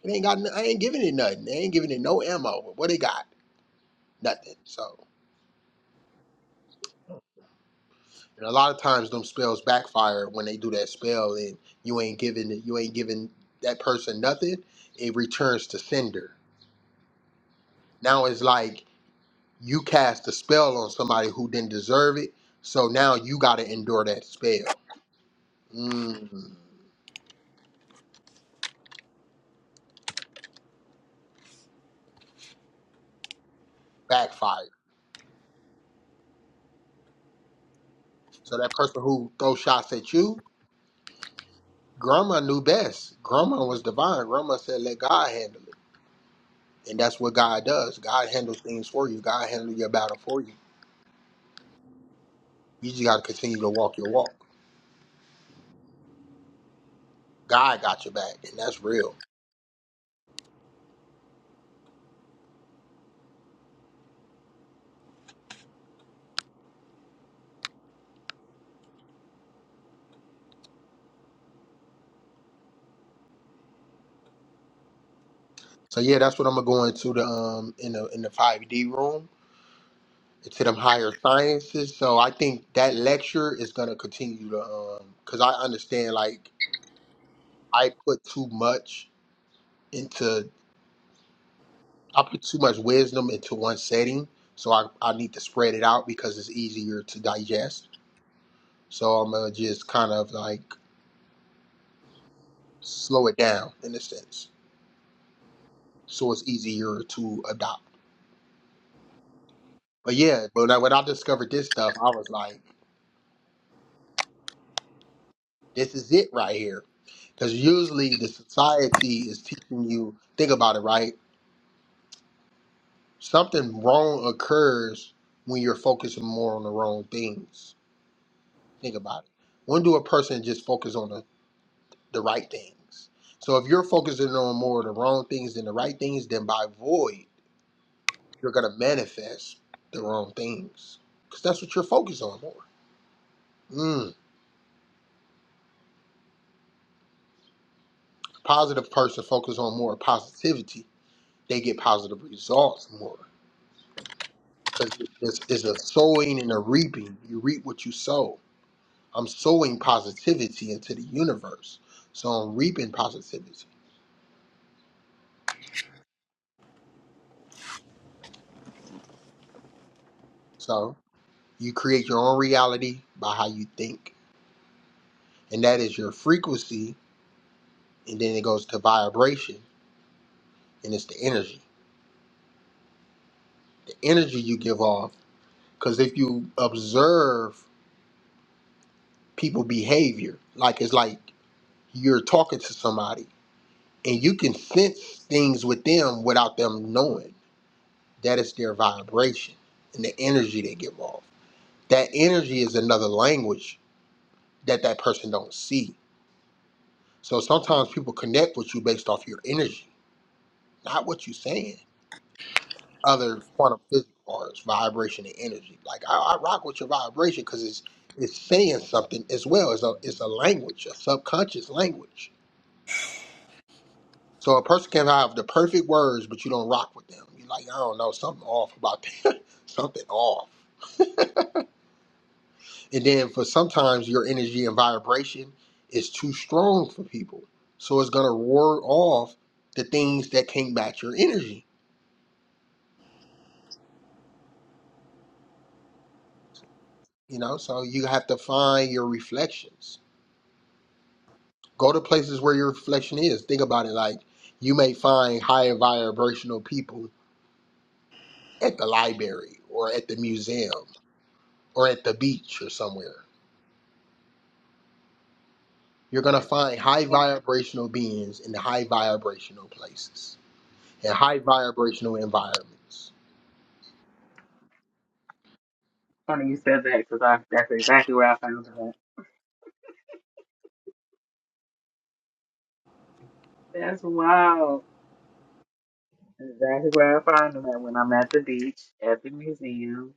S1: It ain't got. n- I ain't giving it nothing. They ain't giving it no ammo. What they got? nothing. So, and a lot of times them spells backfire when they do that spell, and you ain't giving you ain't giving that person nothing. It returns to sender. Now it's like you cast a spell on somebody who didn't deserve it, so now you got to endure that spell. Mm, backfire. So that person who throws shots at you, Grandma knew best. Grandma was divine. Grandma said, "Let God handle it," and that's what God does. God handles things for you. God handles your battle for you. You just got to continue to walk your walk. God got your back, and that's real. So yeah, that's what I'm gonna go into the um in the in the 5D room into them higher sciences. So I think that lecture is gonna continue to um because I understand like I put too much into I put too much wisdom into one setting, so I I need to spread it out because it's easier to digest. So I'm gonna just kind of like slow it down in a sense, so it's easier to adopt. But yeah, but when I, when I discovered this stuff, I was like, this is it right here. Because usually the society is teaching you, think about it, right? Something wrong occurs when you're focusing more on the wrong things. Think about it. When do a person just focus on the, the right things? So if you're focusing on more of the wrong things than the right things, then by void, you're going to manifest the wrong things. Because that's what you're focused on more. Mm. Positive person focus on more positivity they get positive results more because it's, it's a sowing and a reaping. You reap what you sow. I'm sowing positivity into the universe, so I'm reaping positivity. So you create your own reality by how you think, and that is your frequency, and then it goes to vibration, and it's the energy. The energy you give off, because if you observe people behavior, like it's like you're talking to somebody and you can sense things with them without them knowing. That is their vibration and the energy they give off. That energy is another language that that person don't see. So sometimes people connect with you based off your energy, not what you're saying. Other quantum physics parts, vibration and energy. Like I, I rock with your vibration because it's it's saying something as well. It's a it's a language, a subconscious language So a person can have the perfect words, but you don't rock with them. You're like, I don't know, something off about that. something off. And then for sometimes your energy and vibration is too strong for people. So it's gonna ward off the things that can't match your energy. You know, so you have to find your reflections. Go to places where your reflection is. Think about it like you may find higher vibrational people at the library or at the museum or at the beach or somewhere You're going to find high vibrational beings in the high vibrational places and high vibrational environments.
S2: Funny you said that because that's exactly where I found that. That's wild. Exactly where I find them at when I'm at the beach, at the museum,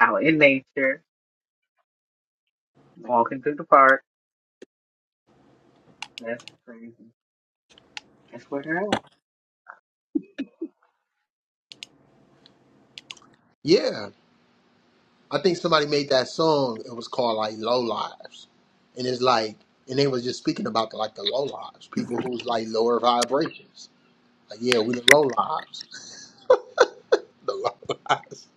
S2: out in nature, walking through the park. That's crazy. That's where they're at.
S1: Yeah, I think somebody made that song. It was called like Low Lives. And it's like, and they was just speaking about the, like the low lives, people who's like lower vibrations. Like, yeah, we the low lives. the low lives.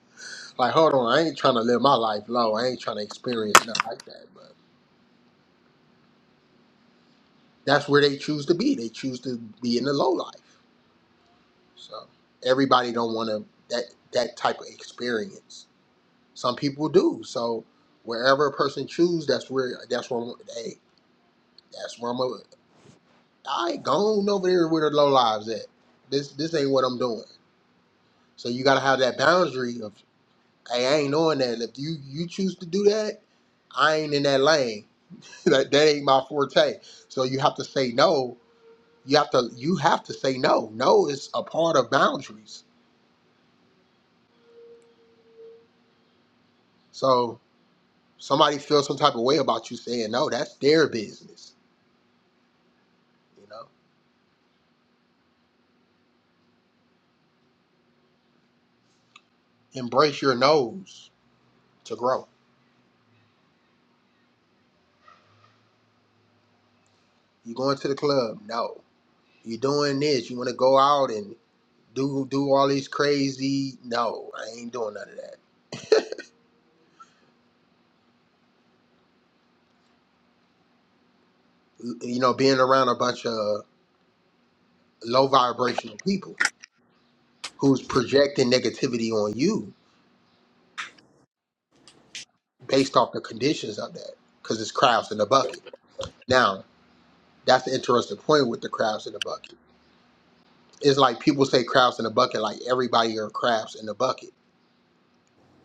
S1: Like, hold on, I ain't trying to live my life low. I ain't trying to experience nothing like that. But that's where they choose to be. They choose to be in the low life. So everybody don't want to that that type of experience. Some people do. So wherever a person choose, that's where that's where I'm, hey, that's where I'm. a- I ain't going over there with the low lives at. This this ain't what I'm doing. So you gotta have that boundary of hey, I ain't doing that. If you you choose to do that, I ain't in that lane. that that ain't my forte. So you have to say no. You have to you have to say no. No is a part of boundaries. So Somebody feels some type of way about you saying no, that's their business. You know, embrace your no's to grow. You going to the club? No. You doing this? You want to go out and do do all these crazy? No, I ain't doing none of that. you know, being around a bunch of low vibrational people who's projecting negativity on you based off the conditions of that because it's crabs in the bucket. Now, that's the interesting point with the crabs in the bucket. it's like people say crabs in a bucket, like everybody are crabs in the bucket.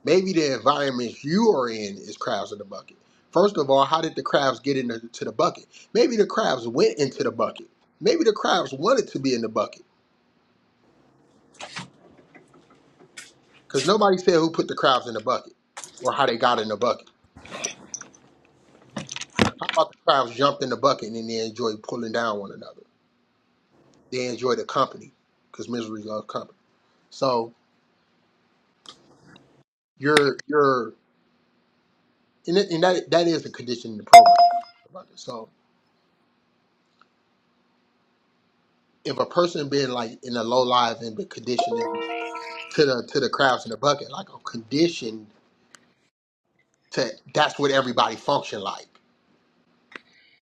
S1: Maybe the environment you are in is crabs in the bucket. First of all, how did the crabs get into to the bucket? Maybe the crabs went into the bucket. Maybe the crabs wanted to be in the bucket because nobody said who put the crabs in the bucket or how they got in the bucket. How about the crabs jumped in the bucket and then they enjoy pulling down one another? They enjoy the company because misery loves company. So you're you're and, that- and that that is a condition in the program. about it. So if a person been like in a low life and been conditioned to the to the crabs in the bucket, like I'm conditioned to that's what everybody function like.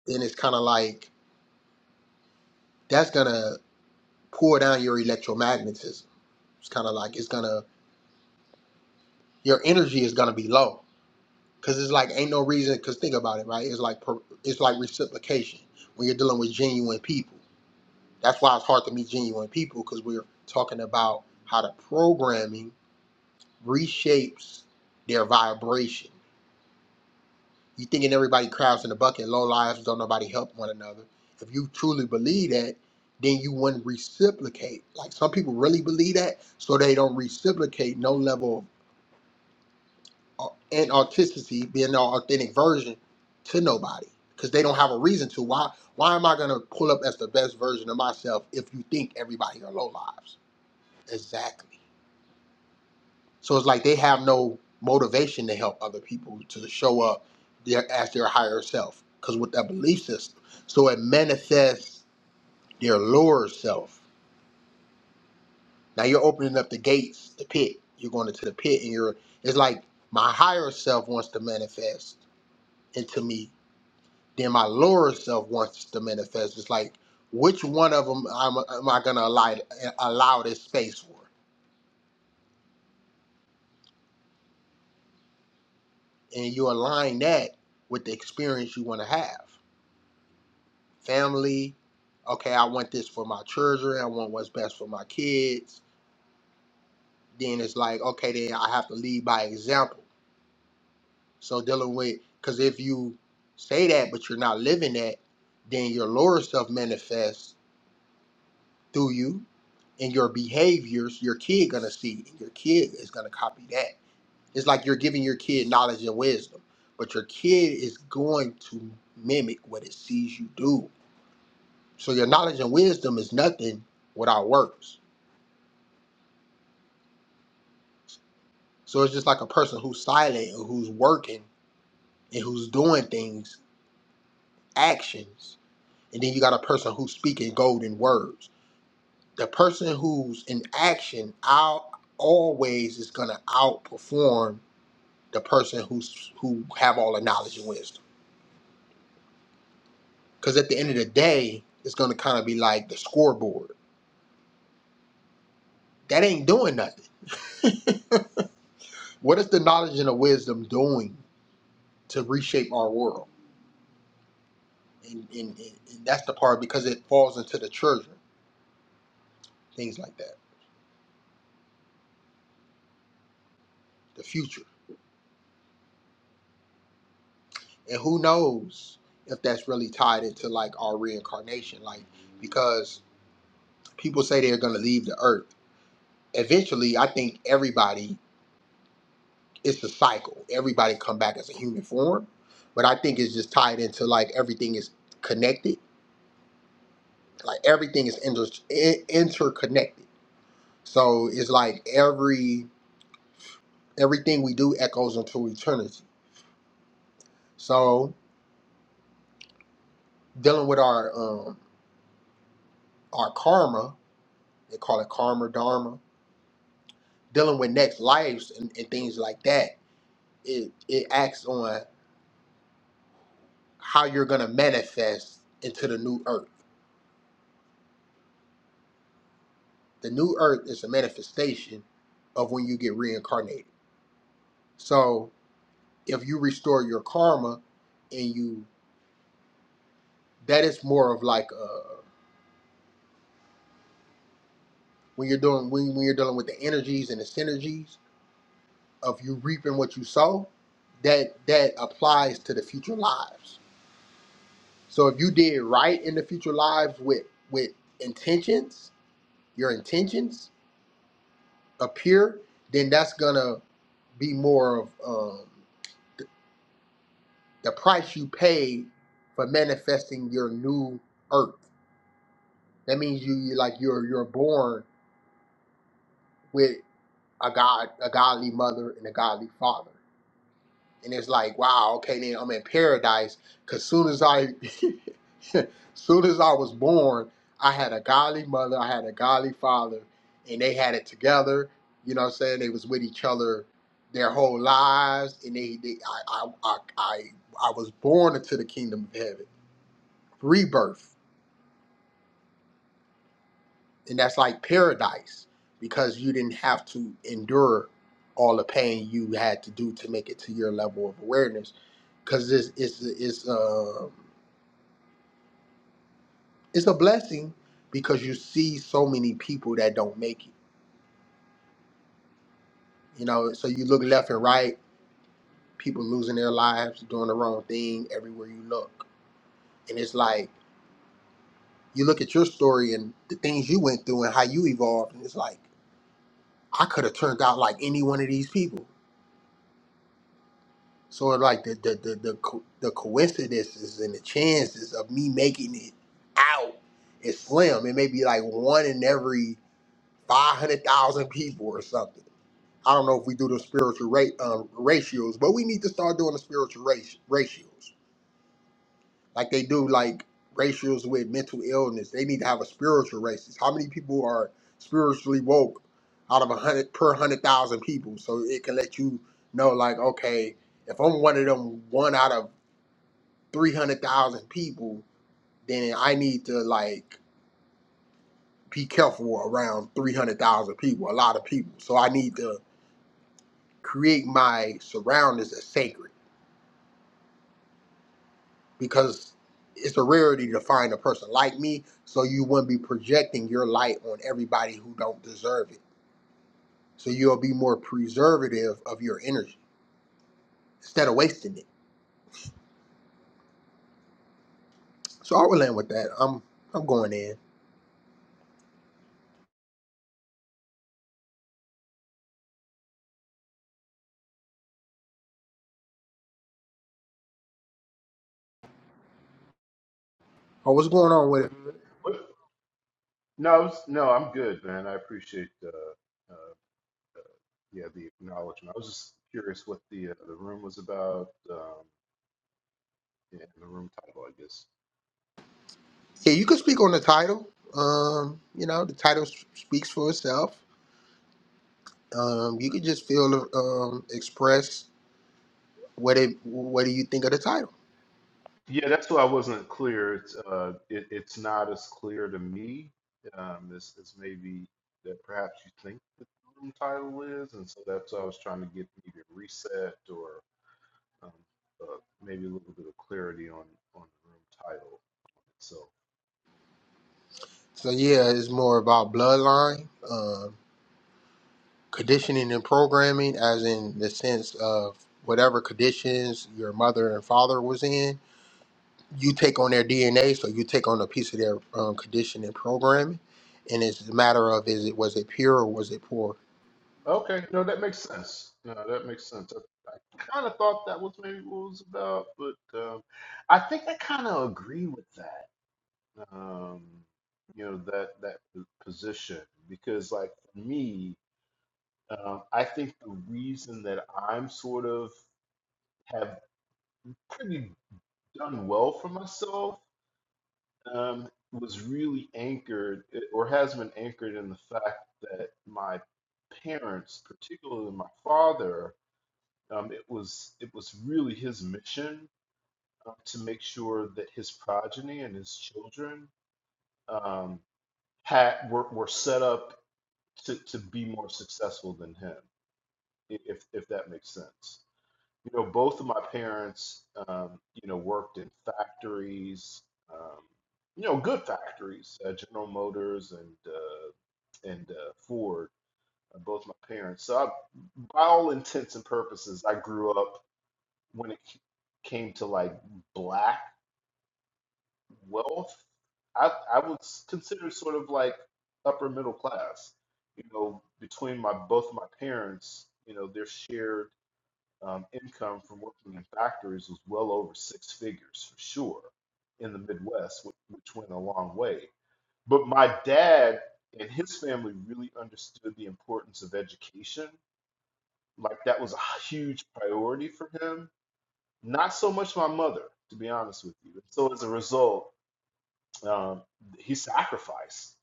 S1: And it's kinda like that's gonna pour down your electromagnetism. It's kinda like it's gonna your energy is gonna be low. Cause it's like ain't no reason cause think about it, right? It's like per- it's like reciprocation when you're dealing with genuine people. That's why it's hard to meet genuine people because we're talking about how the programming reshapes their vibration You thinking everybody crabs in the bucket, low lives, don't nobody help one another. If you truly believe that, then you wouldn't reciprocate. Like some people really believe that, so they don't reciprocate no level of and authenticity, being an authentic version to nobody. Because they don't have a reason to. Why why am I gonna pull up as the best version of myself if you think everybody are low lives? Exactly. So it's like they have no motivation to help other people to show up their, as their higher self because with that belief system. So it manifests their lower self. Now you're opening up the gates, the pit. You're going into the pit, and you're. It's like my higher self wants to manifest into me. Then my lower self wants to manifest. It's like which one of them am, am I going to allow allow this space for? And you align that with the experience you want to have. family. Okay, I want this for my children. I want what's best for my kids. Then it's like, okay, then I have to lead by example. So dealing with, because if you say that but you're not living that, then your lower self manifests through you and your behaviors. Your kid gonna see, and your kid is gonna copy that. It's like you're giving your kid knowledge and wisdom, but your kid is going to mimic what it sees you do. So your knowledge and wisdom is nothing without works. So it's just like a person who's silent or who's working and who's doing things, actions. And then you got a person who's speaking golden words. The person who's in action out always is gonna outperform the person who's who have all the knowledge and wisdom. Cause at the end of the day, it's gonna kind of be like the scoreboard. That ain't doing nothing. what is the knowledge and the wisdom doing to reshape our world? And, and, and that's the part because it falls into the children. things like that, the future. And who knows if that's really tied into like our reincarnation, like because people say they're going to leave the earth. Eventually, I think everybody it's a cycle. Everybody come back as a human form, but I think it's just tied into like everything is connected. Like everything is inter- in- interconnected. So it's like every everything we do echoes into eternity. So dealing with our um our karma, they call it karma dharma dealing with next lives and, and things like that, it, it acts on how you're going to manifest into the new earth. The new earth is a manifestation of when you get reincarnated. So if you restore your karma and you, that is more of like uh when you're doing when, when you're dealing with the energies and the synergies of you reaping what you sow, that that applies to the future lives. So if you did right in the future lives with with intentions, your intentions are pure, then that's gonna be more of um, the price you pay for manifesting your new earth. That means you you- like you're you're born with a god a godly mother and a godly father. and it's like, wow, okay, then I'm in paradise. Cause soon as I, soon as I was born, I had a godly mother, I had a godly father, and they had it together. You know what I'm saying? They was with each other their whole lives, and they, they I, I, I, I, I was born into the kingdom of heaven, rebirth. and that's like paradise because you didn't have to endure all the pain you had to do to make it to your level of awareness because it's it's it's uh, it's a blessing because you see so many people that don't make it you know so you look left and right people losing their lives doing the wrong thing everywhere you look and it's like you look at your story and the things you went through and how you evolved and it's like i could have turned out like any one of these people So like the the the the, co- the coincidences and the chances of me making it out is slim. It may be like one in every five hundred thousand people or something. I don't know if we do the spiritual rate um, ratios, but we need to start doing the spiritual rati- ratios like they do like ratios with mental illness. They need to have a spiritual races. How many people are spiritually woke out of a hundred per hundred thousand people? So it can let you know like okay if I'm one of them one out of three hundred thousand people, then I need to like be careful around three hundred thousand people, a lot of people. So I need to create my surroundings as sacred because it's a rarity to find a person like me. So you wouldn't be projecting your light on everybody who don't deserve it. So you'll be more preservative of your energy instead of wasting it. So I will land with that. I'm I'm going in. Oh, what's going on with it?
S9: What- No, I was- no, I'm good, man. I appreciate the uh, yeah the acknowledgement. I was just curious what the uh, the room was about um, and the room title, I guess.
S1: Yeah, you can speak on the title. Um, you know, the title s- speaks for itself Um, you could just feel um, express what it what do you think of the title.
S9: Yeah, that's why I wasn't clear. It's uh, it, it's not as clear to me um, as as maybe that perhaps you think the room title is, and so that's why I was trying to get maybe a reset or um, uh, maybe a little bit of clarity on on the room title itself.
S1: So yeah, it's more about bloodline, um, conditioning and programming, as in the sense of whatever conditions your mother and father was in, you take on their DNA, so you take on a piece of their um, conditioning programming, and it's a matter of is it was it pure or was it poor?
S9: Okay, no, that makes sense. No, that makes sense. I, I kind of thought that was maybe what it was about, but um, I think I kind of agree with that. Um, you know, that that p- position because, like, for me, um, I think the reason that I'm sort of have pretty done well for myself um, was really anchored eh, or has been anchored in the fact that my parents, particularly my father Um, it was it was really his mission uh, to make sure that his progeny and his children um, had were, were set up to, to be more successful than him, i- if if that makes sense. You know, both of my parents, um, you know, worked in factories, um, you know, good factories, uh, General Motors and uh, and uh, Ford. uh, Both my parents. So, I, by all intents and purposes, I grew up when it c- came to like black wealth, I I was considered sort of like upper middle class. You know, between my both my parents, you know, their shared um, income from working in factories was well over six figures for sure in the Midwest, which, which went a long way. But my dad and his family really understood the importance of education. Like that was a huge priority for him Not so much my mother, to be honest with you. So as a result, um, he sacrificed,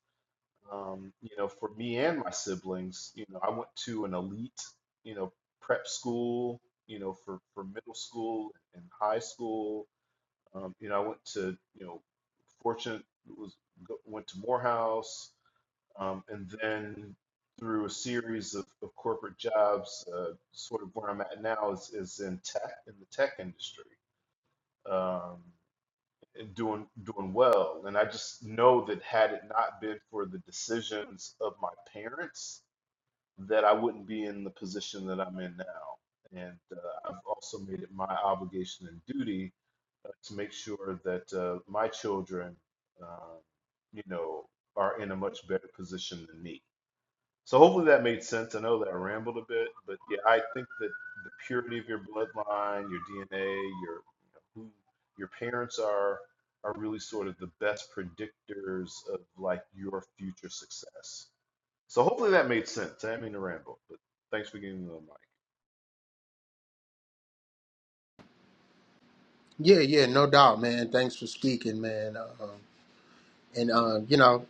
S9: um, you know, for me and my siblings. You know, I went to an elite, you know, prep school, you know, for for middle school and high school. Um, you know, I went to, you know, fortunate was go- went to Morehouse, um, and then through a series of, of corporate jobs, uh, sort of where I'm at now is, is in tech, in the tech industry. Um, and doing doing well. And I just know that had it not been for the decisions of my parents, that I wouldn't be in the position that I'm in now. And uh, I've also made it my obligation and duty uh, to make sure that uh, my children, uh, you know, are in a much better position than me. So hopefully that made sense. I know that I rambled a bit, but yeah, I think that the purity of your bloodline, your DNA, your you know, who your parents are are really sort of the best predictors of like your future success. So hopefully that made sense. I didn't mean to ramble, but thanks for getting the mic.
S1: Yeah, yeah, no doubt, man. Thanks for speaking, man. Um, and um, you know.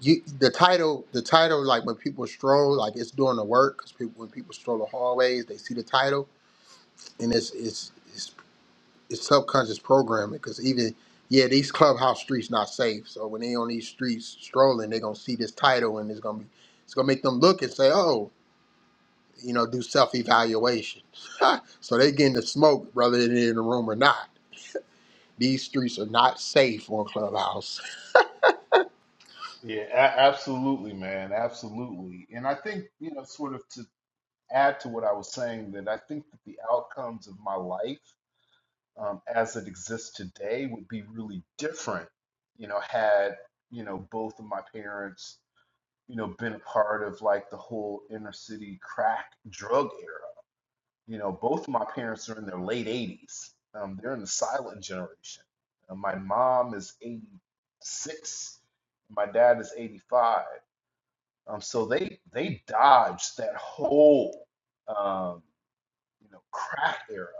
S1: you the title the title like when people stroll like it's doing the work because people when people stroll the hallways they see the title and it's it's it's, it's subconscious programming because even yeah these clubhouse streets not safe so when they on these streets strolling they gonna see this title and it's gonna be it's gonna make them look and say oh you know do self evaluation so they getting the smoke whether they're in the room or not these streets are not safe on clubhouse
S9: Yeah, a- absolutely, man, absolutely. And I think you know, sort of to add to what I was saying, that I think that the outcomes of my life um, as it exists today would be really different, you know, had, you know, both of my parents, you know, been a part of like the whole inner city crack drug era. You know, both of my parents are in their late 80s. Um, they're in the silent generation. Uh, my mom is 86, my dad is 85. Um, so they they dodged that whole um, you know crack era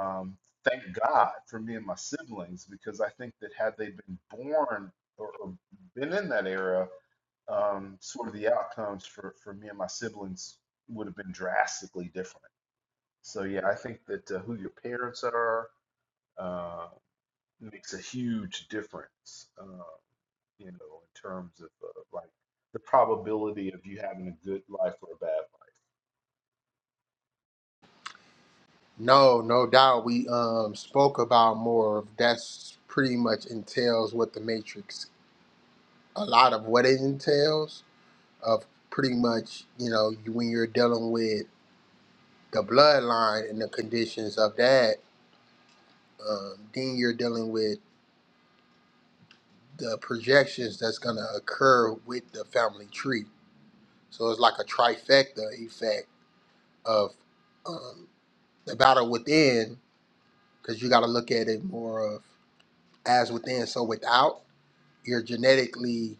S9: um, thank God for me and my siblings because I think that had they been born or, or been in that era, um, sort of the outcomes for, for me and my siblings would have been drastically different. So yeah, I think that uh, who your parents are uh, makes a huge difference, uh, you know, in terms of uh, like the probability of you having a good life or a bad
S1: No, no doubt. We um spoke about more of that's pretty much entails what the Matrix, a lot of what it entails of pretty much you know you- when you're dealing with the bloodline and the conditions of that, um, then you're dealing with the projections that's gonna occur with the family tree. So it's like a trifecta effect of um, the battle within, because you got to look at it more of as within, so without. your genetically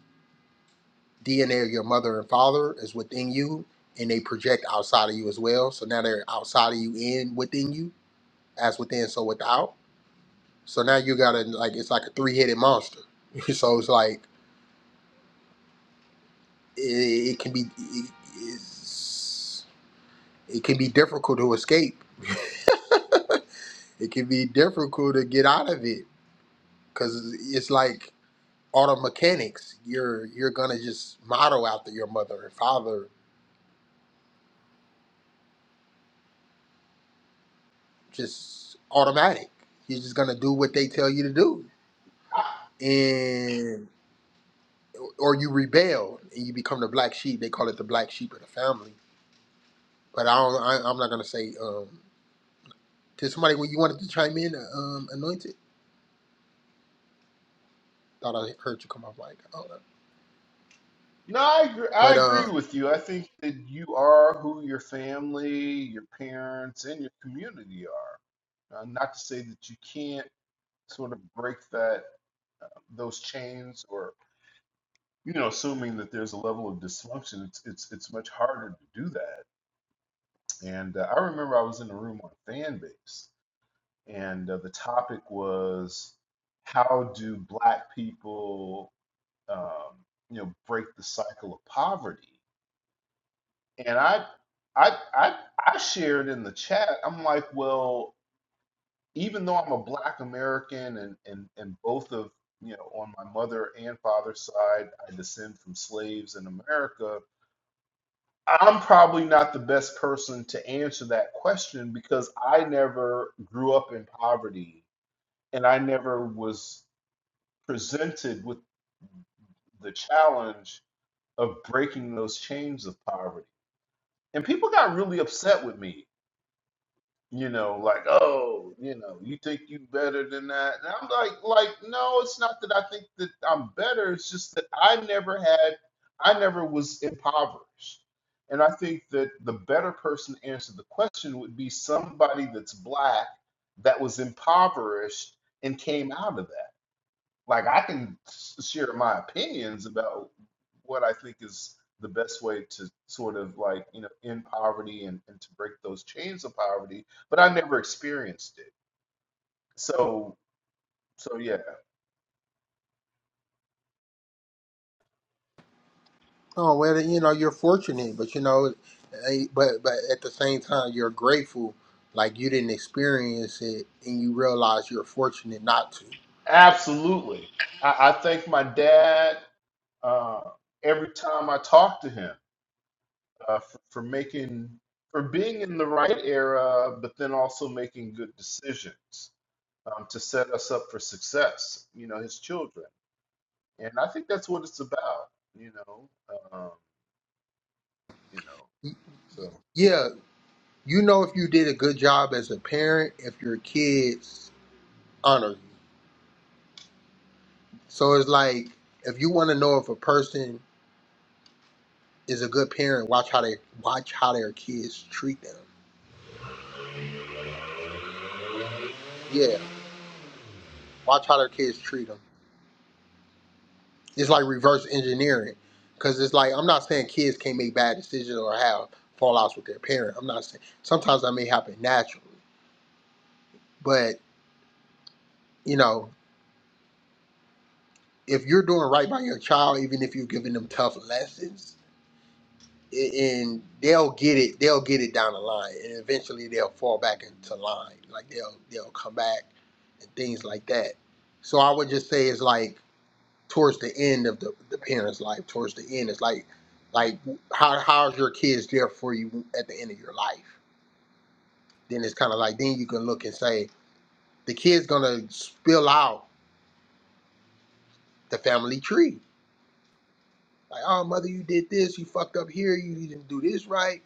S1: DNA of your mother and father is within you, and they project outside of you as well. So now they're outside of you and within you, as within, so without. So now you gotta like it's like a three headed monster. so it's like it, it can be it, it's, it can be difficult to escape. it can be difficult to get out of it because it's like auto mechanics. You're you're gonna just model after your mother and father just automatic. You're just gonna do what they tell you to do,
S9: life.
S1: and or you rebel and you become the black sheep. They call it the black sheep of the family. But I don't. I, I'm not gonna say. Um, did somebody when you wanted to chime in? Um, anointed. Thought I heard you come off mic. I don't know.
S9: No, I agree, I
S1: But
S9: agree
S1: um,
S9: with you. I think that you are who your family, your parents, and your community are. Uh, not to say that you can't sort of break that those chains, or you know, assuming that there's a level of dysfunction, it's it's it's much harder to do that. And uh, I remember I was in a room on fan base, and uh, the topic was how do Black people, um, you know, break the cycle of poverty? And I, I, I, I shared in the chat. I'm like, well, even though I'm a Black American, and and and both of you know, on my mother and father's side, I descend from slaves in America. I'm probably not the best person to answer that question because I never grew up in poverty, and I never was presented with the challenge of breaking those chains of poverty. And people got really upset with me you know, like, oh, you know, you think you better than that. And I'm like, like, no, it's not that I think that I'm better. It's just that I never had, I never was impoverished. And I think that the better person to answer the question would be somebody that's black that was impoverished and came out of that like I can share my opinions about what I think is the best way to sort of like, you know, end poverty and, and to break those chains of poverty, but I never experienced it. So, so yeah,
S1: oh well, you know you're fortunate, but you know, eh, but but at the same time you're grateful. Like you didn't experience it, and you realize you're fortunate not
S9: absolutely. I, I thank my dad uh, every time I talk to him uh, for, for making, for being in the right era, but then also making good decisions um, to set us up for success, you know, his children. and I think that's what it's about, you know. Um, you know,
S1: to.
S9: so
S1: Yeah, you know if you did a good job as a parent if your kids honor you. So it's like if you want to know if a person is a good parent, watch how they watch how their kids treat them. Yeah, watch how their kids treat them. It's like reverse engineering because it's like I'm not saying kids can't make bad decisions or have fallouts with their parent. I'm not saying sometimes that may happen naturally, but you know if you're doing right by your child, even if you're giving them tough lessons and they'll get it they'll get it down the line and eventually they'll fall back into line like they'll they'll come back and things like that so i would just say it's like towards the end of the, the parents life towards the end it's like like how how's your kids there for you at the end of your life then it's kind of like then you can look and say the kid's gonna spill out the family tree like oh mother you did this you fucked up here you didn't do this right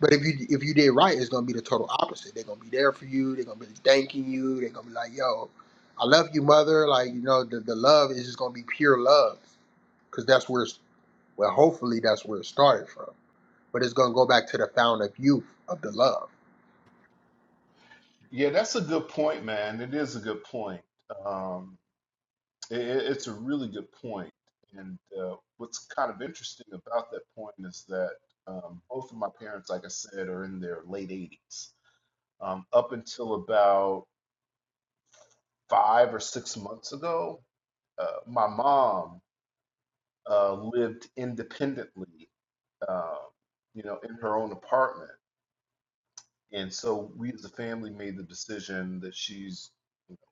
S1: But if you if you did right, it's gonna be the total opposite. They're gonna be there for you. They're gonna be thanking you. They're gonna be like, "Yo, I love you, mother." Like you know, the, the love is just gonna be pure love, because that's where it's well, hopefully that's where it started from. But it's gonna go back to the fountain of youth of the love.
S9: yeah, that's a good point, man. It is a good point. Um, it, it- it's a really good point. And uh, what's kind of interesting about that point is that um, both of my parents, like I said, are in their late 80s. Um, up until about five or six months ago, uh, my mom uh, lived independently, uh, you know, in her own apartment And so we as a family made the decision that she's you know,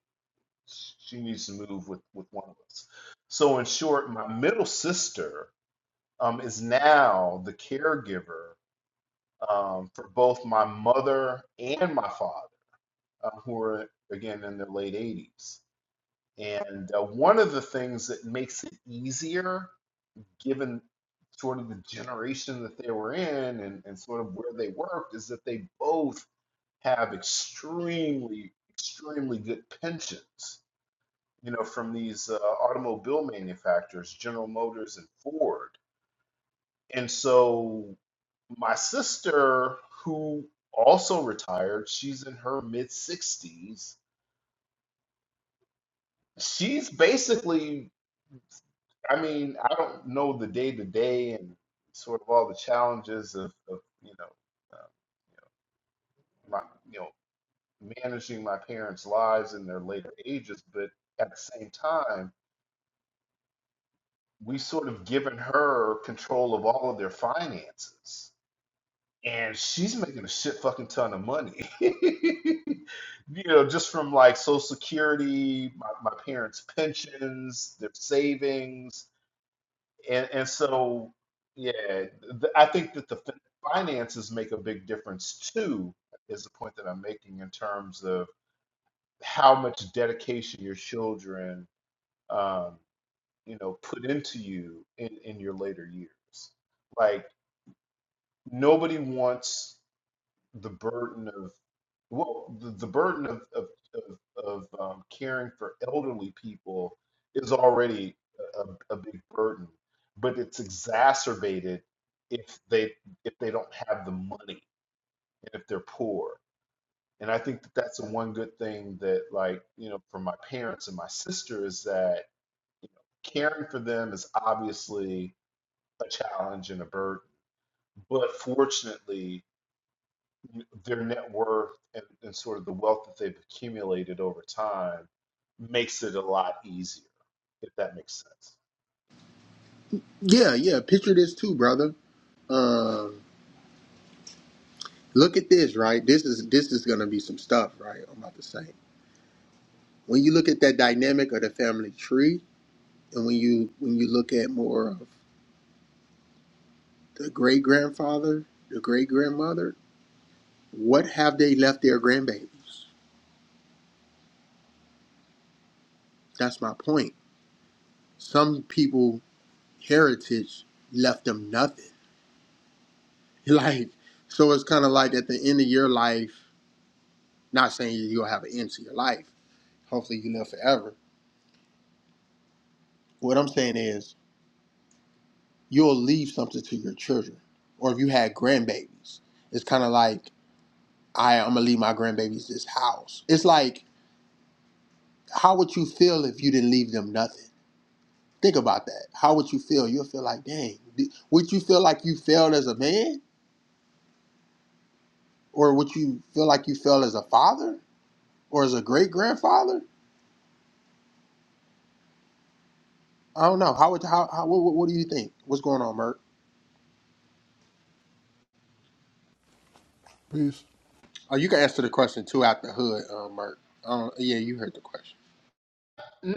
S9: she needs to move with with one of us. So in short, my middle sister um, is now the caregiver um, for both my mother and my father, uh, who are again in their late 80s. And uh, one of the things that makes it easier, given sort of the generation that they were in and, and sort of where they worked, is that they both have extremely, extremely good pensions, you know, from these uh, automobile manufacturers, General Motors and Ford. And so my sister, who also retired, she's in her mid 60s. She's basically, I mean, I don't know the day to day and sort of all the challenges of, of you know, um, you know, my, you know, managing my parents' lives in their later ages, but at the same time, we sort of given her control of all of their finances. And she's making a shit fucking ton of money. You know, just from like Social Security, my, my parents' pensions, their savings. And, and so, yeah, th- I think that the fin- finances make a big difference too, is the point that I'm making in terms of how much dedication your children um, you know put into you in, in your later years like nobody wants the burden of well the, the burden of of, of, of um, caring for elderly people is already a, a big burden but it's exacerbated if they if they don't have the money and if they're poor And I think that that's the one good thing that, like, you know, for my parents and my sister is that caring for them is obviously a challenge and a burden. But fortunately, their net worth and, and sort of the wealth that they've accumulated over time makes it a lot easier, if that makes sense.
S1: Yeah, yeah. Picture this too, brother. Um, look at this, right? This is this is gonna be some stuff, right? I'm about to say. When you look at that dynamic of the family tree, and when you when you look at more of. the great grandfather, the great grandmother, what have they left their grandbabies? That's my point. Some people heritage left them nothing. Like so it's kinda like at the end of your life, not saying you'll have an end to your life. Hopefully you live forever. What I'm saying is you'll leave something to your children. Or if you had grandbabies, it's kinda like I, I'm gonna leave my grandbabies this house. It's like, how would you feel if you didn't leave them nothing? Think about that. How would you feel? You'll feel like, dang, d- would you feel like you failed as a man? Or would you feel like you failed as a father or as a great grandfather? I don't know. How would, how, how what, what what do you think? What's going on, Merk?
S10: Peace.
S1: Oh, you can answer the question too out the hood, uh, Merk. Um, yeah, you heard the question.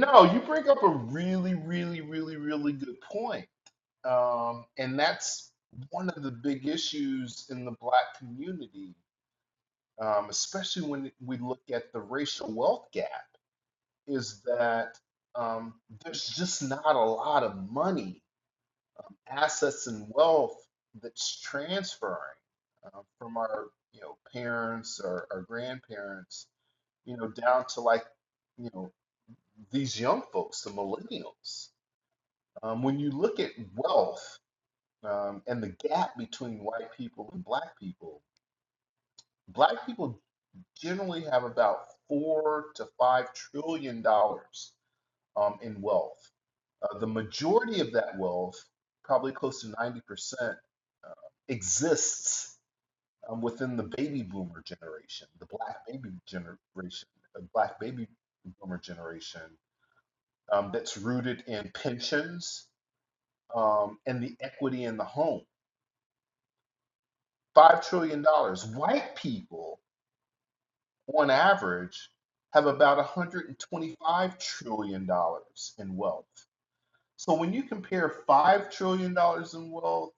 S9: No, you bring up a really, really, really, really good point. Um, and that's one of the big issues in the Black community um, especially when we look at the racial wealth gap, is that um, there's just not a lot of money, assets, and wealth that's transferring uh, from our you know parents or our grandparents, you know, down to like you know these young folks, the millennials. Um, when you look at wealth um, and the gap between white people and black people, black people generally have about four to five trillion dollars um, in wealth. Uh, the majority of that wealth, probably close to 90%, uh, exists um, within the baby boomer generation, the black baby generation, the black baby boomer generation um, that's rooted in pensions um, and the equity in the home. $5 trillion. dollars. White people on average, have about $125 trillion dollars in wealth. So when you compare $5 trillion dollars in wealth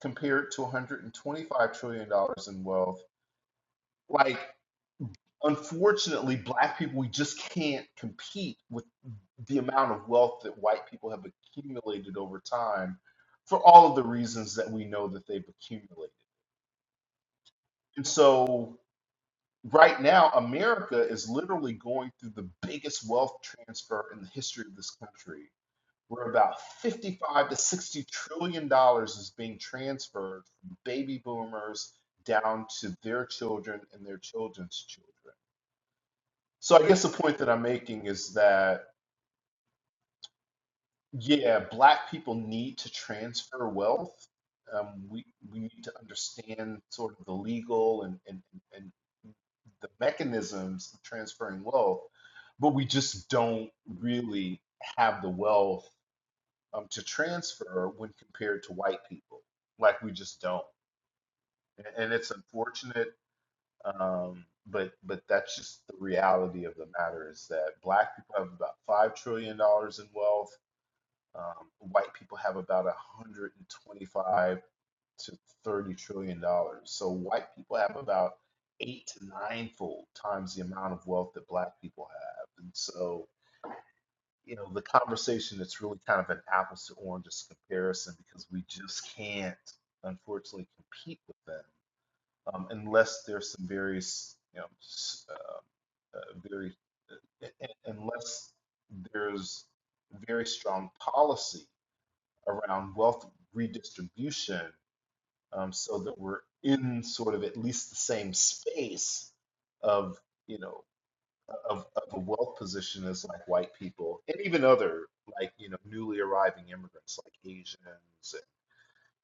S9: compared to $125 trillion dollars in wealth, like, unfortunately, black people, we just can't compete with the amount of wealth that white people have accumulated over time for all of the reasons that we know that they've accumulated. And so right now, America is literally going through the biggest wealth transfer in the history of this country, where about 55 to 60 trillion dollars is being transferred from baby boomers down to their children and their children's children. So I guess the point that I'm making is that Yeah, black people need to transfer wealth. Um, we we need to understand sort of the legal and and, and the mechanisms of transferring wealth, but we just don't really have the wealth um, to transfer when compared to white people. Like we just don't, and, and it's unfortunate. Um, but but that's just the reality of the matter is that black people have about five trillion dollars in wealth um, white people have about 125 to 30 trillion dollars. So white people have about eight to ninefold times the amount of wealth that black people have. And so, you know, the conversation it's really kind of an apples to oranges comparison because we just can't, unfortunately, compete with them um, unless there's some various, you know, s- uh, uh, very, uh, unless there's very strong policy around wealth redistribution um, so that we're in sort of at least the same space of you know of, of a wealth position as like white people and even other like you know newly arriving immigrants like Asians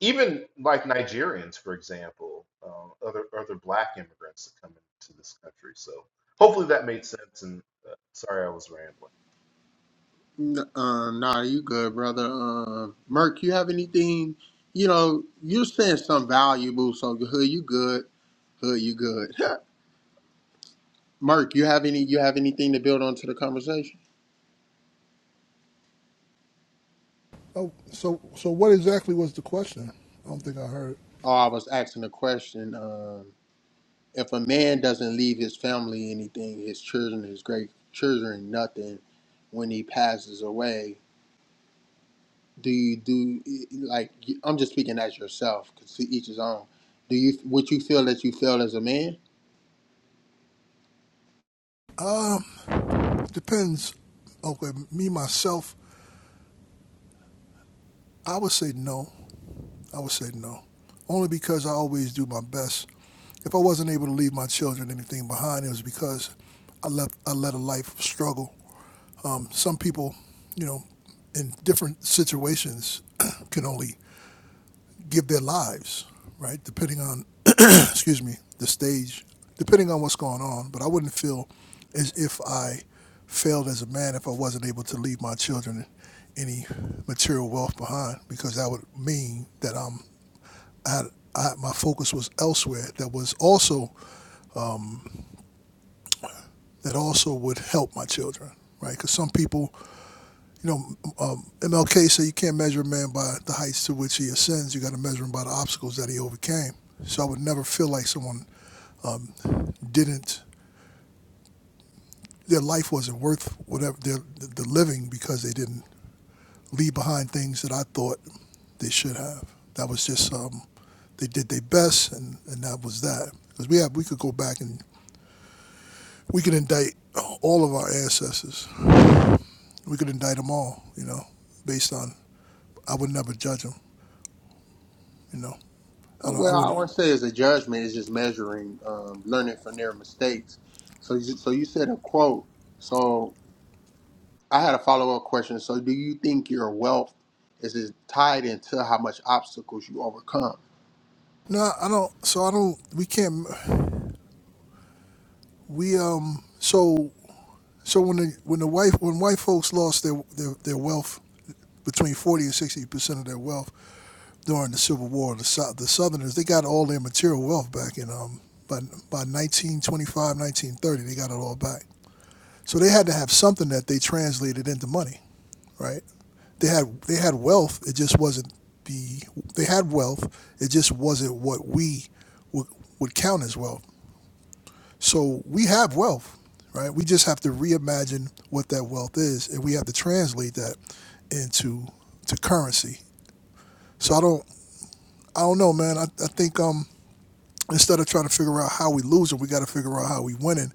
S9: even like Nigerians for example um, other other black immigrants that come into this country so hopefully that made sense and uh, sorry I was rambling
S1: N- uh, nah, you good, brother. Um, Merk, you have anything? You know, you're saying some valuable, so hood, you good. Hood, you good. Merk, you have any? You have anything to build onto the conversation?
S10: Oh, so so what exactly was the question? I don't think I heard.
S1: Oh, I was asking a question. Um, if a man doesn't leave his family anything, his children, his great children, nothing, when he passes away, do you do e, like? I'm just speaking as yourself, because to each his own. Do you what you feel that you feel as a man?
S10: Depends. Okay, me myself, I would say no. I would say no, only because I always do my best. If I wasn't able to leave my children anything behind, it was because I left. I led a life of struggle. Um, some people, you know, in different situations, can only give their lives, right? Depending on excuse me, the stage, depending on what's going on. But I wouldn't feel as if I failed as a man if I wasn't able to leave my children any material wealth behind, because that would mean that I'm I, I, my focus was elsewhere. That was also that also would help my children, right? Because some people, you know, um, MLK said you can't measure a man by the heights to which he ascends. You got to measure him by the obstacles that he overcame. So I would never feel like someone um, didn't their life wasn't worth whatever their the living because they didn't leave behind things that I thought they should have. That was just um, they did their best, and, and that was that. Because we have we could go back and we could indict all of our ancestors. We could indict them all, you know, based on I would never judge them, you know. I
S1: Uh,
S10: don't. I
S1: Well, I
S10: wouldn't.
S1: want to say is a judgment is just measuring, um, learning from their mistakes. So, you- so you said a quote. So I had a follow up question. So, do you think your wealth is it tied into how much obstacles you overcome?
S10: No, I don't. So I don't. We can't. We um. So so when the when the white when white folks lost their their, their wealth between forty and sixty percent of their wealth, during the Civil War, the, Sou- the Southerners, they got all their material wealth back in um, by, by 1925, 1930, they got it all back. So they had to have something that they translated into money, right? They had they had wealth. It just wasn't the they had wealth. It just wasn't what we would, would count as wealth. So we have wealth, right? We just have to reimagine what that wealth is, and we have to translate that into to currency. So I don't I don't know, man. I, I think um instead of trying to figure out how we losing, we got to figure out how we winning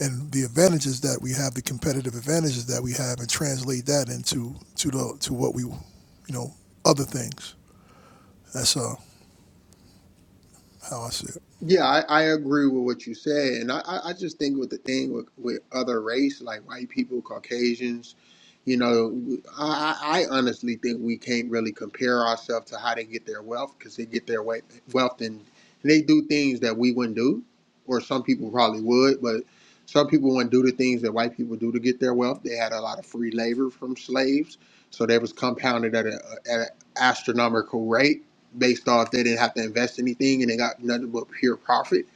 S10: and the advantages that we have, the competitive advantages that we have, and translate that into to the to what we, you know, other things. That's uh, how I see it.
S1: Yeah, I, I agree with what you said, and I, I I just think with the thing with, with other race like white people, Caucasians, you know, I, I I honestly think we can't really compare ourselves to how they get their wealth because they get their wa- wealth and they do things that we wouldn't do, or some people probably would, but some people wouldn't do the things that white people do to get their wealth. They had a lot of free labor from slaves, so they was compounded at a, at an astronomical rate based off they didn't have to invest anything and they got nothing but pure profit.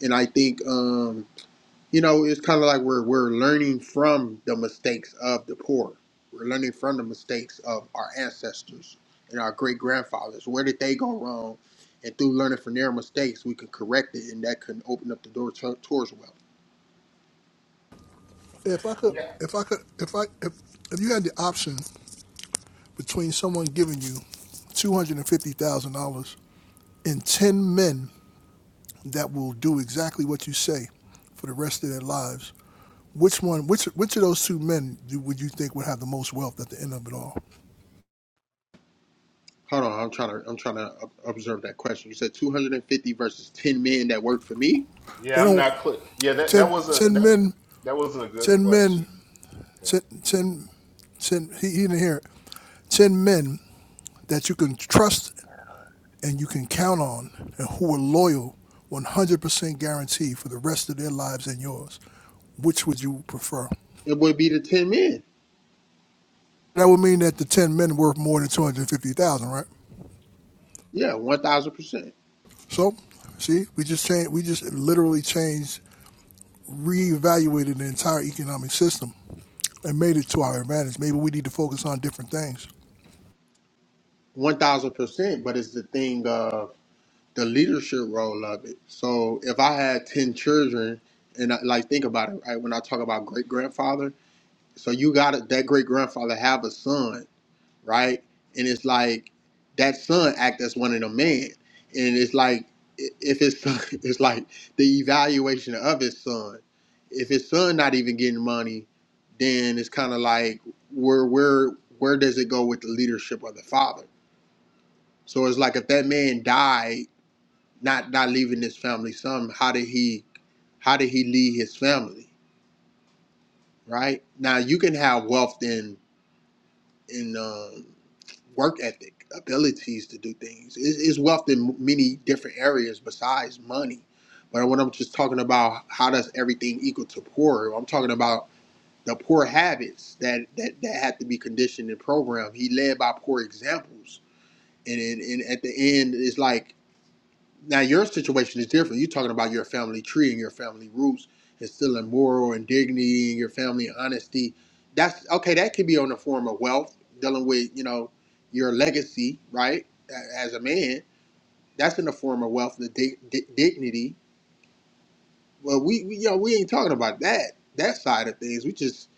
S1: And I think um, you know it's kind of like we're we're learning from the mistakes of the poor. We're learning from the mistakes of our ancestors and our great grandfathers. Where did they go wrong? And through learning from their mistakes, we can correct it, and that can open up the door to, towards wealth.
S10: If I could,
S9: yeah
S10: if I could, if I if if you had the option between someone giving you two hundred and fifty thousand dollars and ten men that will do exactly what you say for the rest of their lives. Which one? Which which of those two men do, would you think would have the most wealth at the end of it all?
S1: Hold on, I'm trying to I'm trying to ob- observe that question. You said 250 versus 10 men that work for me.
S9: yeah
S10: They
S9: I'm
S10: don't.
S9: not clear yeah that that
S10: ten,
S9: wasn't
S10: ten
S9: that
S10: men,
S9: that wasn't a good
S10: ten men,
S9: question Yeah.
S10: ten, ten, ten he, he didn't hear it. Ten men that you can trust and you can count on and who are loyal 100% guarantee for the rest of their lives and yours. Which would you prefer?
S1: It would be the 10 men.
S10: That would mean that the 10 men worth more than 250,000, right?
S1: Yeah, 1,000%.
S10: So, see, we just changed, we just literally changed, reevaluated the entire economic system and made it to our advantage. Maybe we need to focus on different things.
S1: One thousand percent, but it's the thing of the leadership role of it. So if I had ten children, and I, like think about it, right? When I talk about great grandfather, so you got that great grandfather have a son, right? And it's like that son act as one of the men, and it's like i- if his son, it's like the evaluation of his son. If his son not even getting money, then it's kind of like where where where does it go with the leadership of the father? So it's like if that man died, not not leaving his family some, how did he how did he lead his family? Right? Now you can have wealth in in um, work ethic, abilities to do things. It's, it's wealth in many different areas besides money. But when I'm just talking about how does everything equal to poor, I'm talking about the poor habits that, that, that have to be conditioned and programmed. He led by poor examples. And, and, and at the end, it's like Now your situation is different. You're talking about your family tree and your family roots, instilling moral and dignity in your family, honesty. That's okay. That could be on the form of wealth, dealing with you know your legacy, right? a- As a man, that's in the form of wealth, the dig- di- dignity. Well, we, we you know we ain't talking about that that side of things. We just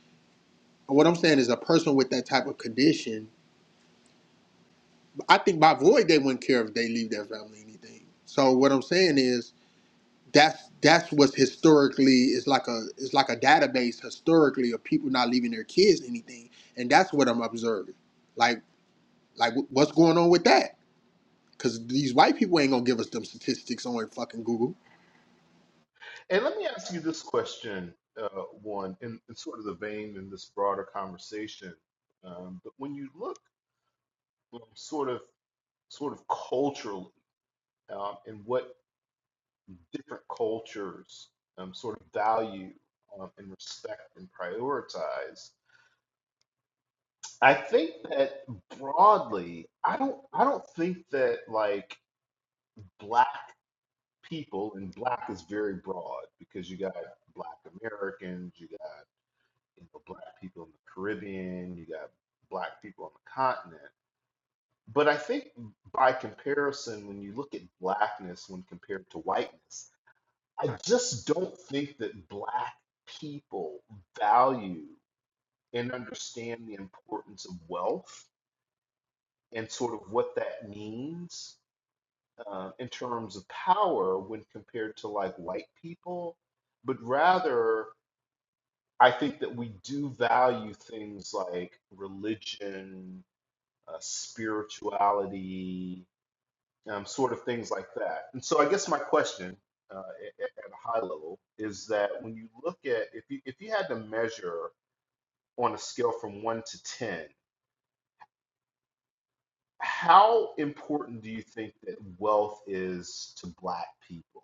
S1: what I'm saying is a person with that type of condition. I think by void they wouldn't care if they leave their family anything. So what I'm saying is that's that's what's historically is like a it's like a database historically of people not leaving their kids anything and that's what i'm observing like like wh- what's going on with that because these white people ain't gonna give us them statistics on fucking google
S9: And let me ask you this question, uh, one, in, in sort of the vein in this broader conversation. Um, but when you look um, sort of sort of culturally um, and what different cultures um, sort of value um, and respect and prioritize, I think that broadly, I don't I don't think that like black people and black is very broad because you got black Americans, you got you know, black people in the Caribbean, you got black people on the continent. But I think by comparison, when you look at blackness when compared to whiteness, I just don't think that black people value and understand the importance of wealth and sort of what that means uh, in terms of power when compared to like white people. But rather, I think that we do value things like religion uh, spirituality, um, sort of things like that. And so, I guess my question uh, at, at a high level is that when you look at if you if you had to measure on a scale from one to ten, how important do you think that wealth is to Black people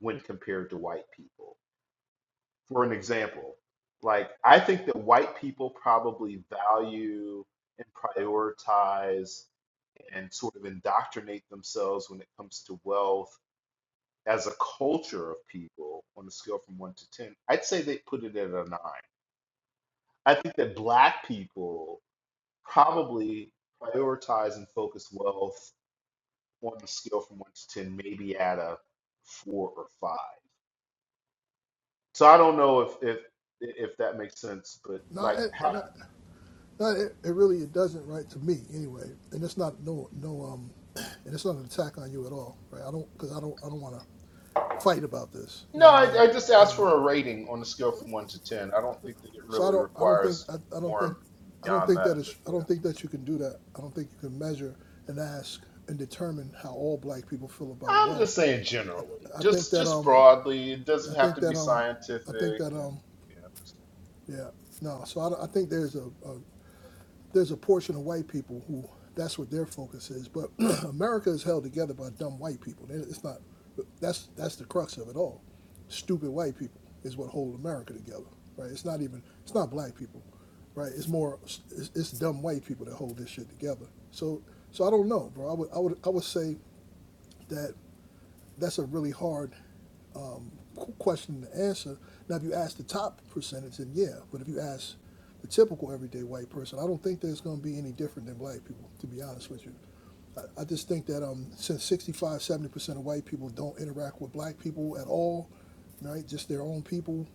S9: when compared to white people? For an example, like I think that white people probably value and prioritize and sort of indoctrinate themselves when it comes to wealth as a culture of people on a scale from one to 10, I'd say they put it at a nine. I think that black people probably prioritize and focus wealth on a scale from one to 10, maybe at a four or five. So I don't know if, if, if that makes sense, but
S10: No,
S9: like, how,
S10: it, No, it, it really it doesn't right to me anyway, and it's not no no um, and it's not an attack on you at all, right? I don't because I don't I don't want to fight about this. You know
S9: no,
S10: what I mean?
S9: I, I just asked
S10: Um,
S9: for a rating on a scale from one to 10. I don't think that it
S10: so I
S9: really
S10: don't I don't think
S9: requires
S10: I, I don't think
S9: more
S10: I don't
S9: beyond
S10: think
S9: that,
S10: that is
S9: but
S10: I
S9: yeah.
S10: don't think that you can do that. I don't think you can measure and ask and determine how all black people feel about
S9: I'm
S10: wealth.
S9: just saying generally,
S10: I think
S9: just
S10: that
S9: just
S10: um
S9: broadly. It
S10: I
S9: doesn't have
S10: think
S9: to be
S10: that um I think
S9: scientific,
S10: that
S9: and
S10: um
S9: you know, I'm just
S10: yeah no so I, I think there's a, a there's a portion of white people who that's what their focus is. But America is held together by dumb white people. It's not. That's that's the crux of it all. Stupid white people is what hold America together, right? It's not even. It's not black people, right? It's more. It's, it's dumb white people that hold this shit together. So so I don't know, bro. I would I would I would say that that's a really hard question to answer. Now, if you ask the top percentage, then yeah. But if you ask the typical everyday white person, I don't think there's going to be any different than black people, to be honest with you. I, I just think that um, since 65, 70% of white people don't interact with black people at all, right? Just their own people,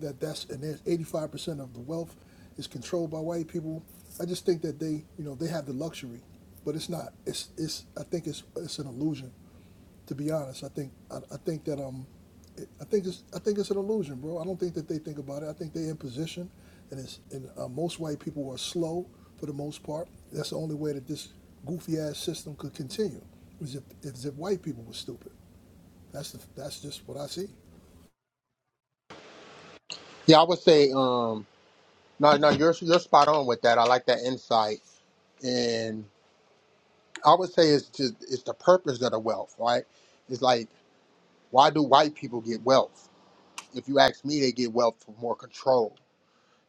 S10: that that's, and there's 85% of the wealth is controlled by white people. I just think that they, you know, they have the luxury, but it's not. It's, it's, I think it's, it's an illusion to be honest. I think I, I think that um, it, I think it's I think it's an illusion, bro. I don't think that they think about it. I think they're in position, and it's and uh, most white people are slow for the most part. That's the only way that this goofy ass system could continue. Is if is if white people were stupid. That's the, that's just what I see.
S1: yeah i would say um no no you're you're spot on with that i like that insight and i would say it's just it's the purpose of the wealth right it's like why do white people get wealth if you ask me they get wealth for more control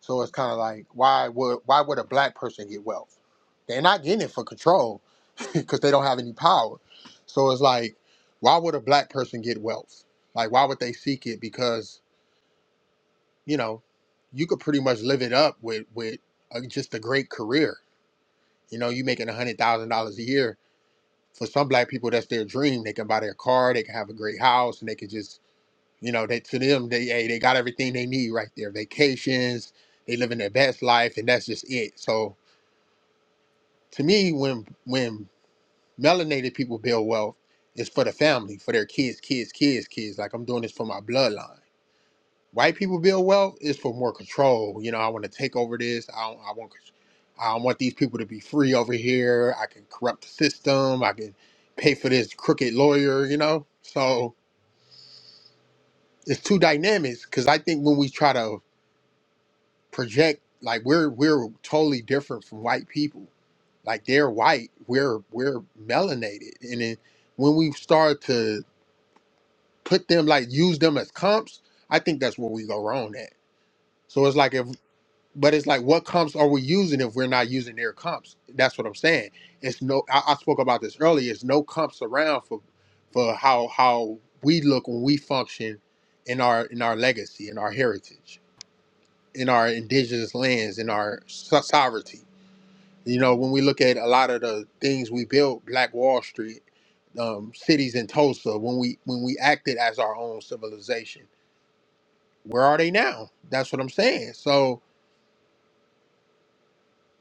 S1: So it's kind of like why would why would a black person get wealth? They're not getting it for control because they don't have any power. So it's like why would a black person get wealth? Like why would they seek it? Because you know you could pretty much live it up with with uh, just a great career. You know you making a hundred thousand dollars a year. For some black people, that's their dream. They can buy their car, they can have a great house, and they can just you know they to them they hey, they got everything they need right there. Vacations, they living their best life, and that's just it. So To me, when when melanated people build wealth, it's for the family, for their kids, kids, kids, kids. Like I'm doing this for my bloodline. White people build wealth is for more control. You know, I want to take over this. I don't, I want I don't want these people to be free over here. I can corrupt the system. I can pay for this crooked lawyer. You know, so it's two dynamics. Because I think when we try to project like we're we're totally different from white people. Like they're white, we're we're melanated, and then when we start to put them like use them as comps, I think that's where we go wrong at. So it's like if, but it's like what comps are we using if we're not using their comps? That's what I'm saying. It's no, I, I spoke about this earlier. It's no comps around for for how how we look when we function in our in our legacy in our heritage in our indigenous lands, in our so- sovereignty. You know, when we look at a lot of the things we built, Black Wall Street, um, cities in Tulsa, when we when we acted as our own civilization, where are they now? That's what I'm saying. So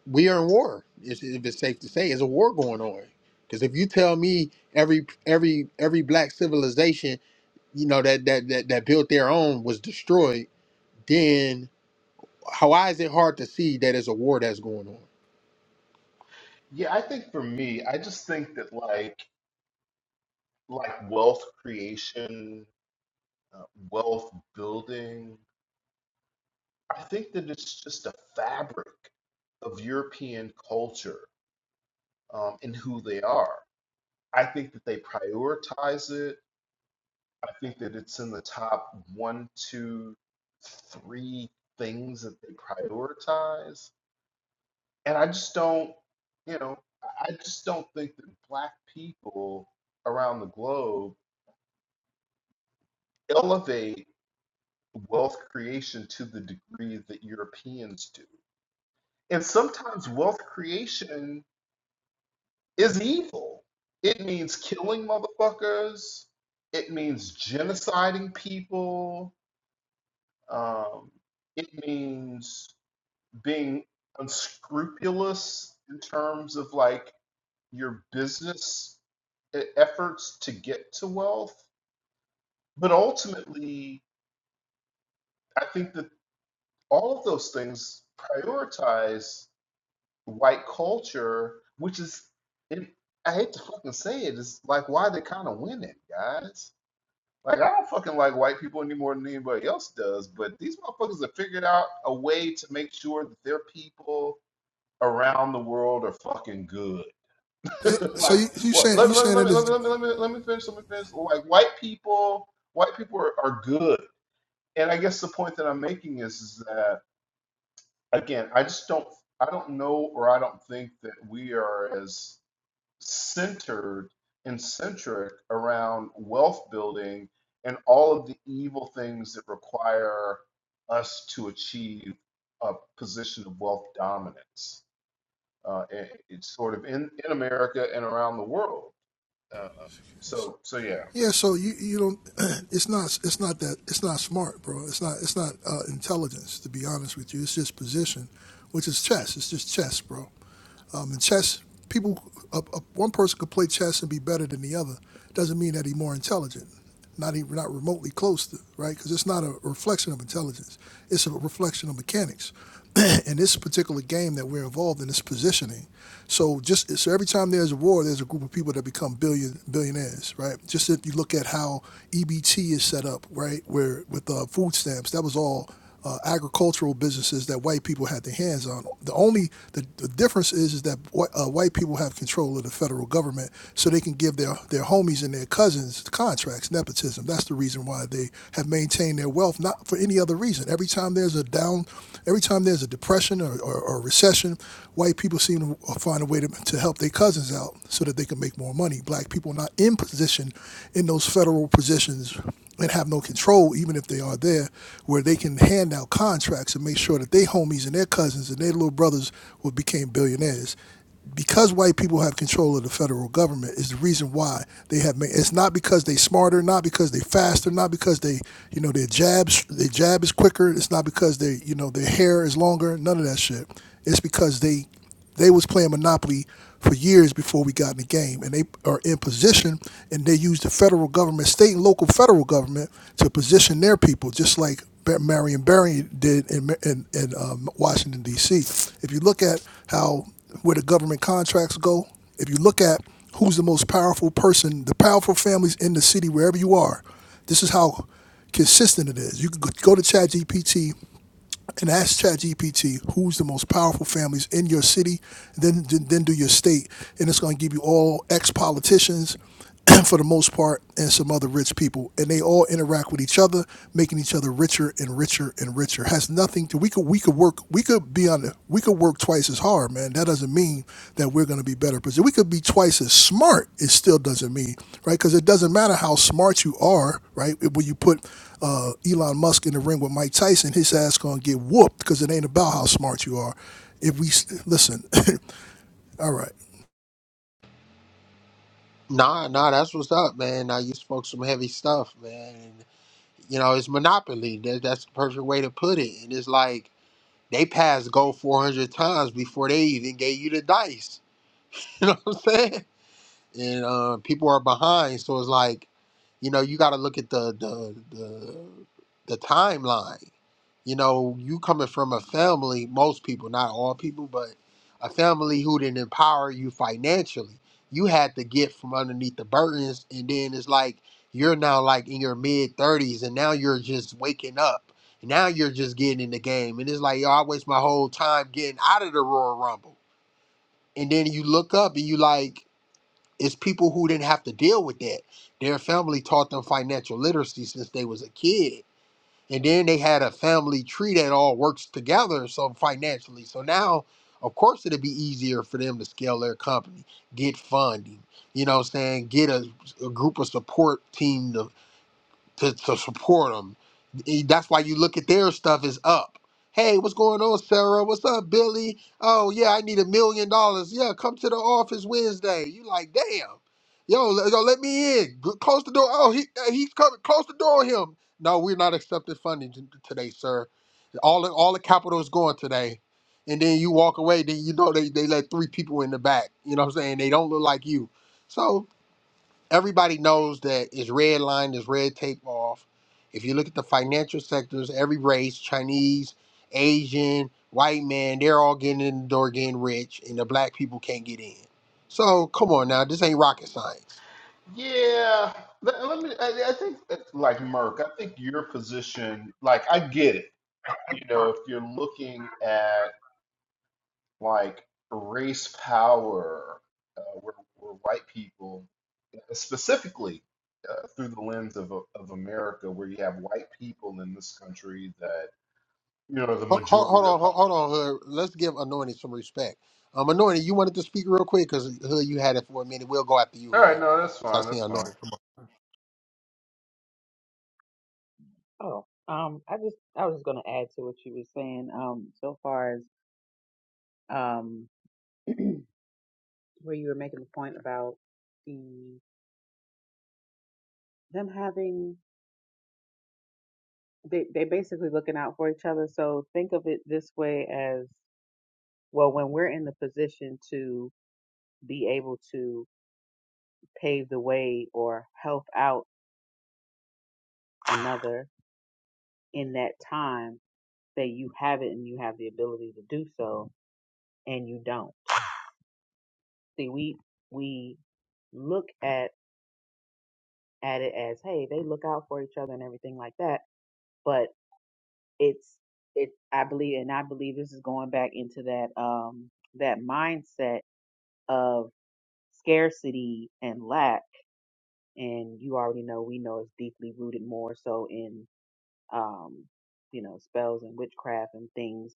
S1: we are in war. If if it's safe to say, is a war going on? Because if you tell me every every every black civilization, you know that that that, that built their own was destroyed, then how- why is it hard to see that it's a war that's going on?
S9: yeah. I think for me, I just think that like like wealth creation, uh, wealth building. I think that it's just a fabric of European culture um, and who they are. I think that they prioritize it. I think that it's in the top one, two, three things that they prioritize and I just don't, you know, I I just don't think that black people around the globe elevate wealth creation to the degree that Europeans do. And sometimes wealth creation is evil. It means killing motherfuckers. It means genociding people. Um, it means being unscrupulous in terms of like your business e- efforts to get to wealth. But ultimately, I think that all of those things prioritize white culture, which is, it, I hate to fucking say it, is like why they kind of win it, guys. Like, I don't fucking like white people any more than anybody else does, but these motherfuckers have figured out a way to make sure that their people around the world are fucking good.
S10: Eh, So
S9: like
S10: you you
S9: well
S10: saying
S9: let
S10: you
S9: me let me
S10: saying
S9: let
S10: that
S9: me let me
S10: is
S9: let me let me let me finish let me finish like white people white people are, are good and i guess the point that i'm making is, is that again i just don't i don't know or i don't think that we are as centered and centric around wealth building and all of the evil things that require us to achieve a position of wealth dominance uh, it- it's sort of in, in america and around the world um, so so yeah,
S10: yeah. So you you don't. It's not it's not that it's not smart, bro. It's not it's not uh, intelligence. To be honest with you, it's just position, which is chess. It's just chess, bro. Um, and chess, people, uh, uh, one person could play chess and be better than the other. Doesn't mean that he's more intelligent. Not even not remotely close to right, because it's not a reflection of intelligence. It's a reflection of mechanics. in this particular game that we're involved in, it's positioning. So just so every time there's a war, there's a group of people that become billion billionaires, right? Just if you look at how EBT is set up, right, where with uh, food stamps, that was all uh, agricultural businesses that white people had their hands on. The only the, the difference is is that uh, white people have control of the federal government, so they can give their their homies and their cousins contracts. Nepotism. That's the reason why they have maintained their wealth, not for any other reason. Every time there's a down Every time there's a depression or, or, or recession, white people seem to find a way to, to help their cousins out so that they can make more money. Black people are not in position in those federal positions and have no control, even if they are there, where they can hand out contracts and make sure that their homies and their cousins and their little brothers will become billionaires because white people have control of the federal government is the reason why they have made it's not because they smarter not because they faster not because they you know their jabs their jab is quicker it's not because they you know their hair is longer none of that shit it's because they they was playing monopoly for years before we got in the game and they are in position and they use the federal government state and local federal government to position their people just like Marion Barry did in, in, in um, Washington D.C. If you look at how where the government contracts go, if you look at who's the most powerful person, the powerful families in the city, wherever you are, this is how consistent it is. You can go to ChatGPT and ask ChatGPT who's the most powerful families in your city, then then do your state, and it's going to give you all ex politicians. for the most part, and some other rich people, and they all interact with each other, making each other richer and richer and richer. Has nothing to we could we could work we could be on the we could work twice as hard, man. That doesn't mean that we're going to be better. Because we could be twice as smart, it still doesn't mean, right? Because it doesn't matter how smart you are, right? When you put uh, Elon Musk in the ring with Mike Tyson, his ass going to get whooped because it ain't about how smart you are. If we listen, all right.
S1: Nah, nah, that's what's up, man. Now you spoke some heavy stuff, man. And, you know, it's monopoly. That, that's the perfect way to put it. And it's like they passed go 400 times before they even gave you the dice. You know what I'm saying? and uh, people are behind. So it's like, you know, you got to look at the the the, the timeline. You know, you coming from a family, most people, not all people, but a family who didn't empower you financially. You had to get from underneath the burdens, and then it's like you're now like in your mid thirties, and now you're just waking up. Now you're just getting in the game, and it's like yo, I waste my whole time getting out of the Royal Rumble, and then you look up and you like. It's people who didn't have to deal with that. Their family taught them financial literacy since they was a kid. And then they had a family tree that all works together so financially. So now, of course, it'd be easier for them to scale their company, get funding, you know what I'm saying, get a, a group of support team to to, to support them. That's why you look at their stuff is up. Hey, what's going on, Sarah? What's up, Billy? Oh yeah, I need a million dollars. Yeah, come to the office Wednesday. You like, damn, yo, le- yo, let me in. G- Close the door. Oh, he uh, he's coming. Close the door on him. No, we're not accepting funding t- today, sir. All the- all the capital is going today. And then you walk away, then you know they, they let three people in the back. You know what I'm saying? They don't look like you. So everybody knows that it's red line, is red tape off. If you look at the financial sectors, every race, Chinese, Asian, white man, they're all getting in the door getting rich, and the black people can't get in. So come on now, this ain't rocket science.
S9: yeah. Let, let me. I, I think that, like Merck, I think your position. Like I get it. You know, if you're looking at like race power, uh, where where white people uh, specifically. Uh, through the lens of, of America, where you have white people in this country that, you know, the
S1: Ho- ho-
S9: majority
S1: Hold
S9: of the.
S1: on, ho-
S9: Po-
S1: hold on, Hood. Let's give Anointed some respect. Um, Anointed, you wanted to speak real quick because Hood, you had it for a minute. We'll go after you,
S9: All right,
S1: Hood.
S9: no, that's
S1: So I
S9: fine,
S1: see
S9: that's fine.
S1: Anointed.
S2: Oh, um, I just I was just gonna add to what you were saying. Um, so far as um, where you were making the point about the them having they they basically looking out for each other. So think of it this way as well when we're in the position to be able to pave the way or help out another in that time that you have it and you have the ability to do so and you don't. See, we we look at at it as, hey, they look out for each other and everything like that, but it's it I believe and I believe this is going back into that um that mindset of scarcity and lack and you already know we know it's deeply rooted more so in um you know spells and witchcraft and things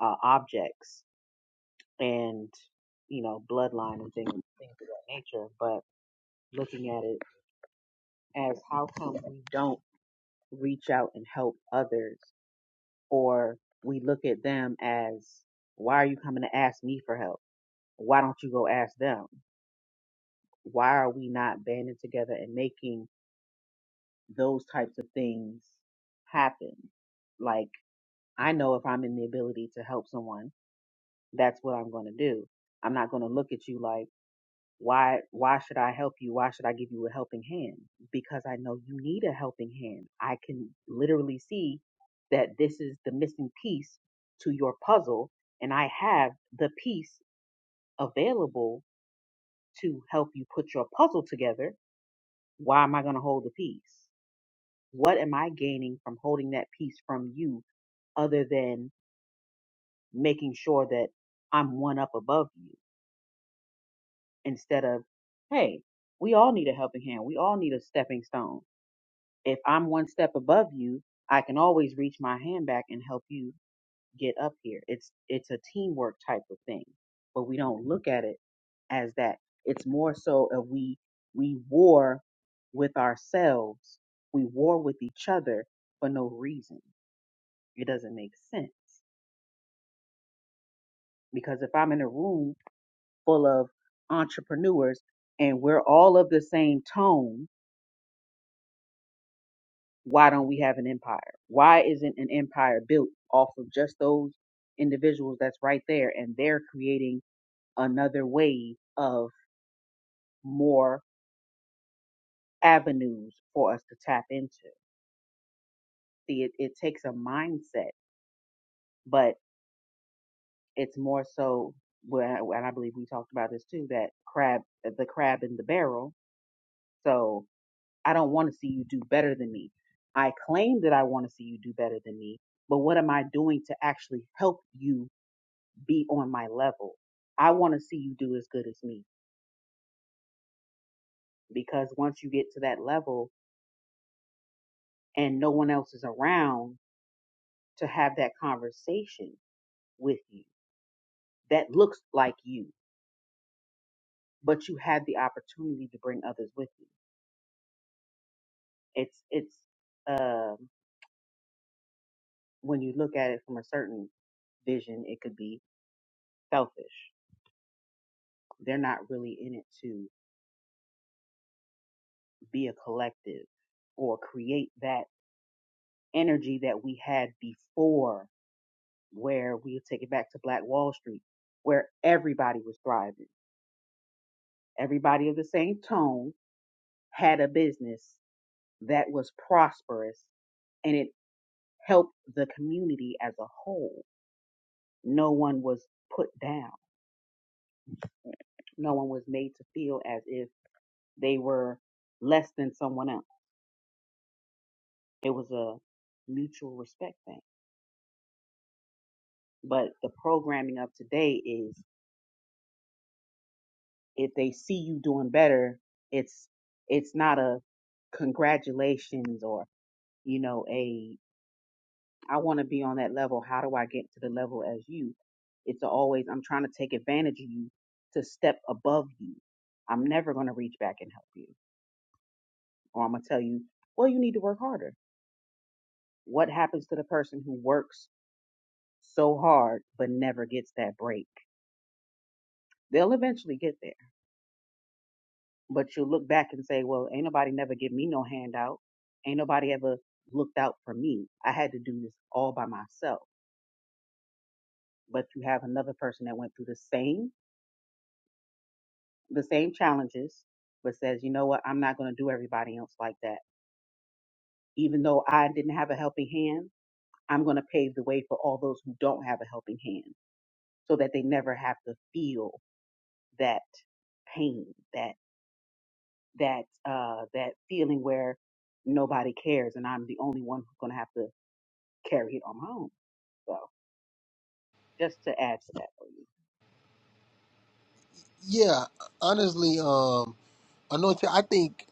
S2: uh objects and you know bloodline and things things of that nature but looking at it as how come we don't reach out and help others or we look at them as why are you coming to ask me for help why don't you go ask them why are we not banding together and making those types of things happen like i know if i'm in the ability to help someone that's what i'm going to do i'm not going to look at you like Why why should I help you? Why should I give you a helping hand? Because I know you need a helping hand. I can literally see that this is the missing piece to your puzzle and I have the piece available to help you put your puzzle together. Why am I going to hold the piece? What am I gaining from holding that piece from you other than making sure that I'm one up above you instead of, hey, we all need a helping hand. We all need a stepping stone If I'm one step above you, I can always reach my hand back and help you get up here. It's it's a teamwork type of thing, but we don't look at it as that. It's more so of we we war with ourselves. We war with each other for no reason. It doesn't make sense because if I'm in a room full of entrepreneurs and we're all of the same tone why don't we have an empire? Why isn't an empire built off of just those individuals that's right there and they're creating another wave of more avenues for us to tap into? See, it, it takes a mindset, but it's more so, well, and I believe we talked about this too, that crab, the crab in the barrel. So I don't want to see you do better than me. I claim that I want to see you do better than me, but what am I doing to actually help you be on my level. I want to see you do as good as me because once you get to that level and no one else is around to have that conversation with you that looks like you, but you had the opportunity to bring others with you. It's it's um when you look at it from a certain vision, it could be selfish. They're not really in it to be a collective or create that energy that we had before where we take it back to Black Wall Street, where everybody was thriving. Everybody of the same tone had a business that was prosperous and it helped the community as a whole. No one was put down. No one was made to feel as if they were less than someone else. It was a mutual respect thing. But the programming of today is if they see you doing better, it's it's not a congratulations or you know a i want to be on that level how do i get to the level as you it's always i'm trying to take advantage of you to step above you i'm never going to reach back and help you or i'm going to tell you well you need to work harder what happens to the person who works so hard but never gets that break they'll eventually get there but you'll look back and say well ain't nobody never give me no handout ain't nobody ever looked out for me i had to do this all by myself but you have another person that went through the same the same challenges, but says, you know what, I'm not going to do everybody else like that. Even though I didn't have a helping hand, I'm going to pave the way for all those who don't have a helping hand so that they never have to feel that pain, that, that, uh, that feeling where nobody cares and I'm the only one who's going to have to carry it on my own. So just to add to that for you.
S1: Yeah, honestly, um, Anointed, I think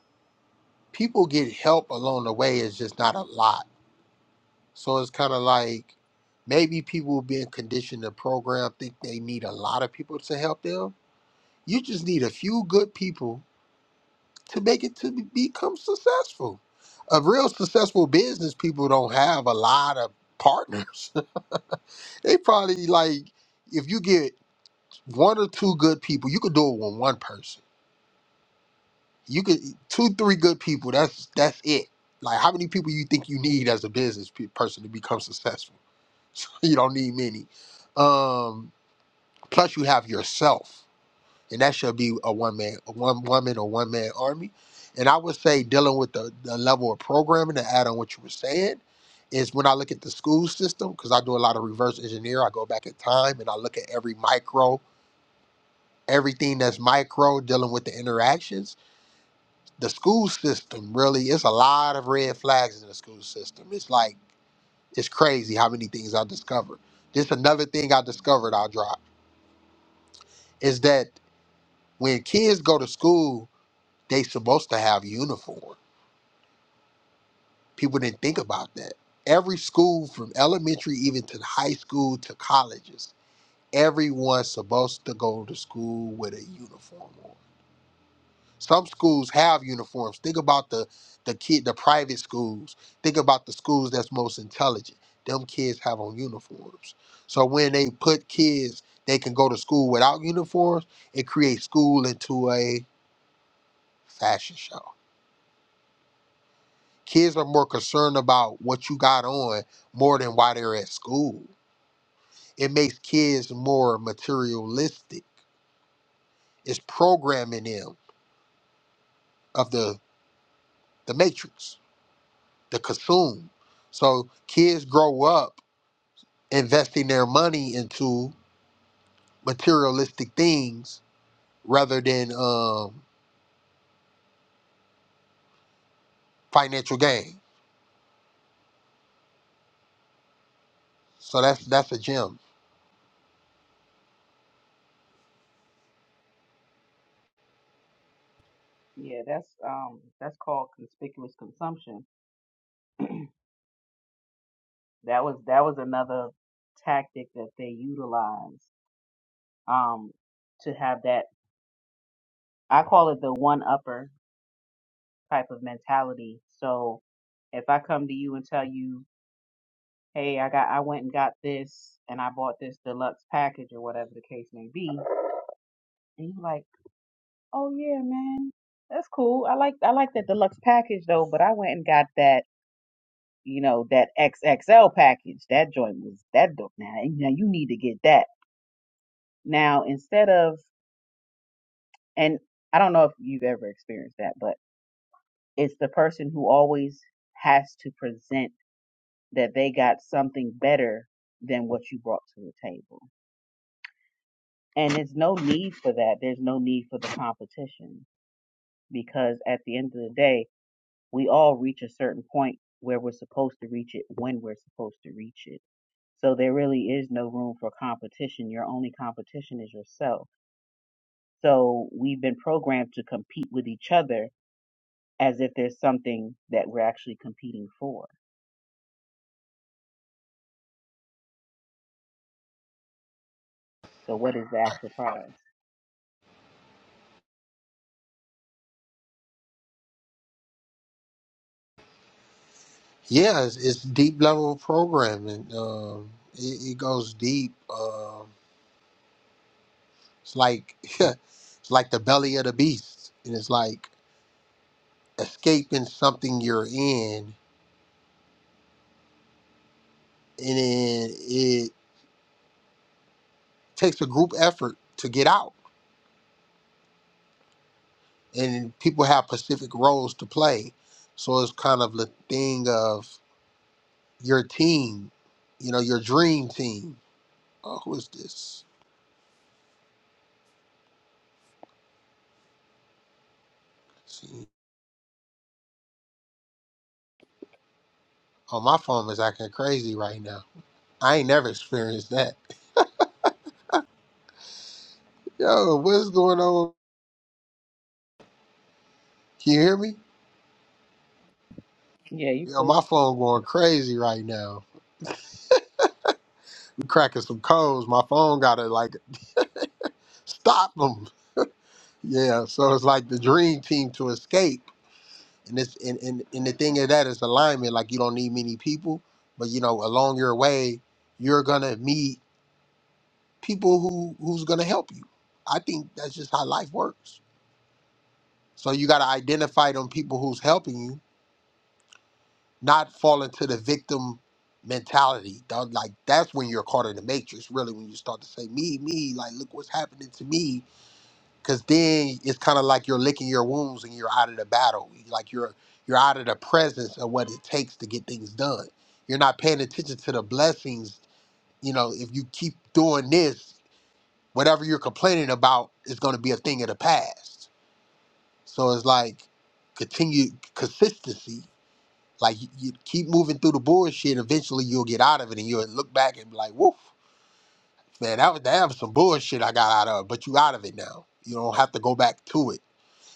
S1: people get help along the way. It's just not a lot So it's kind of like maybe people being conditioned to program think they need a lot of people to help them. You just need a few good people to make it to be- become successful. A real successful business people don't have a lot of partners. they probably like if you get one or two good people, you could do it with one person. You could two, three good people. That's that's it. Like how many people you think you need as a business pe- person to become successful? you don't need many. Um, plus you have yourself, and that should be a one man, a one woman or one man army. And I would say dealing with the, the level of programming to add on what you were saying is when I look at the school system, because I do a lot of reverse engineer, I go back in time and I look at every micro, everything that's micro dealing with the interactions. The school system really, it's a lot of red flags in the school system. It's like, it's crazy how many things I discovered. This another thing I discovered, I'll drop. is that when kids go to school, they supposed to have uniform. People didn't think about that. Every school from elementary even to high school to colleges, everyone's supposed to go to school with a uniform on. Some schools have uniforms. Think about the the kid the private schools. Think about the schools that's most intelligent. Them kids have on uniforms. So when they put kids they can go to school without uniforms, it creates school into a fashion show Kids are more concerned about what you got on more than why they're at school. It makes kids more materialistic. It's programming them of the the matrix, the consume. So kids grow up investing their money into materialistic things rather than um, financial gain. So that's that's a gem.
S2: Yeah, that's, um, that's called conspicuous consumption. That was, that was another tactic that they utilized. um, to have that. I call it the one upper type of mentality. So if I come to you and tell you, hey, I got, I went and got this and I bought this deluxe package or whatever the case may be, and you're like, oh yeah, man, that's cool. I like, I like that deluxe package though, but I went and got that, you know, that XXL package. That joint was that dope. Now, you know, you need to get that. Now, instead of, and I don't know if you've ever experienced that, but It's the person who always has to present that they got something better than what you brought to the table. And there's no need for that. There's no need for the competition because at the end of the day, we all reach a certain point where we're supposed to reach it when we're supposed to reach it. So there really is no room for competition. Your only competition is yourself. So we've been programmed to compete with each other as if there's something that we're actually competing for. So what is the actual prize?
S1: Yeah, it's, it's deep level programming. Um, it, it goes deep. Um, It's like it's like the belly of the beast, and it's like escaping something you're in, and then it takes a group effort to get out. And people have specific roles to play, so it's kind of the thing of your team, you know, your dream team. Oh, who is this? See, oh, my phone is acting crazy right now. I ain't never experienced that. Yo, what's going on? Can you hear me?
S2: Yeah, you
S1: Yo, my
S2: clear.
S1: phone going crazy right now. cracking some codes. My phone gotta like stop them. Yeah, so it's like the dream team to escape. And it's and, and, and the thing of that is alignment. Like you don't need many people, but you know, along your way, you're gonna meet people who who's gonna help you. I think that's just how life works. So you gotta identify them people who's helping you, not fall into the victim mentality. Dog, Like that's when you're caught in the matrix, really, when you start to say, Me, me, like look what's happening to me because then it's kind of like you're licking your wounds and you're out of the battle like you're you're out of the presence of what it takes to get things done you're not paying attention to the blessings you know if you keep doing this whatever you're complaining about is going to be a thing of the past so it's like continued consistency like you, you keep moving through the bullshit eventually you'll get out of it and you'll look back and be like woof man that was, that was some bullshit i got out of but you out of it now you don't have to go back to it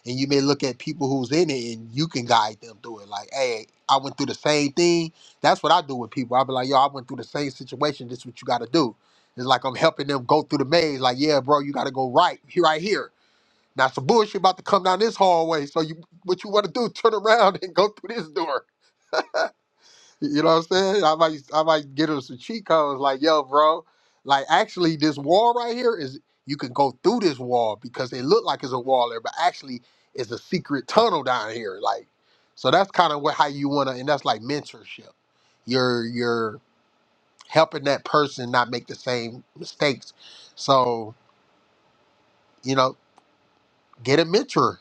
S1: and you may look at people who's in it and you can guide them through it. Like, hey, I went through the same thing. That's what I do with people. i be like, yo, I went through the same situation. This is what you got to do. It's like I'm helping them go through the maze. Like, yeah, bro, you got to go right here, right here. Now some bullshit about to come down this hallway. So you, what you want to do? Turn around and go through this door. You know what I'm saying? I might I might get him some cheat codes like, yo, bro, like actually this wall right here is you can go through this wall because it looked like it's a wall there, but actually it's a secret tunnel down here. Like, so that's kind of what how you wanna and that's like mentorship. You're you're helping that person not make the same mistakes. So, you know, get a mentor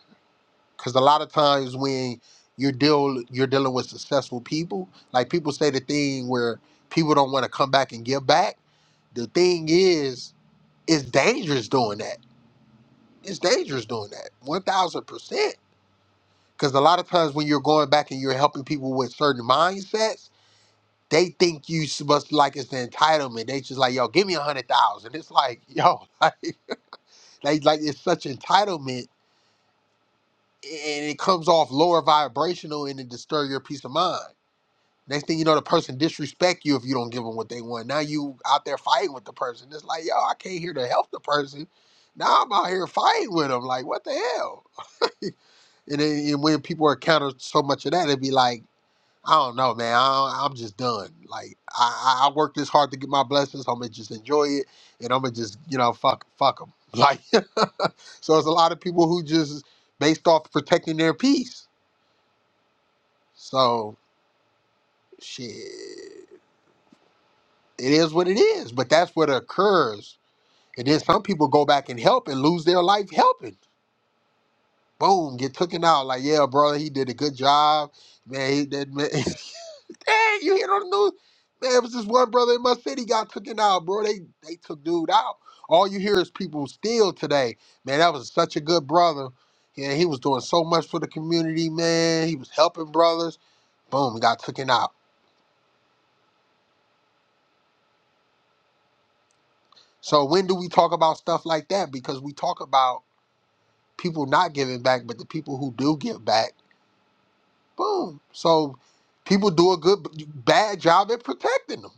S1: because a lot of times when you're deal you're dealing with successful people, like people say the thing where people don't want to come back and give back. The thing is, it's dangerous doing that. It's dangerous doing that. One thousand percent. Because a lot of times when you're going back and you're helping people with certain mindsets, they think you must like it's the entitlement. They just like, yo, give me a hundred thousand. It's like, yo, like, like like it's such entitlement, and it comes off lower vibrational, and it disturbs your peace of mind Next thing you know, the person disrespect you if you don't give them what they want. Now you out there fighting with the person. It's like, yo, I came here to help the person. Now I'm out here fighting with them. Like, what the hell? And, then, and when people encounter so much of that, it'd be like, I don't know, man. I, I'm just done. Like, I, I I worked this hard to get my blessings. I'm gonna just enjoy it, and I'm gonna just, you know, fuck, fuck them. Like, so it's a lot of people who just based off protecting their peace. So, shit. It is what it is, but that's what occurs. And then some people go back and help and lose their life helping. Boom, get taken out. Like, yeah, brother, he did a good job. Man, he did. Man. hey, you hear on the news? Man, it was this one brother in my city got taken out, bro. They they took dude out. All you hear is people still today. Man, that was such a good brother. Yeah, he was doing so much for the community, man. He was helping brothers. Boom, got taken out. So when do we talk about stuff like that? Because we talk about people not giving back, but the people who do give back, boom. So people do a good bad job at protecting them.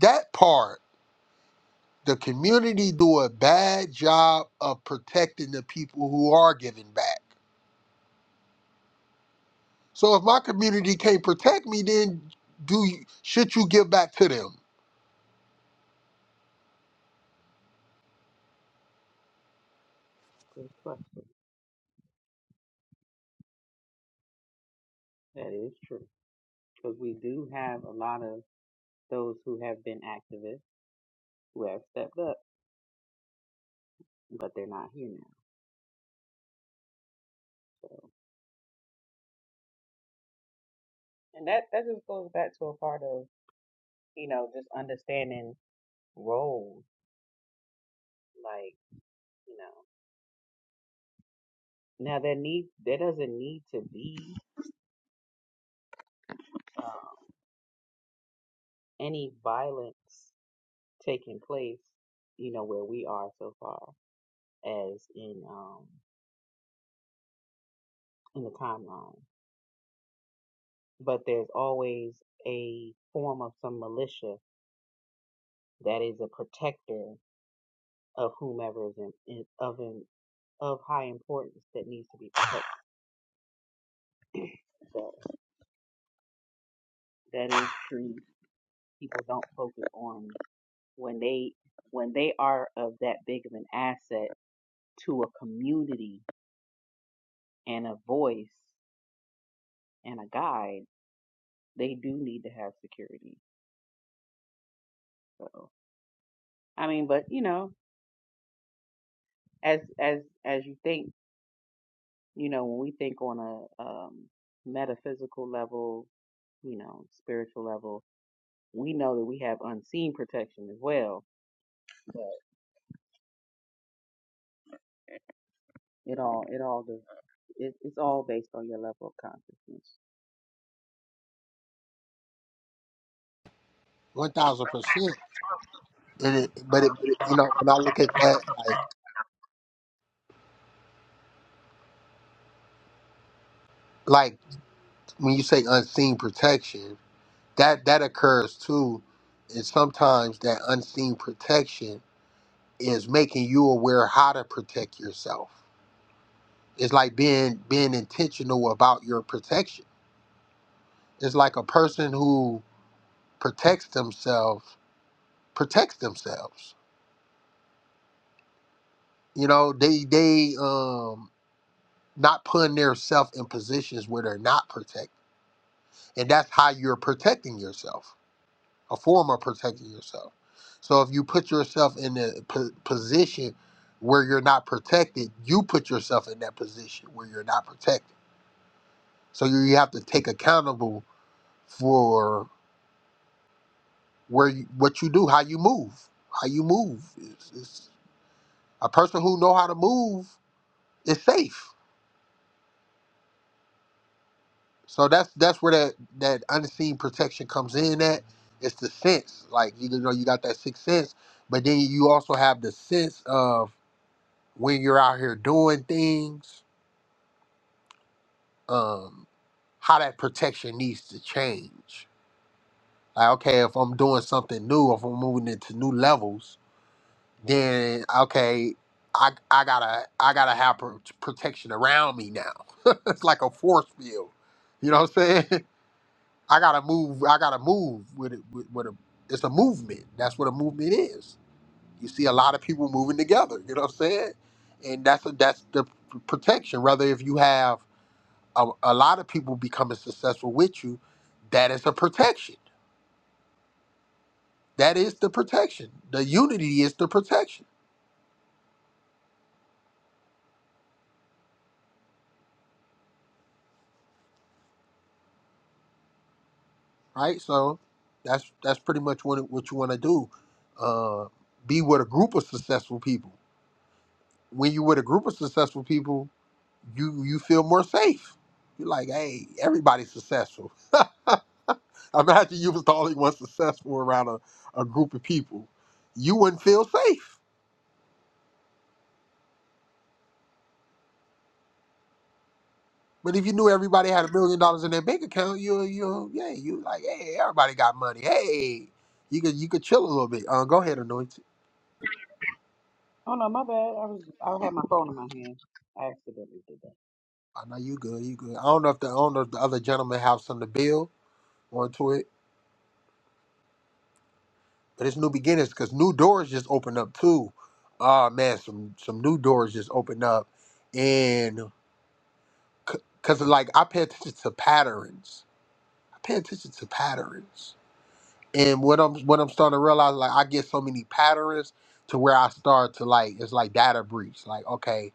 S1: That part, the community do a bad job of protecting the people who are giving back. So if my community can't protect me, then do you, should you give back to them?
S2: Good question. That is true. Because we do have a lot of those who have been activists who have stepped up, but they're not here now. And that, that just goes back to a part of, you know, just understanding roles. Like, you know, now there need there doesn't need to be um, any violence taking place, you know, where we are so far as in um in the timeline. But there's always a form of some militia that is a protector of whomever is in, in- of in, of high importance that needs to be protected. So that is true. People don't focus on when they when they are of that big of an asset to a community and a voice and a guide. They do need to have security. So I mean, but you know, as as as you think, you know, when we think on a um, metaphysical level, you know, spiritual level, we know that we have unseen protection as well. It all, it all, does, it, it's all based on your level of consciousness.
S1: One thousand percent. And it, but it, but it, you know, when I look at that, like like when you say unseen protection, that that occurs too and sometimes that unseen protection is making you aware how to protect yourself it's like being being intentional about your protection it's like a person who protects themselves protects themselves you know they they um not putting their self in positions where they're not protected and that's how you're protecting yourself a form of protecting yourself. So if you put yourself in a po- position where you're not protected, you put yourself in that position where you're not protected. So you, you have to take accountable for where you, what you do, how you move, how you move. It's, it's, a person who know how to move is safe. So that's that's where that that unseen protection comes in. At it's the sense, like you know, you got that sixth sense, but then you also have the sense of when you're out here doing things, um, how that protection needs to change. Like, okay, if I'm doing something new, if I'm moving into new levels, then okay, I I gotta I gotta have pro- protection around me now. it's like a force field. You know what I'm saying? I gotta move. I gotta move with it. With, with a, it's a movement. That's what a movement is. You see a lot of people moving together. You know what I'm saying? And that's a, that's the p- protection. Rather, if you have a, a lot of people becoming successful with you, that is a protection. That is the protection. The unity is the protection, right? So that's that's pretty much what it- what you want to do. Uh, be with a group of successful people. When you're with a group of successful people, you you feel more safe. You're like, hey, everybody's successful. Imagine you was the only one successful around a, a group of people. You wouldn't feel safe But if you knew everybody had a million dollars in their bank account, you you yeah, you like, hey, everybody got money. Hey, you could you could chill a little bit. Uh, go ahead, anointed.
S2: Oh no, my bad. I was, I had my phone in my hand. I accidentally did that.
S1: I know you good. You good. I don't know if the owner of the other gentleman have something to build onto it, but it's new beginnings because new doors just opened up too. ah man, some some new doors just opened up, and because like I pay attention to patterns. I pay attention to patterns and what I'm what I'm starting to realize, like I get so many patterns to where I start to like it's like data breach. Like, okay,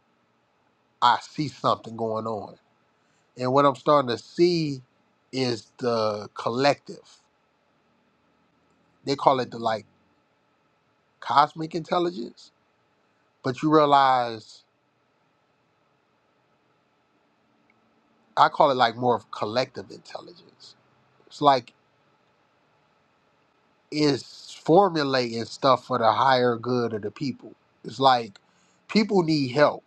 S1: I see something going on. And what I'm starting to see is the collective. They call it the like cosmic intelligence, but you realize I call it like more of collective intelligence. It's like it's formulating stuff for the higher good of the people. It's like people need help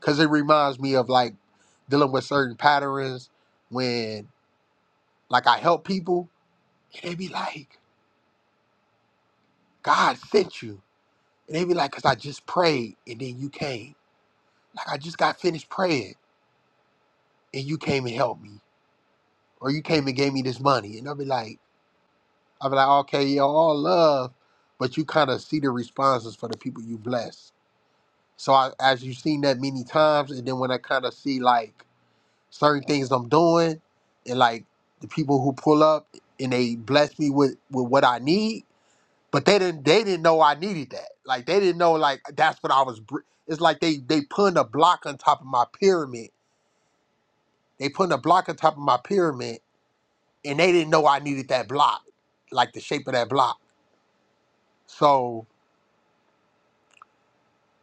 S1: because it reminds me of like dealing with certain patterns when like I help people and they be like, God sent you. And they be like, because I just prayed and then you came. Like I just got finished praying and you came and helped me. Or you came and gave me this money. And I'll be like, I'll be like, okay, yo, all love. But you kind of see the responses for the people you bless. So I, as you've seen that many times, and then when I kind of see like certain things I'm doing, and like the people who pull up and they bless me with with what I need, but they didn't they didn't know I needed that. Like they didn't know like that's what I was. br- It's like they they putting a block on top of my pyramid. They putting a block on top of my pyramid, and they didn't know I needed that block, like the shape of that block. So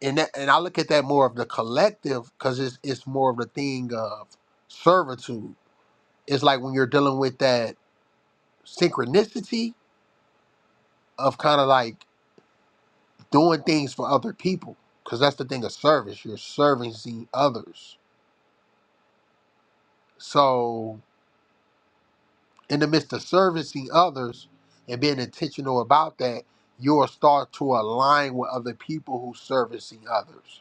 S1: and that, and I look at that more of the collective because it's it's more of the thing of servitude. It's like when you're dealing with that synchronicity of kind of like doing things for other people because that's the thing of service you're servicing others so in the midst of servicing others and being intentional about that you'll start to align with other people who servicing others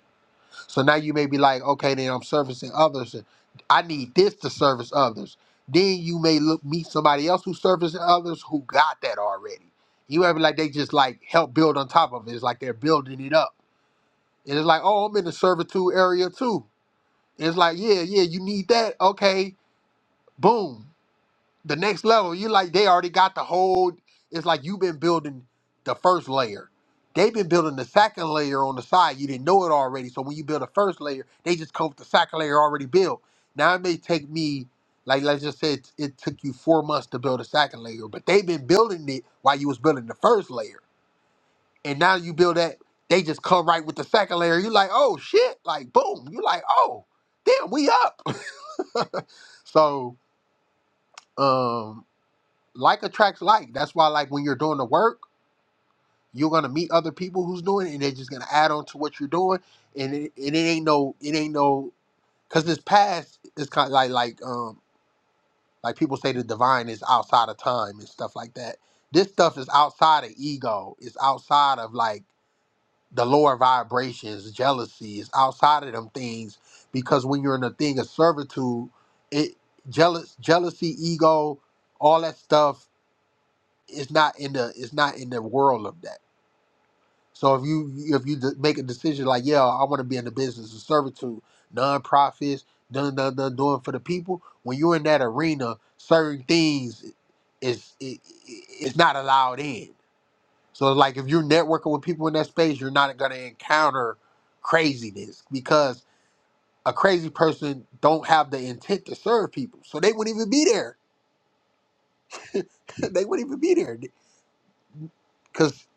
S1: so now you may be like okay then i'm servicing others and i need this to service others then you may look meet somebody else who servicing others who got that already you ever like they just like help build on top of it it's like they're building it up And it's like, oh, I'm in the servitude area too. And it's like, yeah, yeah, you need that. Okay, boom. The next level, you like they already got the whole. It's like you've been building the first layer. They've been building the second layer on the side. You didn't know it already. So when you build a first layer, they just come with the second layer already built. Now it may take me, like let's just say it, it took you four months to build a second layer, but they've been building it while you was building the first layer and now you build that, they just come right with the second layer. You're like, oh shit, like boom. You're like, oh, damn, we up. so um like attracts like. That's why like when you're doing the work, you're gonna meet other people who's doing it and they're just gonna add on to what you're doing. And it, and it ain't no it ain't no cause this past is kind of like like um like people say the divine is outside of time and stuff like that. This stuff is outside of ego. It's outside of like the lower vibrations, jealousies, outside of them things. Because when you're in a thing of servitude, it jealous, jealousy, ego, all that stuff is not in the is not in the world of that. So if you if you de- make a decision like, yeah, I want to be in the business of servitude, nonprofits, done done done doing for the people. When you're in that arena, certain things is it, it- it's not allowed in so like if you're networking with people in that space, you're not gonna encounter craziness because a crazy person don't have the intent to serve people. So they wouldn't even be there. they wouldn't even be there. Cause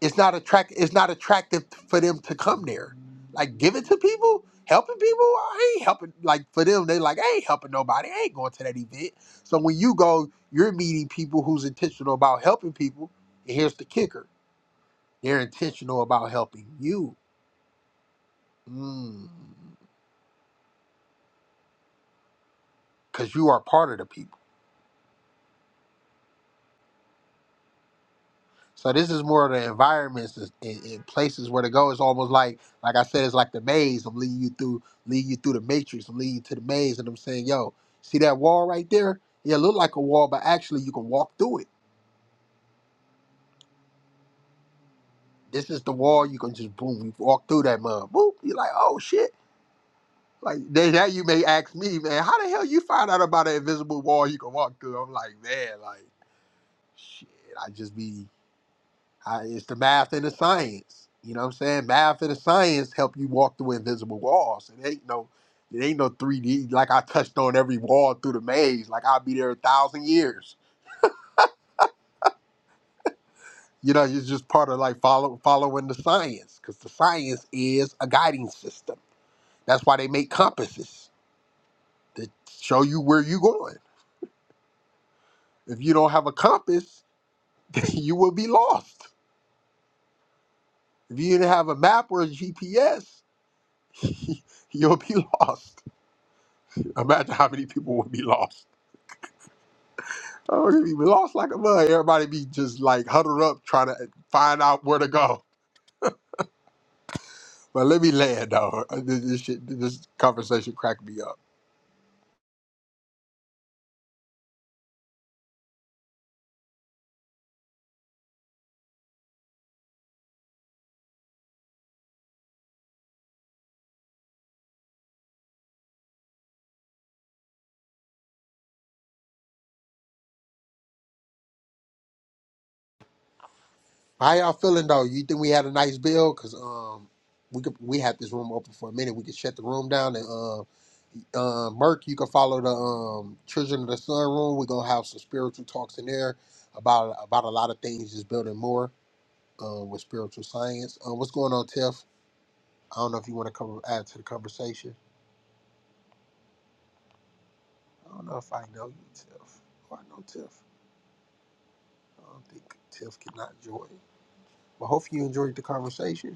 S1: it's not attract it's not attractive for them to come there. Like giving to people, helping people, I ain't helping like for them, they like, I ain't helping nobody. I ain't going to that event. So when you go, you're meeting people who's intentional about helping people. And here's the kicker. They're intentional about helping you. Mm. because you are part of the people. So this is more of the environments and, and, and places where to go. It's almost like, like I said, it's like the maze. I'm leading you through, leading you through the matrix. I'm leading you to the maze, and I'm saying, yo, see that wall right there? Yeah, it look like a wall, but actually you can walk through it. This is the wall. You can just boom, you walk through that mud. Boop. You're like, oh shit. Like then now you may ask me, man, how the hell you find out about an invisible wall you can walk through? I'm like, man, like shit. I just be. I, it's the math and the science. You know what I'm saying? Math and the science help you walk through invisible walls. It ain't no, it ain't no 3D. Like I touched on every wall through the maze. Like I'll be there a thousand years. You know, it's just part of like follow, following the science because the science is a guiding system. That's why they make compasses to show you where you're going. If you don't have a compass, you will be lost. If you didn't have a map or a GPS, you'll be lost. Imagine how many people would be lost. Oh, they'd be lost like a mud. Everybody be just like huddled up trying to find out where to go. But let me land though. This, this shit, this conversation cracked me up. How y'all feeling though? You think we had a nice build? Cause um, we could we had this room open for a minute. We could shut the room down and um, uh, Merc, you can follow the um Children of the Sun room. We're gonna have some spiritual talks in there about about a lot of things, just building more um with spiritual science. Um, what's going on, Tiff? I don't know if you want to come add to the conversation. I don't know if I know you, Tiff. Oh, I know Tiff. I don't think Tiff cannot join. But hopefully you enjoyed the conversation.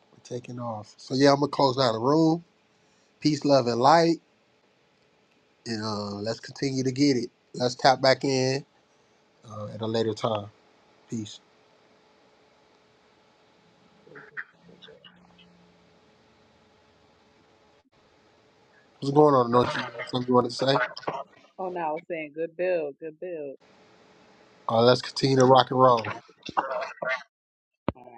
S1: We're taking off. So yeah, I'm gonna close down the room. Peace, love, and light. And uh, let's continue to get it. Let's tap back in uh, at a later time. Peace. What's going on, Anointing? Something you want to say?
S2: Oh no, I was saying good build, good build.
S1: Uh, let's continue to rock and roll.
S2: All right.